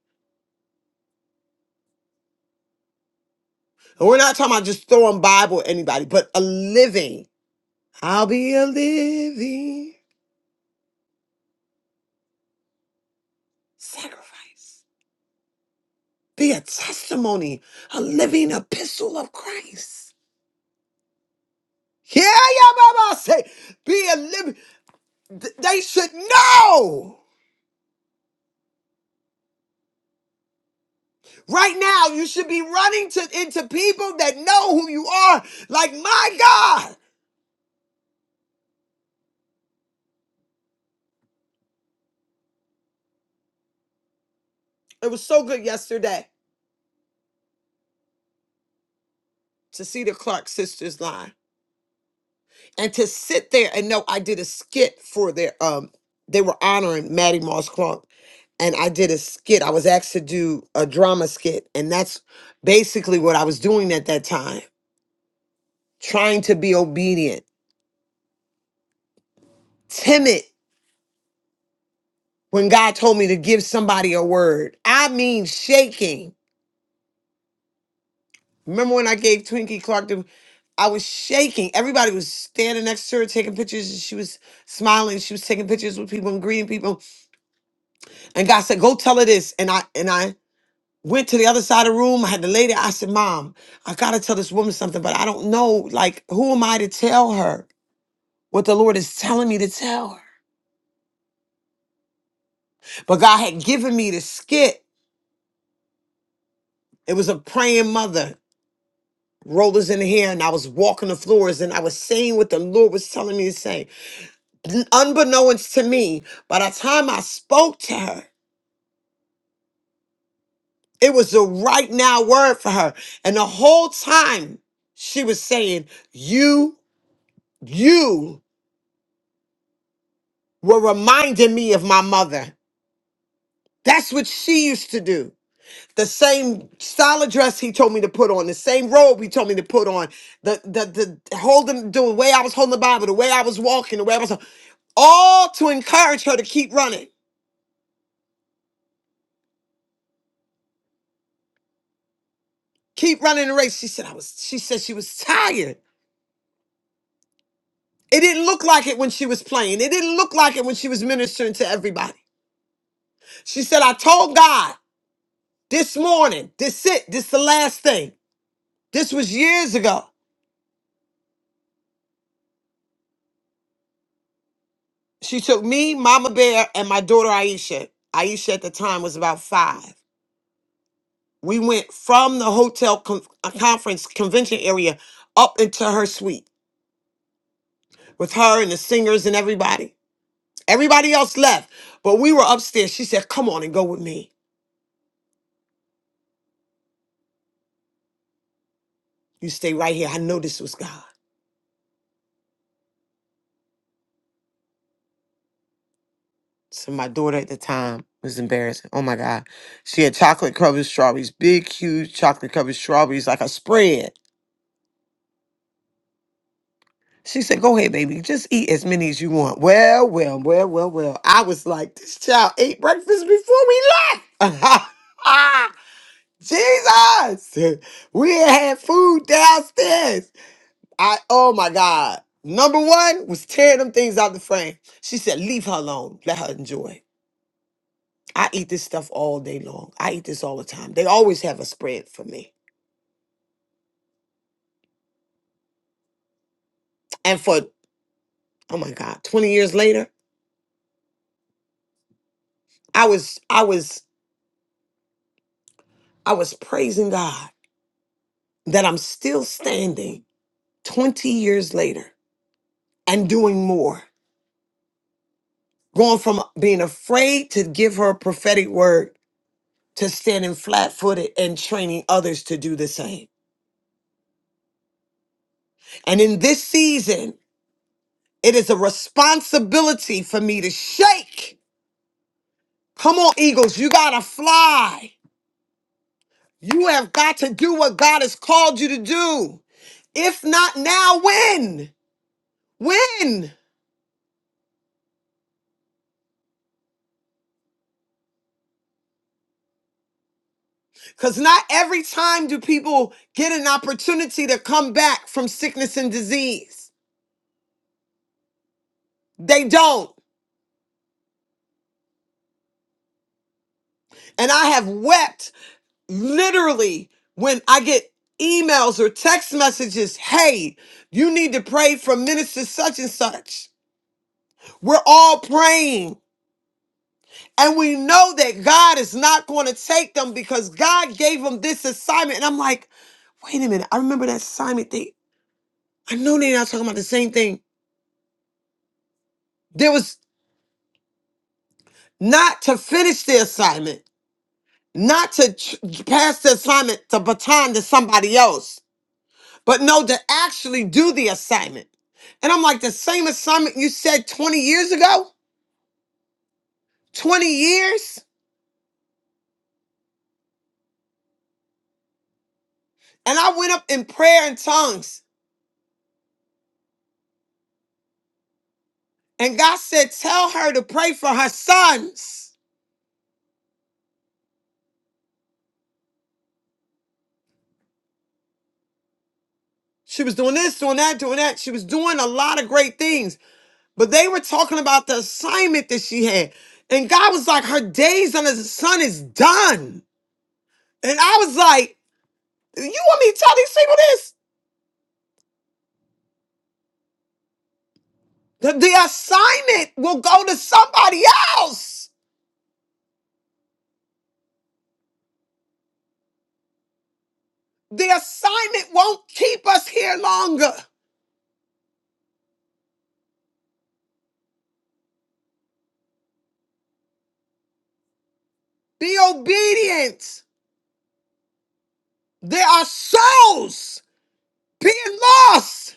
C: And we're not talking about just throwing Bible at anybody, but a living. I'll be a living sacrifice. Be a testimony, a living epistle of Christ. Yeah, yeah, Baba say, be a living. Th- They should know. Right now, you should be running to into people that know who you are. Like my God, it was so good yesterday to see the Clark sisters line and to sit there and know I did a skit for their um. They were honoring Maddie Moss Clark, and I did a skit. I was asked to do a drama skit, and that's basically what I was doing at that time, trying to be obedient, timid when God told me to give somebody a word. I mean, shaking. Remember when I gave Twinkie Clark the, I was shaking. Everybody was standing next to her taking pictures, and she was smiling. She was taking pictures with people and greeting people. And God said, "Go tell her this." And I and I went to the other side of the room. I had the lady. I said, "Mom, I gotta tell this woman something, but I don't know. Like, who am I to tell her what the Lord is telling me to tell her?" But God had given me the skit. It was a praying mother. rollers in the hair and I was walking the floors and I was saying what the Lord was telling me to say. Unbeknownst to me, by the time I spoke to her, it was the right now word for her. And the whole time she was saying, You, you were reminding me of my mother. That's what she used to do. The same style of dress he told me to put on, the same robe he told me to put on, the the the holding the way I was holding the Bible, the way I was walking, the way I was all to encourage her to keep running, keep running the race. She said, I was, she said she was tired. It didn't look like it when she was playing. It didn't look like it when she was ministering to everybody. She said, I told God this morning, this it, this the last thing. This was years ago. She took me, Mama Bear, and my daughter Aisha. Aisha at the time was about five. We went from the hotel con- uh, conference convention area up into her suite with her and the singers and everybody. Everybody else left, but we were upstairs. She said, Come on and go with me. You stay right here. I know this was God. So my daughter at the time was embarrassed. Oh my God. She had chocolate covered strawberries, big, huge chocolate covered strawberries, like a spread. She said, Go ahead, baby. Just eat as many as you want. Well, well, well, well, well. I was like, This child ate breakfast before we left. [laughs] Jesus. We had had food downstairs. I oh my God. Number one was tearing them things out the frame. She said, leave her alone. Let her enjoy. I eat this stuff all day long. I eat this all the time. They always have a spread for me. And for oh my God, 20 years later, I was, I was, I was praising God that I'm still standing 20 years later and doing more. Going from being afraid to give her a prophetic word to standing flat footed and training others to do the same. And in this season, It is a responsibility for me to shake. Come on, Eagles, you gotta fly. You have got to do what God has called you to do. If not now, when? When? Because not every time do people get an opportunity to come back from sickness and disease. They don't. And I have wept literally when I get emails or text messages hey, you need to pray for minister such and such. We're all praying. And we know that God is not going to take them because God gave them this assignment. And I'm like, wait a minute. I remember that assignment thing. I know they're not talking about the same thing. There was not to finish the assignment, not to ch- pass the assignment, the baton to somebody else, but no, to actually do the assignment. And I'm like, the same assignment you said 20 years ago? 20 years? And I went up in prayer in tongues. And God said, Tell her to pray for her sons. She was doing this, doing that, doing that. She was doing a lot of great things, but they were talking about the assignment that she had. And God was like, Her days under the sun is done. And I was like, You want me to tell these people this? The, the assignment will go to somebody else. The assignment won't keep us here longer. Be obedient. There are souls being lost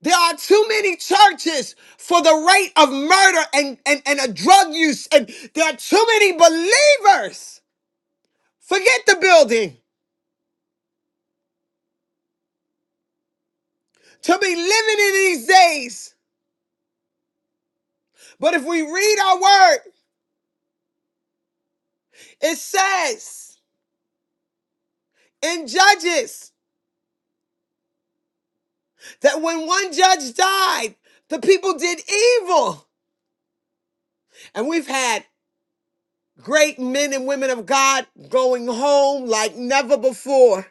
C: There are too many churches for the rate of murder and, and, and a drug use. And there are too many believers. Forget the building to be living in these days. But if we read our word, it says in Judges that when one judge died, the people did evil. And we've had great men and women of God going home like never before,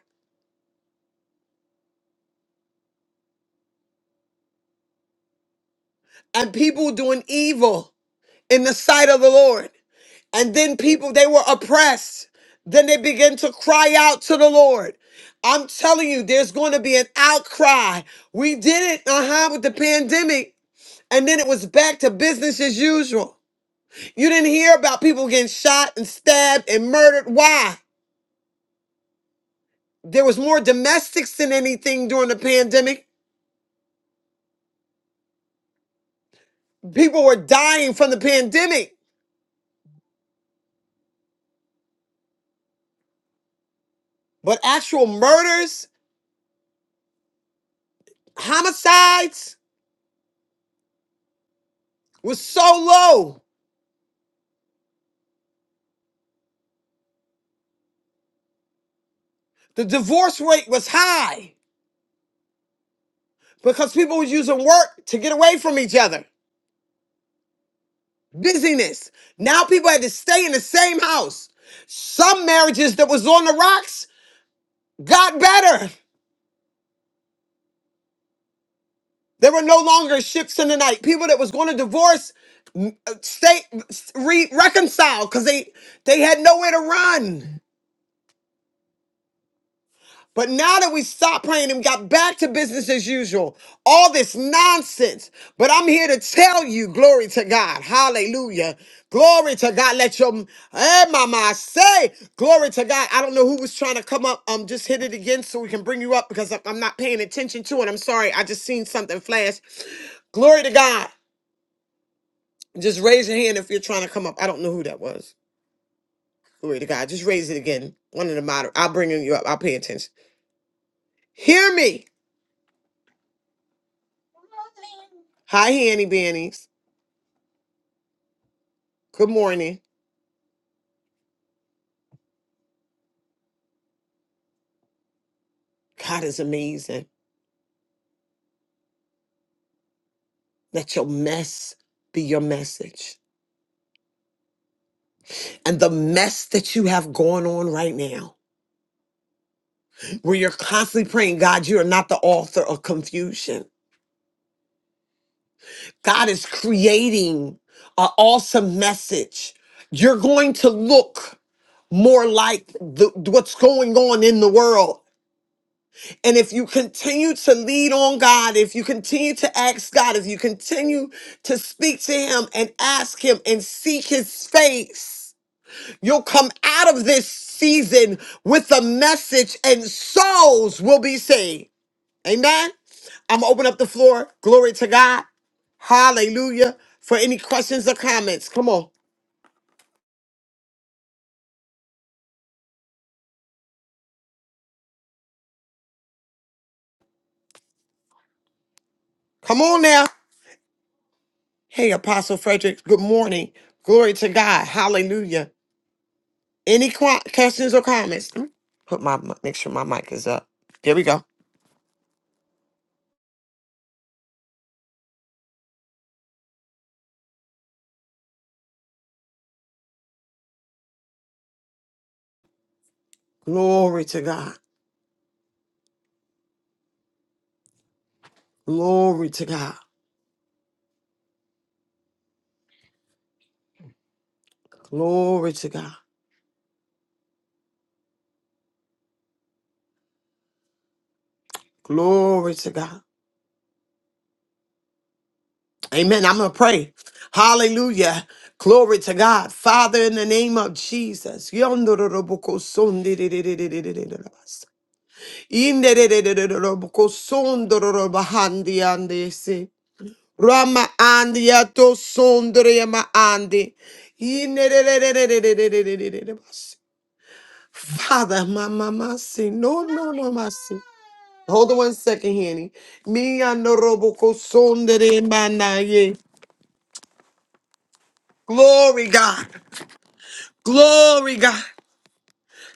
C: and people doing evil in the sight of the Lord. And then people, they were oppressed. Then they began to cry out to the Lord. I'm telling you, there's going to be an outcry. We did it, uh huh, with the pandemic. And then it was back to business as usual. You didn't hear about people getting shot and stabbed and murdered. Why? There was more domestics than anything during the pandemic. People were dying from the pandemic, but actual murders, homicides was so low. The divorce rate was high because people was using work to get away from each other. Busyness. Now people had to stay in the same house. Some marriages that was on the rocks got better. There were no longer ships in the night. People that was going to divorce m- uh, stay re- reconcile because they they had nowhere to run. But now that we stopped praying and got back to business as usual, all this nonsense. But I'm here to tell you, glory to God. Hallelujah. Glory to God. Let your hey mama say, glory to God. I don't know who was trying to come up. Um, just hit it again so we can bring you up because I- I'm not paying attention to it. I'm sorry. I just seen something flash. Glory to God. Just raise your hand if you're trying to come up. I don't know who that was. Glory to God. Just raise it again. One of the moder. I'll bring you up. I'll pay attention. Hear me. Hi, Hanny Bannies. Good morning. God is amazing. Let your mess be your message. And the mess that you have going on right now, where you're constantly praying, God, you are not the author of confusion. God is creating an awesome message. You're going to look more like the, what's going on in the world And if you continue to lead on God, if you continue to ask God, if you continue to speak to Him and ask Him and seek His face, you'll come out of this season with a message and souls will be saved. Amen. I'm going to open up the floor. Glory to God. Hallelujah. For any questions or comments, come on. Come on now. Hey, Apostle Frederick, good morning. Glory to God. Hallelujah. Any questions or comments? Put my make sure my mic is up. There we go. Glory to God. Glory to God. Glory to God. Glory to God. Amen. I'm gonna pray. Hallelujah. Glory to God, Father, in the name of Jesus. Rama andiato sundre yama andi, father my mama say no no no mama say hold on one second Henny mi ano roboko sundre mbanye glory God glory God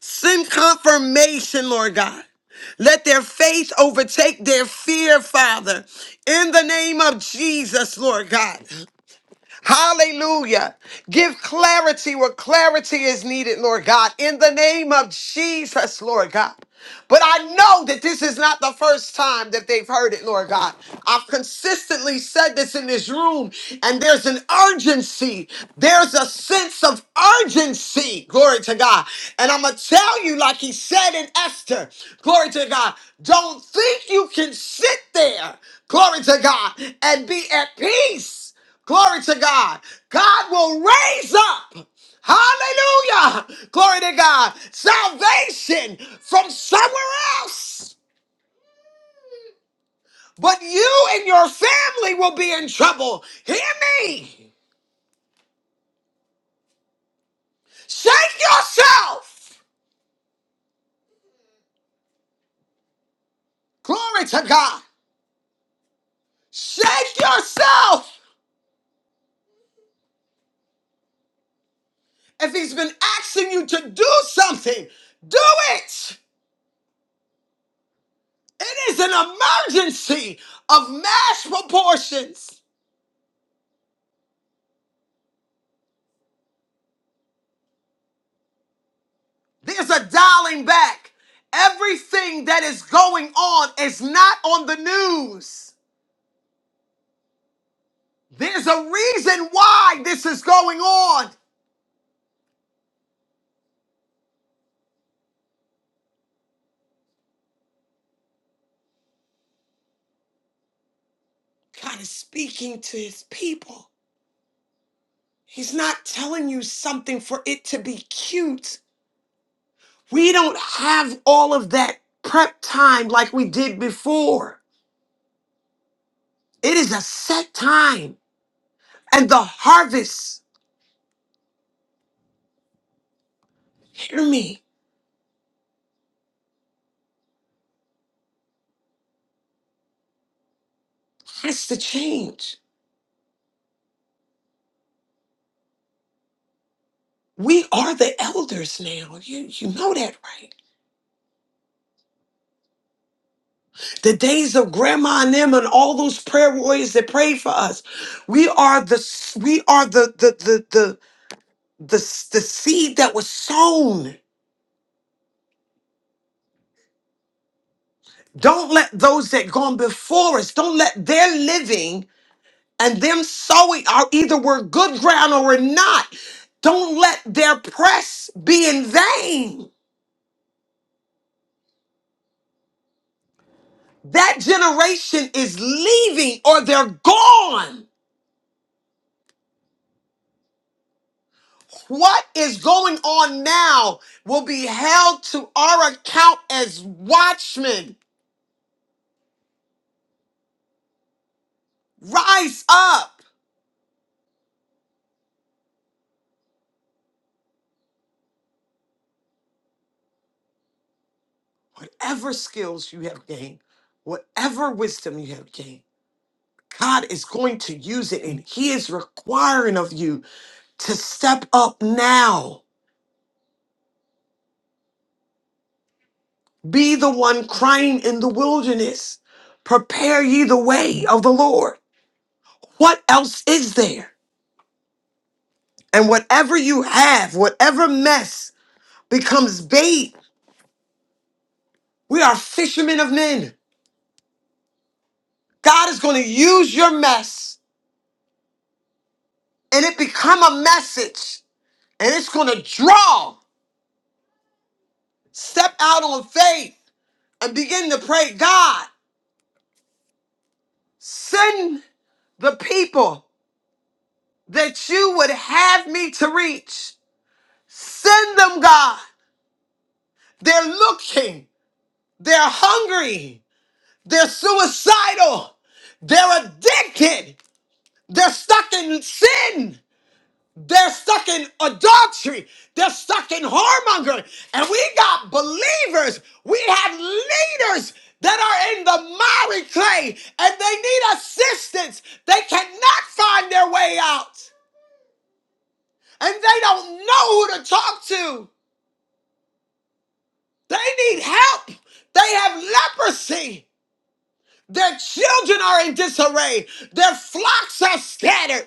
C: send confirmation Lord God let their faith overtake their fear Father in the name of Jesus Lord God. Hallelujah. Give clarity where clarity is needed, Lord God, in the name of Jesus, Lord God. But I know that this is not the first time that they've heard it, Lord God. I've consistently said this in this room, and there's an urgency. There's a sense of urgency, glory to God. And I'm going to tell you, like he said in Esther, glory to God, don't think you can sit there, glory to God, and be at peace. Glory to God. God will raise up. Hallelujah. Glory to God. Salvation from somewhere else. But you and your family will be in trouble. Hear me. Shake yourself. Glory to God. Shake yourself. If he's been asking you to do something, do it. It is an emergency of mass proportions. There's a dialing back. Everything that is going on is not on the news. There's a reason why this is going on. God is speaking to his people. He's not telling you something for it to be cute. We don't have all of that prep time like we did before. It is a set time, and the harvest, hear me, has to change. We are the elders now. You, you know that, right? the days of grandma and them and all those prayer warriors that prayed for us we are the we are the the the the the, the seed that was sown don't let those that gone before us don't let their living and them sowing are either we're good ground or we're not don't let their press be in vain that generation is leaving or they're gone What is going on now will be held to our account as watchmen. Rise up. Whatever skills you have gained, whatever wisdom you have gained, God is going to use it and He is requiring of you to step up now. Be the one crying in the wilderness. Prepare ye the way of the Lord. What else is there? And whatever you have, whatever mess becomes bait We are fishermen of men. God is going to use your mess and it become a message and it's going to draw. Step out on faith and begin to pray, God, send the people that you would have me to reach. Send them, God. They're looking. They're hungry. They're suicidal. They're addicted. They're stuck in sin. They're stuck in adultery. They're stuck in whoremonger. And we got believers. We have leaders that are in the miry clay and they need assistance. They cannot find their way out. And they don't know who to talk to. They need help. They have leprosy. Their children are in disarray. Their flocks are scattered.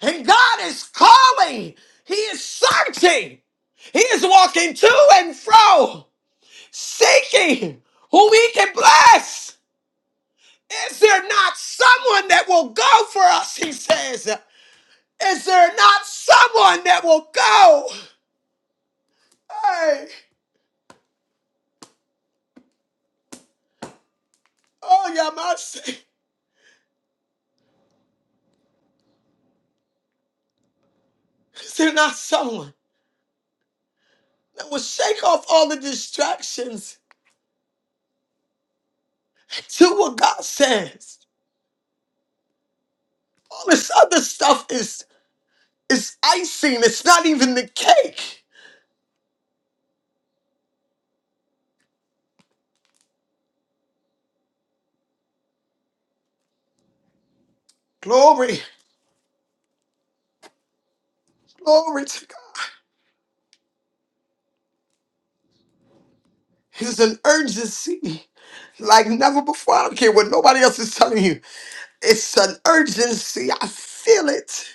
C: And God is calling. He is searching. He is walking to and fro, seeking who he can bless. Is there not someone that will go for us? He says. Is there not someone that will go? Hey, oh, yeah, my say. Is there not someone that will shake off all the distractions to what God says? All this other stuff is is icing. It's not even the cake. Glory, glory to God. It's an urgency like never before. I don't care what nobody else is telling you. It's an urgency. I feel it.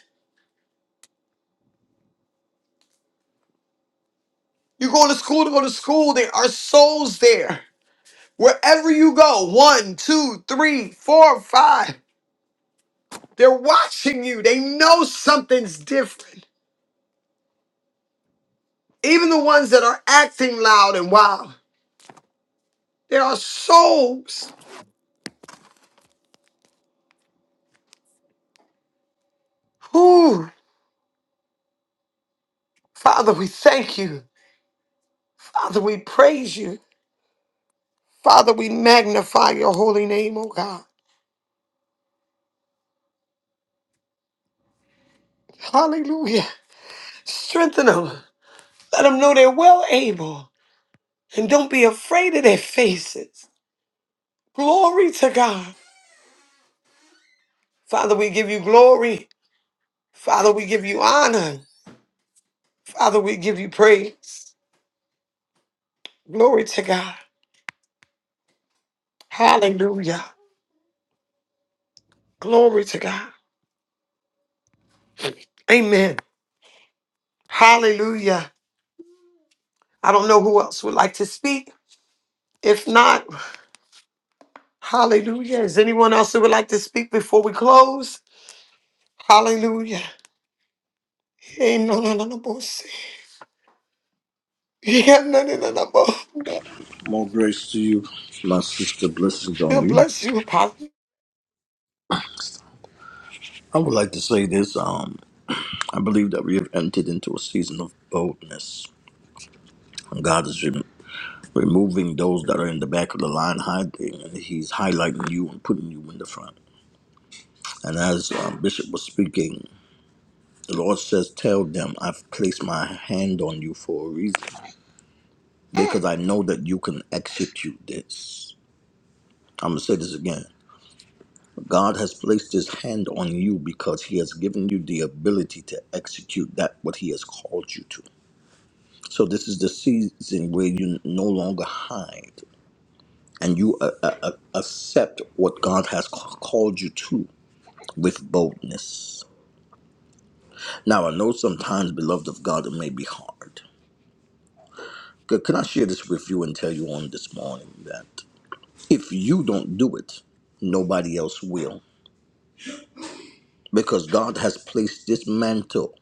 C: You go to school to go to school. There are souls there. Wherever you go, one, two, three, four, five, they're watching you. They know something's different. Even the ones that are acting loud and wild, there are souls. Whew. Father, we thank you. Father, we praise you. Father, we magnify your holy name, oh God. Hallelujah. Strengthen them. Let them know they're well able. And don't be afraid of their faces. Glory to God. Father, we give you glory. Father, we give you honor. Father, we give you praise. Glory to God. Hallelujah. Glory to God. Amen. Hallelujah. I don't know who else would like to speak. If not, hallelujah. Is anyone else who would like to speak before we close? Hallelujah. Ain't no no no no boss. Yeah, no no no no boss.
G: More grace to you, my sister. Blessings on
C: God
G: you.
C: bless you, Pastor.
G: I would like to say this. Um, I believe that we have entered into a season of boldness. And God is rem- removing those that are in the back of the line hiding, and He's highlighting you and putting you in the front. And as um, Bishop was speaking, the Lord says, Tell them, I've placed my hand on you for a reason, because I know that you can execute this. I'm going to say this again. God has placed his hand on you because he has given you the ability to execute that what he has called you to. So this is the season where you no longer hide and you uh, uh, uh, accept what God has ca- called you to with boldness. Now I know sometimes beloved of God it may be hard. C- Can I share this with you and tell you on this morning that if you don't do it, nobody else will. because God has placed this mantle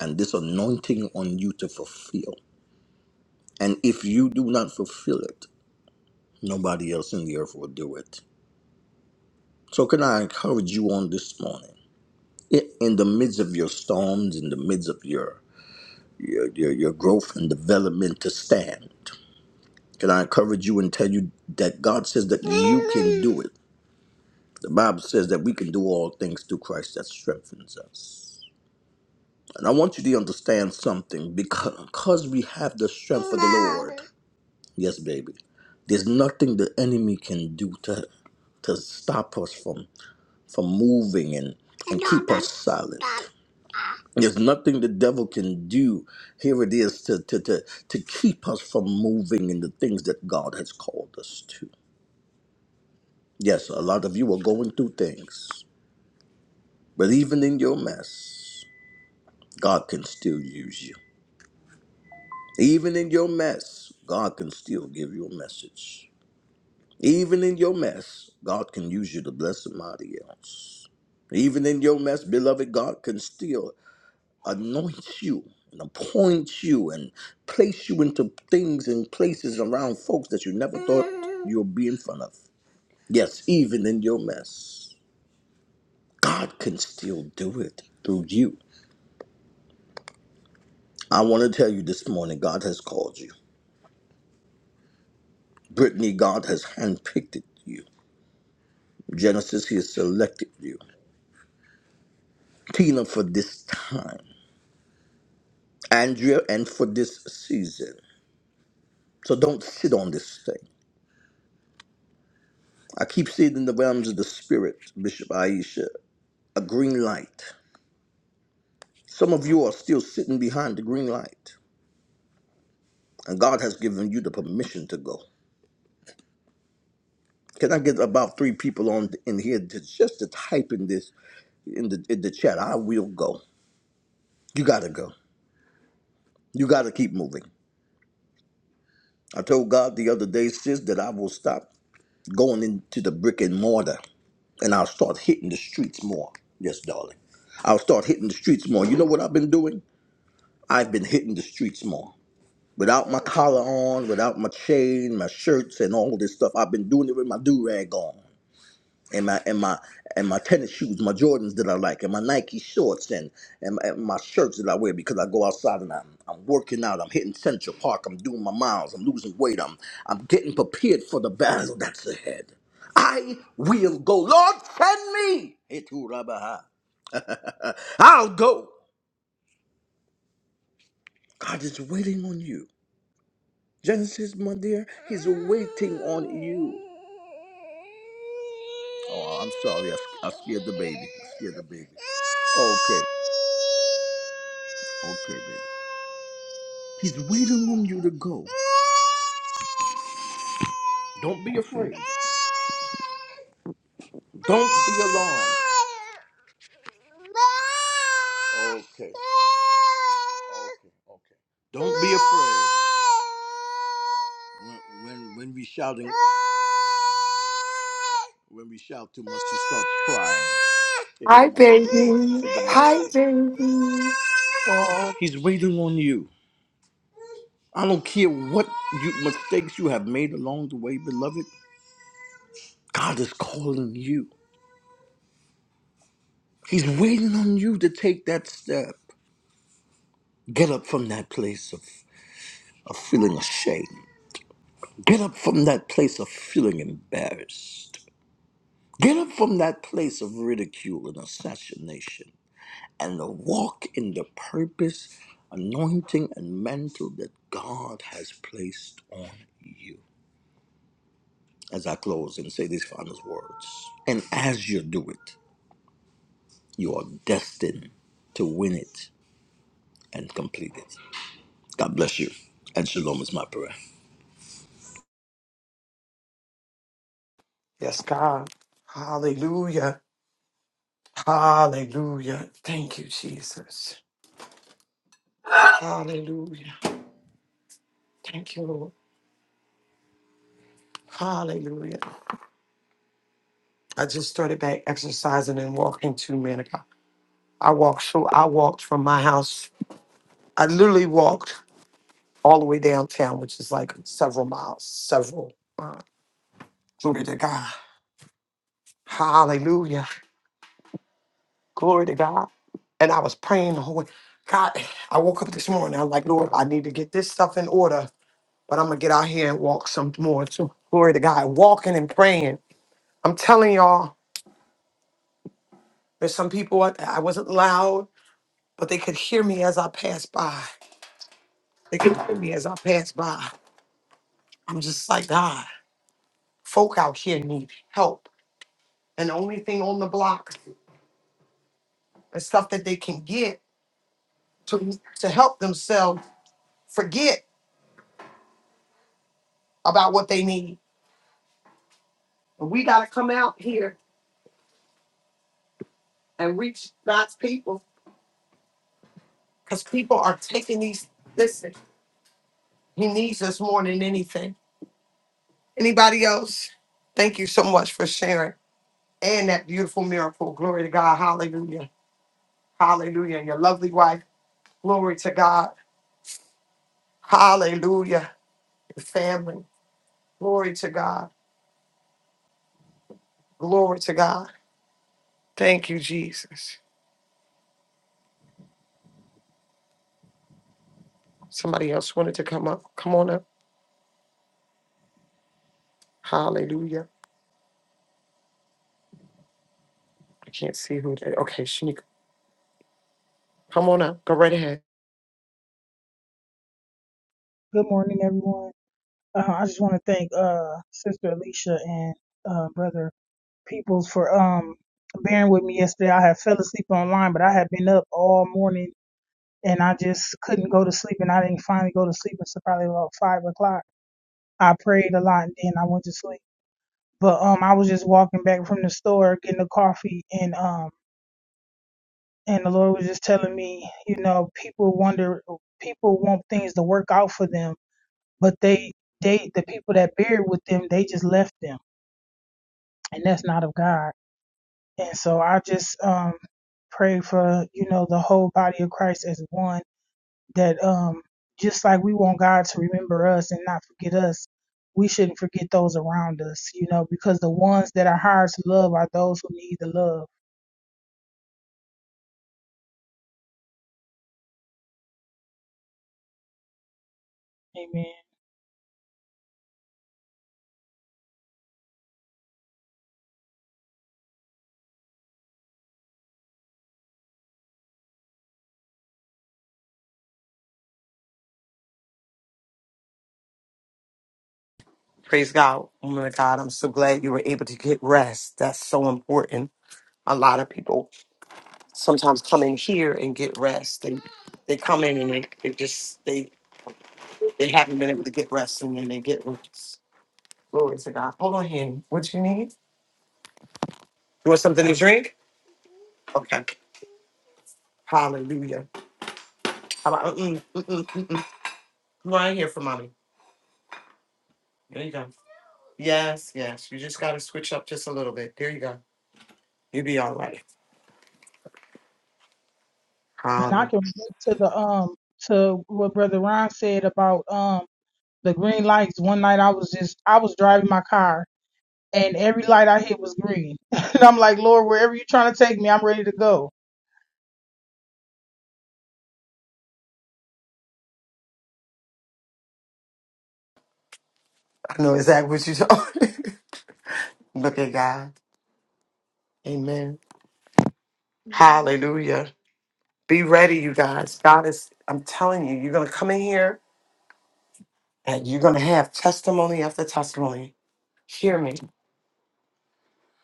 G: and this anointing on you to fulfill. And if you do not fulfill it, nobody else in the earth will do it. So, can I encourage you on this morning? I- In the midst of your storms, in the midst of your your, your, your growth and development to stand, can I encourage you and tell you that God says that you can do it? The Bible says that we can do all things through Christ that strengthens us. And I want you to understand something because, because we have the strength of the Lord. Yes, baby. There's nothing the enemy can do to, to stop us from from moving and, and keep us silent. There's nothing the devil can do, here it is, to, to, to, to keep us from moving in the things that God has called us to. Yes, a lot of you are going through things, but even in your mess, God can still use you. Even in your mess, God can still give you a message. Even in your mess, God can use you to bless somebody else. Even in your mess, beloved, God can still anoint you and appoint you and place you into things and places around folks that you never thought you would be in front of. Yes, even in your mess, God can still do it through you. I want to tell you this morning, God has called you. Brittany, God has handpicked you. Genesis, He selected you. Tina, for this time. Andrea, and for this season. So don't sit on this thing. I keep seeing in the realms of the spirit, Bishop Aisha, a green light. Some of you are still sitting behind the green light, and God has given you the permission to go. Can I get about three people on in here to, just to type in this in the in the chat? I will go. You gotta go. You gotta keep moving. I told God the other day, sis, that I will stop going into the brick and mortar and I'll start hitting the streets more. Yes, darling. I'll start hitting the streets more. You know what I've been doing? I've been hitting the streets more. Without my collar on, without my chain, my shirts, and all this stuff, I've been doing it with my do rag on and my and my and my tennis shoes, my Jordans that I like, and my Nike shorts, and and, and my shirts that I wear because I go outside and I'm, I'm working out. I'm hitting Central Park. I'm doing my miles. I'm losing weight. I'm I'm getting prepared for the battle that's ahead. I will go. Lord, send me. Etu Rabaha. I'll go. God is waiting on you. Genesis, my dear, he's waiting on you. Oh, I'm sorry. I, I scared the baby. I scared the baby. Okay. Okay, baby. He's waiting on you to go. Don't be afraid. Don't be alarmed. Okay. Okay. Okay. Don't be afraid. When when, when we shouting when we shout too much, she starts crying. Here go to
C: Hi,
G: mommy. Go to your
C: baby.
G: Say good
C: Hi,
G: morning.
C: baby. Oh,
G: He's waiting on you. I don't care what you, mistakes you have made along the way, beloved. God is calling you. He's waiting on you to take that step. Get up from that place of of feeling ashamed. Get up from that place of feeling embarrassed. Get up from that place of ridicule and assassination and to walk in the purpose, anointing, and mantle that God has placed on you. As I close and say these final words, and as you do it, you are destined to win it and complete it. God bless you, and shalom is my prayer.
C: yes, God. Hallelujah. Hallelujah. Thank you, Jesus. Hallelujah. Thank you, Lord. Hallelujah. I just started back exercising and walking two minutes. I walked so I walked from my house. I literally walked all the way downtown, which is like several miles, several. Uh, glory to God. Hallelujah. Glory to God. And I was praying the whole way. God, I woke up this morning. I'm like, Lord, I need to get this stuff in order, but I'm going to get out here and walk some more. So, glory to God. Walking and praying. I'm telling y'all, there's some people, I, I wasn't loud, but they could hear me as I passed by. They could hear me as I passed by. I'm just like, God, folk out here need help. And the only thing on the block is stuff that they can get to, to help themselves forget about what they need. We got to come out here and reach God's people because people are taking these. Listen, He needs us more than anything. Anybody else? Thank you so much for sharing and that beautiful miracle. Glory to God. Hallelujah. Hallelujah. And Your lovely wife. Glory to God. Hallelujah. Your family. Glory to God. Glory to God. Thank you, Jesus. Somebody else wanted to come up. Come on up. Hallelujah. I can't see who that. Okay, Shanika, come on up. Go right ahead.
H: Good morning, everyone. Uh, I just want to thank uh, Sister Alicia and uh, Brother Peoples for um, bearing with me yesterday. I had fell asleep online, but I had been up all morning and I just couldn't go to sleep. And I didn't finally go to sleep until probably about five o'clock. I prayed a lot and then I went to sleep. But um, I was just walking back from the store getting a coffee, and um, and the Lord was just telling me, you know, people wonder, people want things to work out for them but they they the people that buried with them they just left them and that's not of god and so i just um pray for you know the whole body of christ as one that um just like we want god to remember us and not forget us we shouldn't forget those around us you know because the ones that are hard to love are those who need the love amen
C: Praise God, woman of God. I'm so glad you were able to get rest. That's so important. A lot of people sometimes come in here and get rest. They they come in and they, they just they they haven't been able to get rest and then they get rest. Glory to God. Hold on, Henny. What you need? You want something to drink? Okay. Hallelujah. How about mm-mm, mm-mm, mm mm mm? Come on in here for mommy. There you go. Yes, yes. You just gotta switch up just a little bit. There you go. You'll be all right.
H: and i
C: Hallelujah.
H: can relate to the um to what brother ron said about um the green lights one night i was just i was driving my car and every light I hit was green. [laughs] and I'm like, Lord, wherever you're trying to take me, I'm ready to go.
C: I know exactly what you're talking. [laughs] Look at God. Amen. Hallelujah. Be ready, you guys. God is, I'm telling you, you're going to come in here and you're going to have testimony after testimony. Hear me.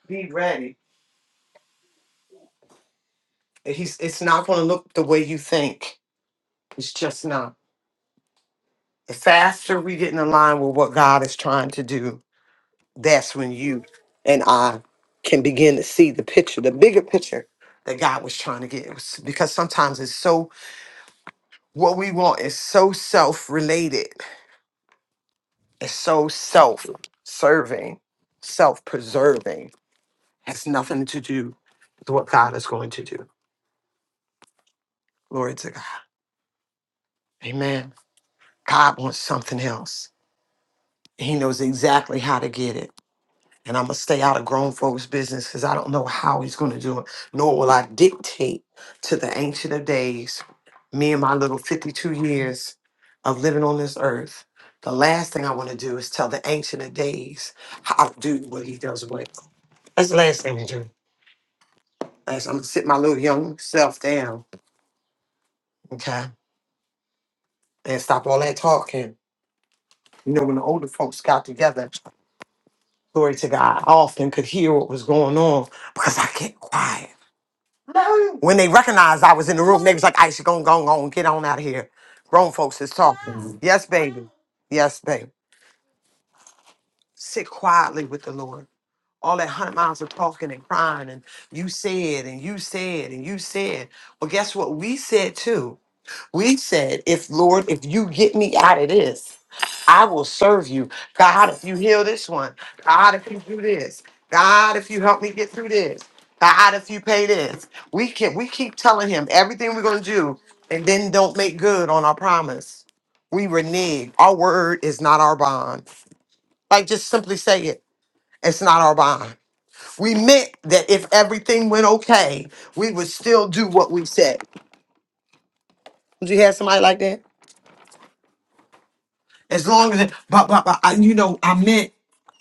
C: Be ready. He's, it's not going to look the way you think. It's just not. The faster we get in line with what God is trying to do, that's when you and I can begin to see the picture, the bigger picture that God was trying to get. Because sometimes it's so, what we want is so self related It's so self serving, self preserving, has nothing to do with what God is going to do. Glory to God. Amen. God wants something else. He knows exactly how to get it. And I'm going to stay out of grown folks' business because I don't know how he's going to do it, nor will I dictate to the Ancient of Days, me and my little 52 years of living on this earth. The last thing I want to do is tell the Ancient of Days how to do what he does well. That's the last thing to do. As I'm gonna sit my little young self down, okay, and stop all that talking. You know, when the older folks got together, glory to God, I often could hear what was going on because I kept quiet. When they recognized I was in the room, they was like, "I should go, go, go, get on out of here." Grown folks is talking. Yes, baby. Yes, baby. Sit quietly with the Lord. All that hundred miles of talking and crying, and you said, and you said, and you said. Well, guess what? We said too. We said, if Lord, if you get me out of this, I will serve you. God, if you heal this one, God, if you do this, God, if you help me get through this, God, if you pay this. We can we keep telling him everything we're gonna do and then don't make good on our promise. We renege. Our word is not our bond. Like just simply say it. It's not our bond. We meant that if everything went okay, we would still do what we said. Would you have somebody like that? As long as, it, but, but, but, I, you know, I meant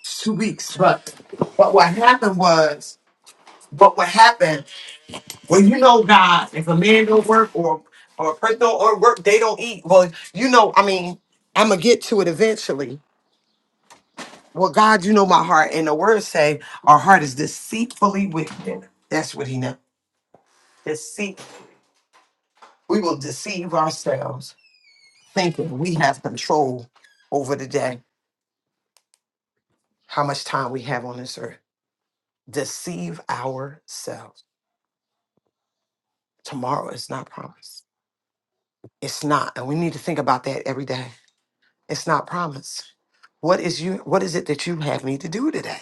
C: two weeks. But, but what happened was, but what happened, well, you know, God, if a man don't work or, or a person don't or work, they don't eat. Well, you know, I mean, I'm going to get to it eventually. Well, God, you know my heart. And the word say, our heart is deceitfully wicked. That's what he know. Deceit. We will deceive ourselves thinking we have control over the day, how much time we have on this earth. deceive ourselves. Tomorrow is not promised. It's not. And we need to think about that every day. It's not promised. What is you what is it that you have me to do today?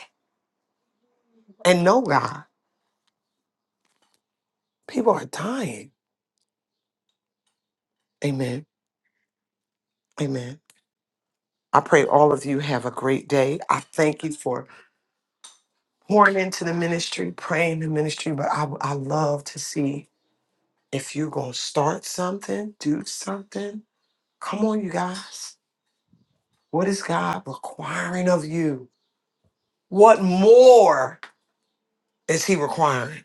C: And no God. People are dying. Amen. Amen. I pray all of you have a great day. I thank you for pouring into the ministry, praying the ministry, but I I love to see if you're gonna start something, do something. Come on, you guys. What is God requiring of you? What more is he requiring?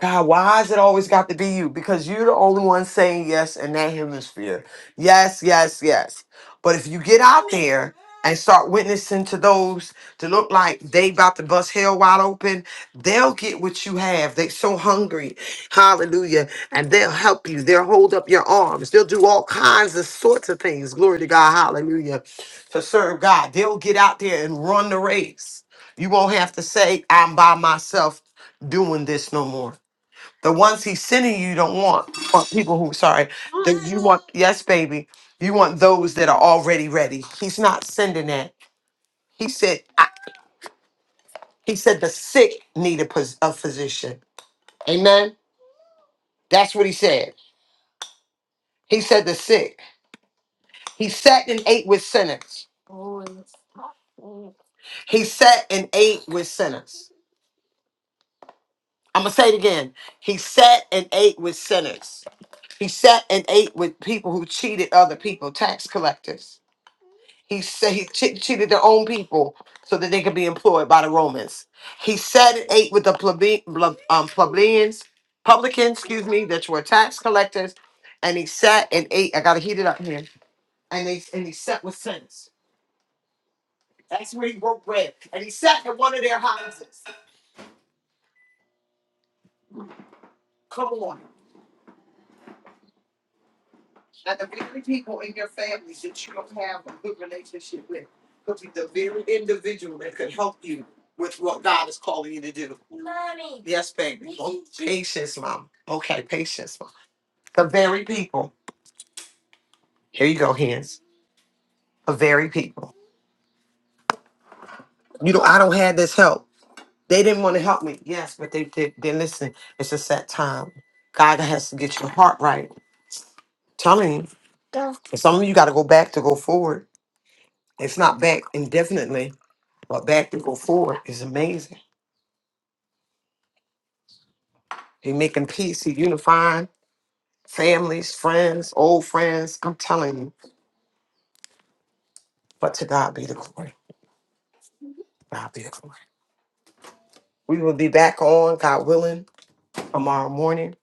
C: God, why has it always got to be you? Because you're the only one saying yes in that hemisphere. Yes, yes, yes. But if you get out there and start witnessing to those to look like they about to bust hell wide open, they'll get what you have. They so hungry. Hallelujah. And they'll help you. They'll hold up your arms. They'll do all kinds of sorts of things. Glory to God. Hallelujah. To serve God. They'll get out there and run the race. You won't have to say, I'm by myself doing this no more. The ones he's sending you don't want, want people who sorry. That you want yes, baby. You want those that are already ready. He's not sending that. He said I, he said the sick need a, phys- a physician. Amen. That's what he said. He said the sick. He sat and ate with sinners. He sat and ate with sinners. I'm gonna say it again. He sat and ate with sinners. He sat and ate with people who cheated other people, tax collectors. He said he che- cheated their own people so that they could be employed by the Romans. He sat and ate with the plebe- ble- um, plebeians, publicans, excuse me, that were tax collectors, and he sat and ate. I gotta heat it up here. And they and he sat with sinners. That's where he broke bread. And he sat in one of their houses. Come on. And the very people in your families that you don't have a good relationship with could be the very individual that could help you with what God is calling you to do. Mommy. Yes, baby. Oh, Patience, mom. Okay, patience, mom. The very people. Here you go, hands. The very people. You know, I don't have this help. They didn't want to help me. Yes, but they did. Then listen, it's just that time. God has to get your heart right. Telling you, some of you got to go back to go forward. It's not back indefinitely. But back to go forward is amazing. He making peace, he unifying families, friends, old friends. I'm telling you. But to God be the glory. God be the glory. We will be back on, God willing, tomorrow morning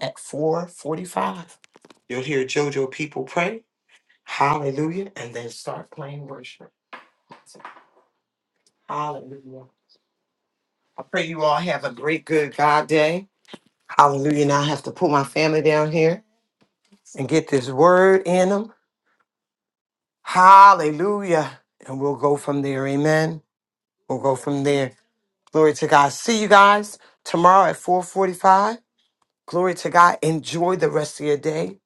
C: at 445. You'll hear JoJo people pray. Hallelujah. And then start playing worship. Hallelujah. I pray you all have a great, good God day. Hallelujah. Now I have to put my family down here and get this word in them. Hallelujah. And we'll go from there. Amen. We'll go from there. Glory to God. See you guys tomorrow at 445. Glory to God. Enjoy the rest of your day.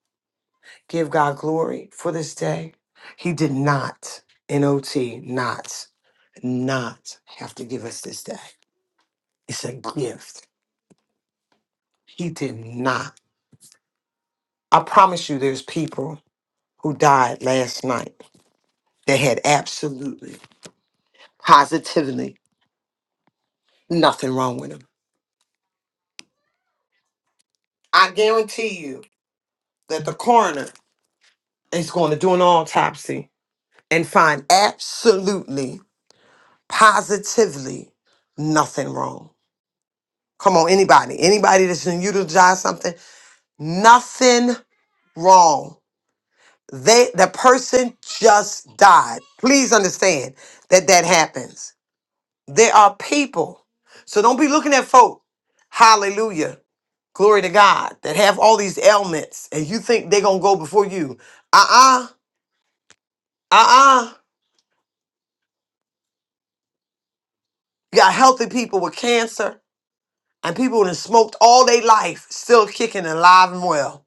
C: Give God glory for this day. He did not, N-O-T, not, not have to give us this day. It's a gift. He did not. I promise you there's people who died last night that had absolutely, positively nothing wrong with them. I guarantee you. that the coroner is going to do an autopsy and find absolutely, positively nothing wrong. Come on, anybody, anybody that's going to utilize something, nothing wrong. They, the person just died. Please understand that that happens. There are people, so don't be looking at folk. Hallelujah, glory to God, that have all these ailments, and you think they're gonna go before you. Uh uh-uh, uh, You got healthy people with cancer and people who have smoked all their life, still kicking and alive and well.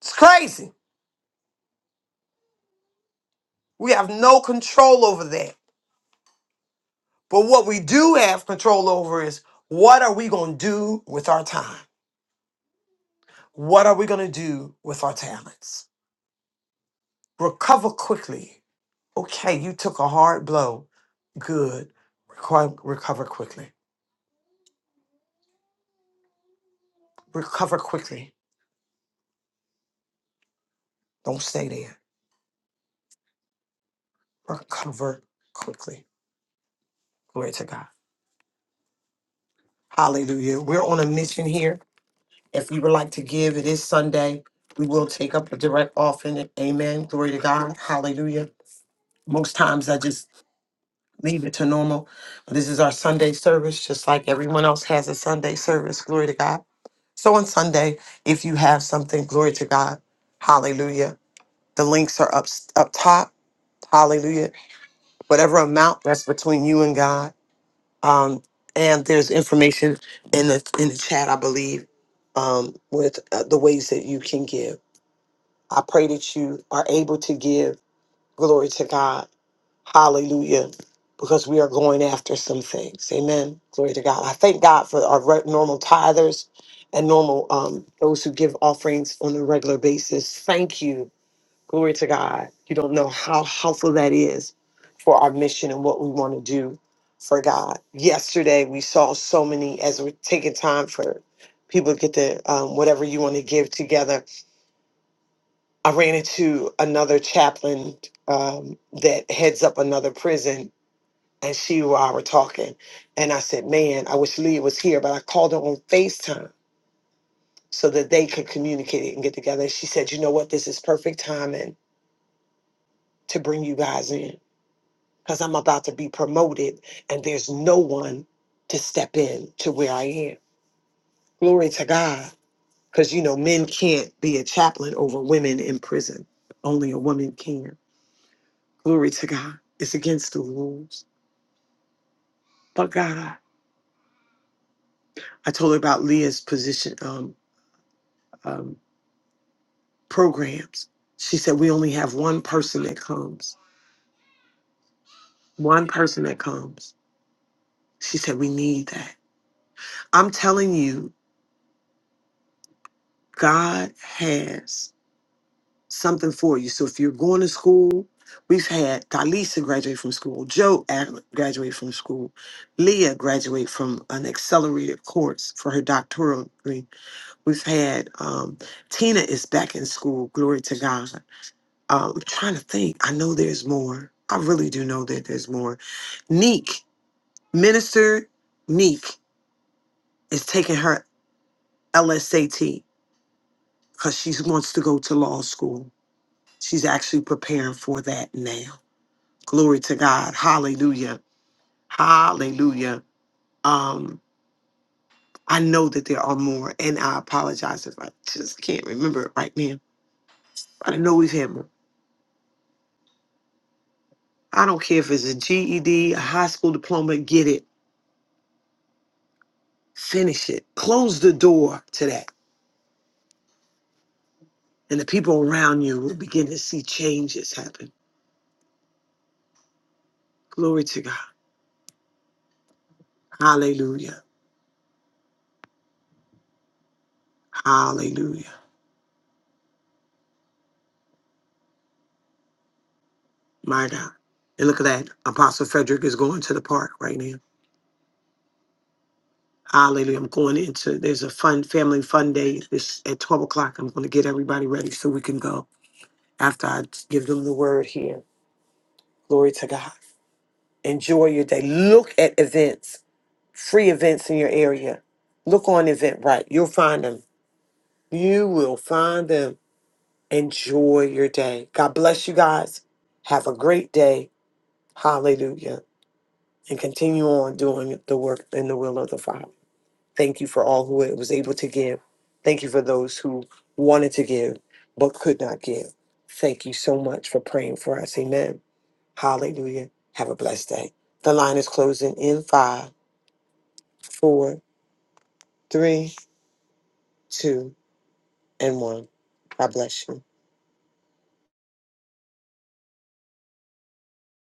C: It's crazy. We have no control over that. But what we do have control over is what are we going to do with our time? What are we going to do with our talents? Recover quickly. Okay, you took a hard blow. Good. Reco- Recover quickly. Recover quickly. Don't stay there. Recover quickly. Glory to God. Hallelujah. We're on a mission here If you would like to give, it is Sunday. We will take up a direct offering. Amen. Glory to God. Hallelujah. Most times I just leave it to normal. This is our Sunday service, just like everyone else has a Sunday service. Glory to God. So on Sunday, if you have something, glory to God. Hallelujah. The links are up up top. Hallelujah. Whatever amount that's between you and God. Um, and there's information in the in the chat, I believe, um, with uh, the ways that you can give. I pray that you are able to give glory to God. Hallelujah. Because we are going after some things. Amen. Glory to God. I thank God for our re- normal tithers and normal um, those who give offerings on a regular basis. Thank you. Glory to God. You don't know how helpful that is for our mission and what we want to do for God. Yesterday, we saw so many as we're taking time for people to get the um, whatever you want to give together I ran into another chaplain um, that heads up another prison, and she and I were talking. And I said, Man, I wish Leah was here, but I called her on FaceTime so that they could communicate and get together. And she said, You know what? This is perfect timing to bring you guys in because I'm about to be promoted, and there's no one to step in to where I am. Glory to God. Because, you know, men can't be a chaplain over women in prison, only a woman can Glory to God. It's against the rules. But God, I told her about Leah's position um, um, programs. She said, We only have one person that comes, one person that comes. She said, We need that. I'm telling you, God has something for you. So if you're going to school, we've had Dalisa graduate from school, Joe Adler graduate from school, Leah graduate from an accelerated course for her doctoral degree. We've had um, Tina is back in school. Glory to God. Um, I'm trying to think. I know there's more. I really do know that there's more. Neek, Minister Neek, is taking her LSAT because she wants to go to law school. She's actually preparing for that now. Glory to God. Hallelujah. Hallelujah. Um, I know that there are more, and I apologize if I just can't remember it right now. But I know we've had more. I don't care if it's a GED, a high school diploma, get it, finish it. Close the door to that. And the people around you will begin to see changes happen. Glory to God. Hallelujah. Hallelujah. My God. And look at that. Apostle Frederick is going to the park right now. Hallelujah. I'm going into there's a fun family fun day this at 12 o'clock. I'm going to get everybody ready so we can go after I give them the word here. Glory to God. Enjoy your day. Look at events free events in your area. Look on Eventbrite. You'll find them. You will find them. Enjoy your day. God bless you guys. Have a great day. Hallelujah. And continue on doing the work in the will of the Father. Thank you for all who was able to give. Thank you for those who wanted to give but could not give. Thank you so much for praying for us. Amen. Hallelujah. Have a blessed day. The line is closing in five, four, three, two and one. God bless you.